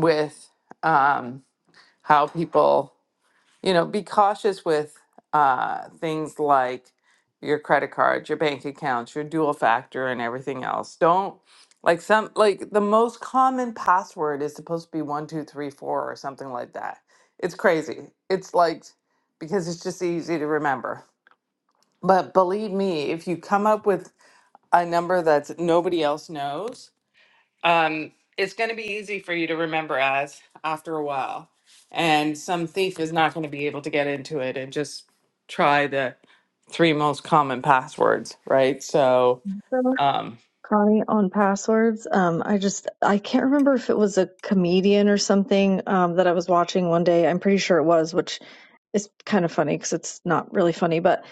with um, how people you know, be cautious with uh, things like your credit cards, your bank accounts, your dual factor, and everything else. Don't like some like the most common password is supposed to be one two three four or something like that. It's crazy. It's like because it's just easy to remember. But believe me, if you come up with a number that nobody else knows, um, it's going to be easy for you to remember as after a while. And some thief is not going to be able to get into it and just try the three most common passwords, right? So,
So,
um,
Connie, on passwords, um, I just I can't remember if it was a comedian or something um, that I was watching one day. I'm pretty sure it was, which is kind of funny because it's not really funny, but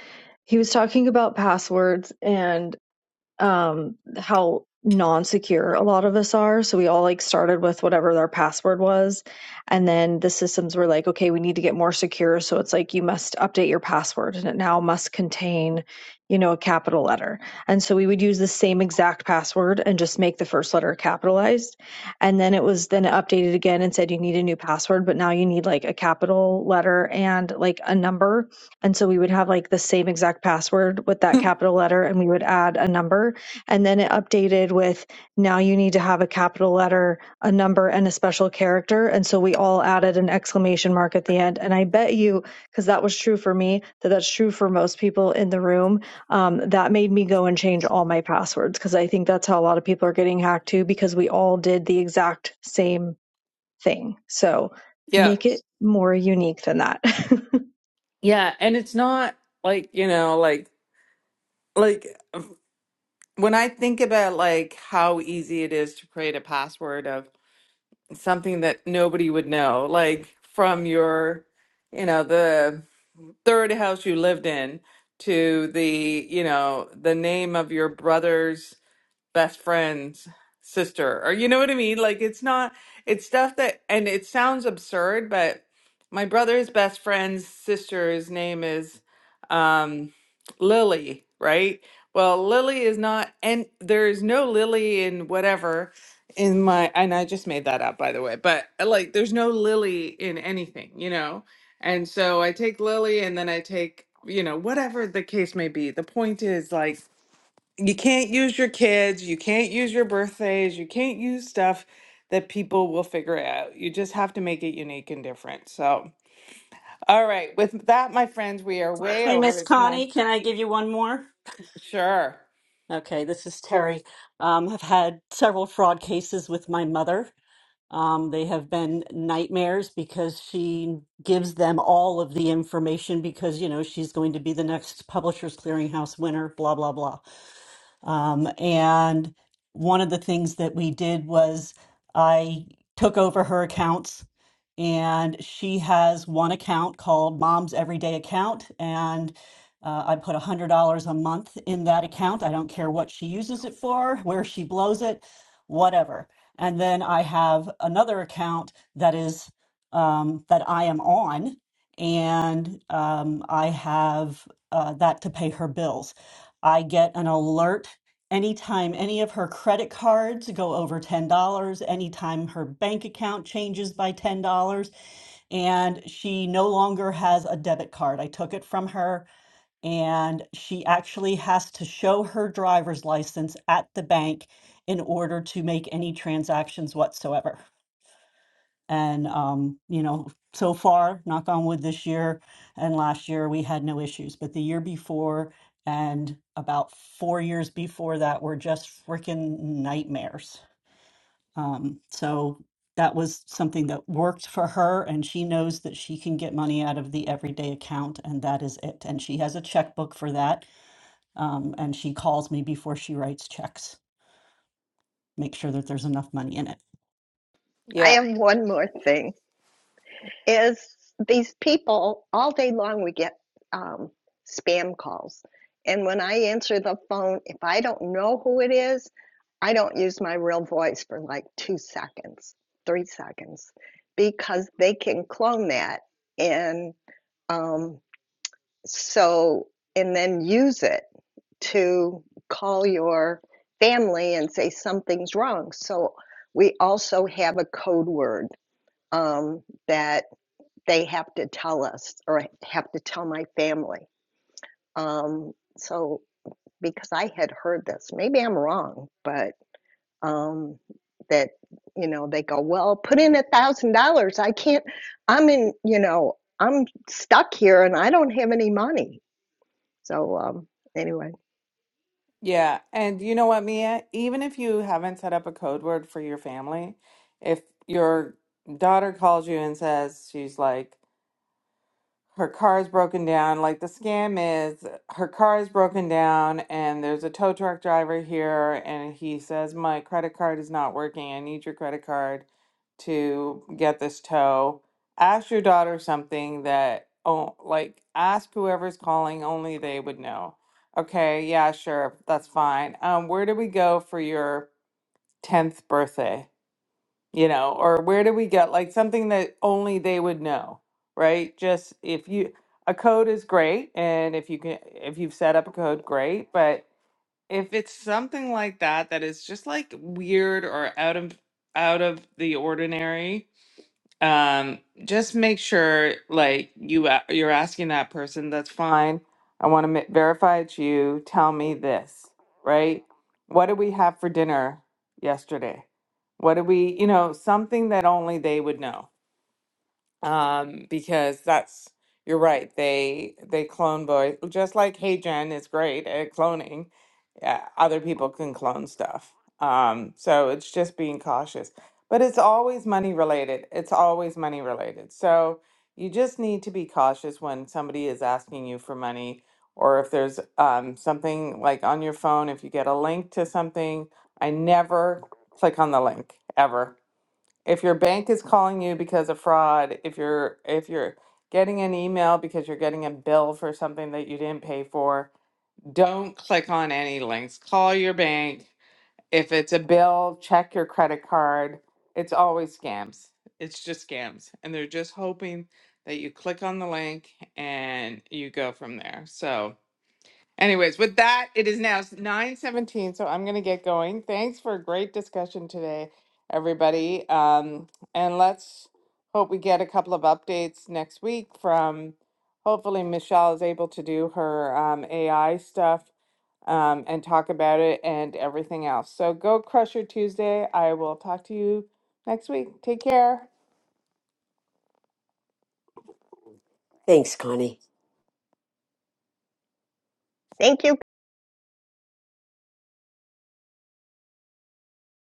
he was talking about passwords and. um how non-secure a lot of us are so we all like started with whatever their password was and then the systems were like okay we need to get more secure so it's like you must update your password and it now must contain you know a capital letter and so we would use the same exact password and just make the first letter capitalized and then it was then updated again and said you need a new password but now you need like a capital letter and like a number and so we would have like the same exact password with that capital letter, and we would add a number. And then it updated with now you need to have a capital letter, a number, and a special character. And so we all added an exclamation mark at the end. And I bet you, because that was true for me, that that's true for most people in the room, um, that made me go and change all my passwords because I think that's how a lot of people are getting hacked too, because we all did the exact same thing. So
yeah.
make it more unique than that.
Yeah. And it's not like, you know, like, like, when I think about like how easy it is to create a password something that nobody would know, like from your, you know, the third house you lived in to the, you know, the name of your brother's best friend's sister or you know what I mean? Like it's not it's stuff that and it sounds absurd, but my brother's best friend's sister's name is um Lily, right? Well, Lily is not and there's no Lily in whatever in my and I just made that up by the way, but uh, like there's no Lily in anything, you know? And so I take Lily and then I take, you know, whatever the case may be. The point is like you can't use your kids, you can't use your birthdays, you can't use stuff that people will figure out. You just have to make it unique and different. So, all right, with that, my friends, we are way over.
Miss
It's nine.
Connie, can I give you one more?
Sure.
Okay, this is Terry. Um, I've had several fraud cases with my mother. Um, they have been nightmares because she gives them all of the information because, you know, she's going to be the next Publishers Clearinghouse winner, blah, blah, blah. Um, and one of the things that we did was I took over her accounts, and she has one account called Mom's Everyday Account, and uh, I put $100 a month in that account. I don't care what she uses it for, where she blows it, whatever. And then I have another account that is um, that I am on, and um, I have uh, that to pay her bills. I get an alert Anytime any of her credit cards go over $10, anytime her bank account changes by $10, and she no longer has a debit card. I took it from her, and she actually has to show her driver's license at the bank in order to make any transactions whatsoever. And, um, you know, so far, knock on wood, this year and last year, we had no issues. But the year before and about four years before that were just freaking nightmares. Um, so that was something that worked for her. And she knows that she can get money out of the everyday account, and that is it. And she has a checkbook for that. Um, and she calls me before she writes checks, make sure that there's enough money in it.
I
Yeah.
have one more thing is these people all day long we get um, spam calls and when i answer the phone if i don't know who it is i don't use my real voice for like two seconds three seconds because they can clone that and um, so and then use it to call your family and say something's wrong so we also have a code word um, that they have to tell us or have to tell my family. Um, so because I had heard this, maybe I'm wrong, but um, that you know they go, well, put in a thousand dollars. I can't. I'm in. You know, I'm stuck here and I don't have any money. So um, anyway,
Yeah. And you know what, Mia? Even if you haven't set up a code word for your family, if your daughter calls you and says she's like, her car is broken down. Like the scam is her car is broken down and there's a tow truck driver here and he says, My credit card is not working. I need your credit card to get this tow. Ask your daughter something that oh like ask whoever's calling, only they would know. Okay, yeah, sure, that's fine. Um, where do we go for your tenth birthday? you know, or where do we get like something that only they would know, right? Just if you a code is great and if you can if you've set up a code, great, but if it's something like that that is just like weird or out of out of the ordinary, um just make sure like you a- you're asking that person that's fine i want to ma- verify it's you tell me this right what did we have for dinner yesterday what did we you know something that only they would know um, because that's you're right. They they clone boys just like Hey Gen is great at cloning. Yeah, other people can clone stuff. Um, so it's just being cautious. But it's always money related. It's always money related. So you just need to be cautious when somebody is asking you for money or if there's um, something like on your phone, if you get a link to something, I never click on the link ever if your bank is calling you because of fraud, if you're if you're getting an email because you're getting a bill for something that you didn't pay for, don't click on any links. Call your bank. If it's a bill, check your credit card. It's always scams. It's just scams. And they're just hoping that you click on the link and you go from there. So, Anyways, with that, it is now 9:17, so I'm going to get going. Thanks for a great discussion today, everybody. Um, and let's hope we get a couple of updates next week from hopefully Michelle is able to do her um, AI stuff um, and talk about it and everything else. So go crush your Tuesday. I will talk to you next week. Take care.
Thanks, Connie.
thank you.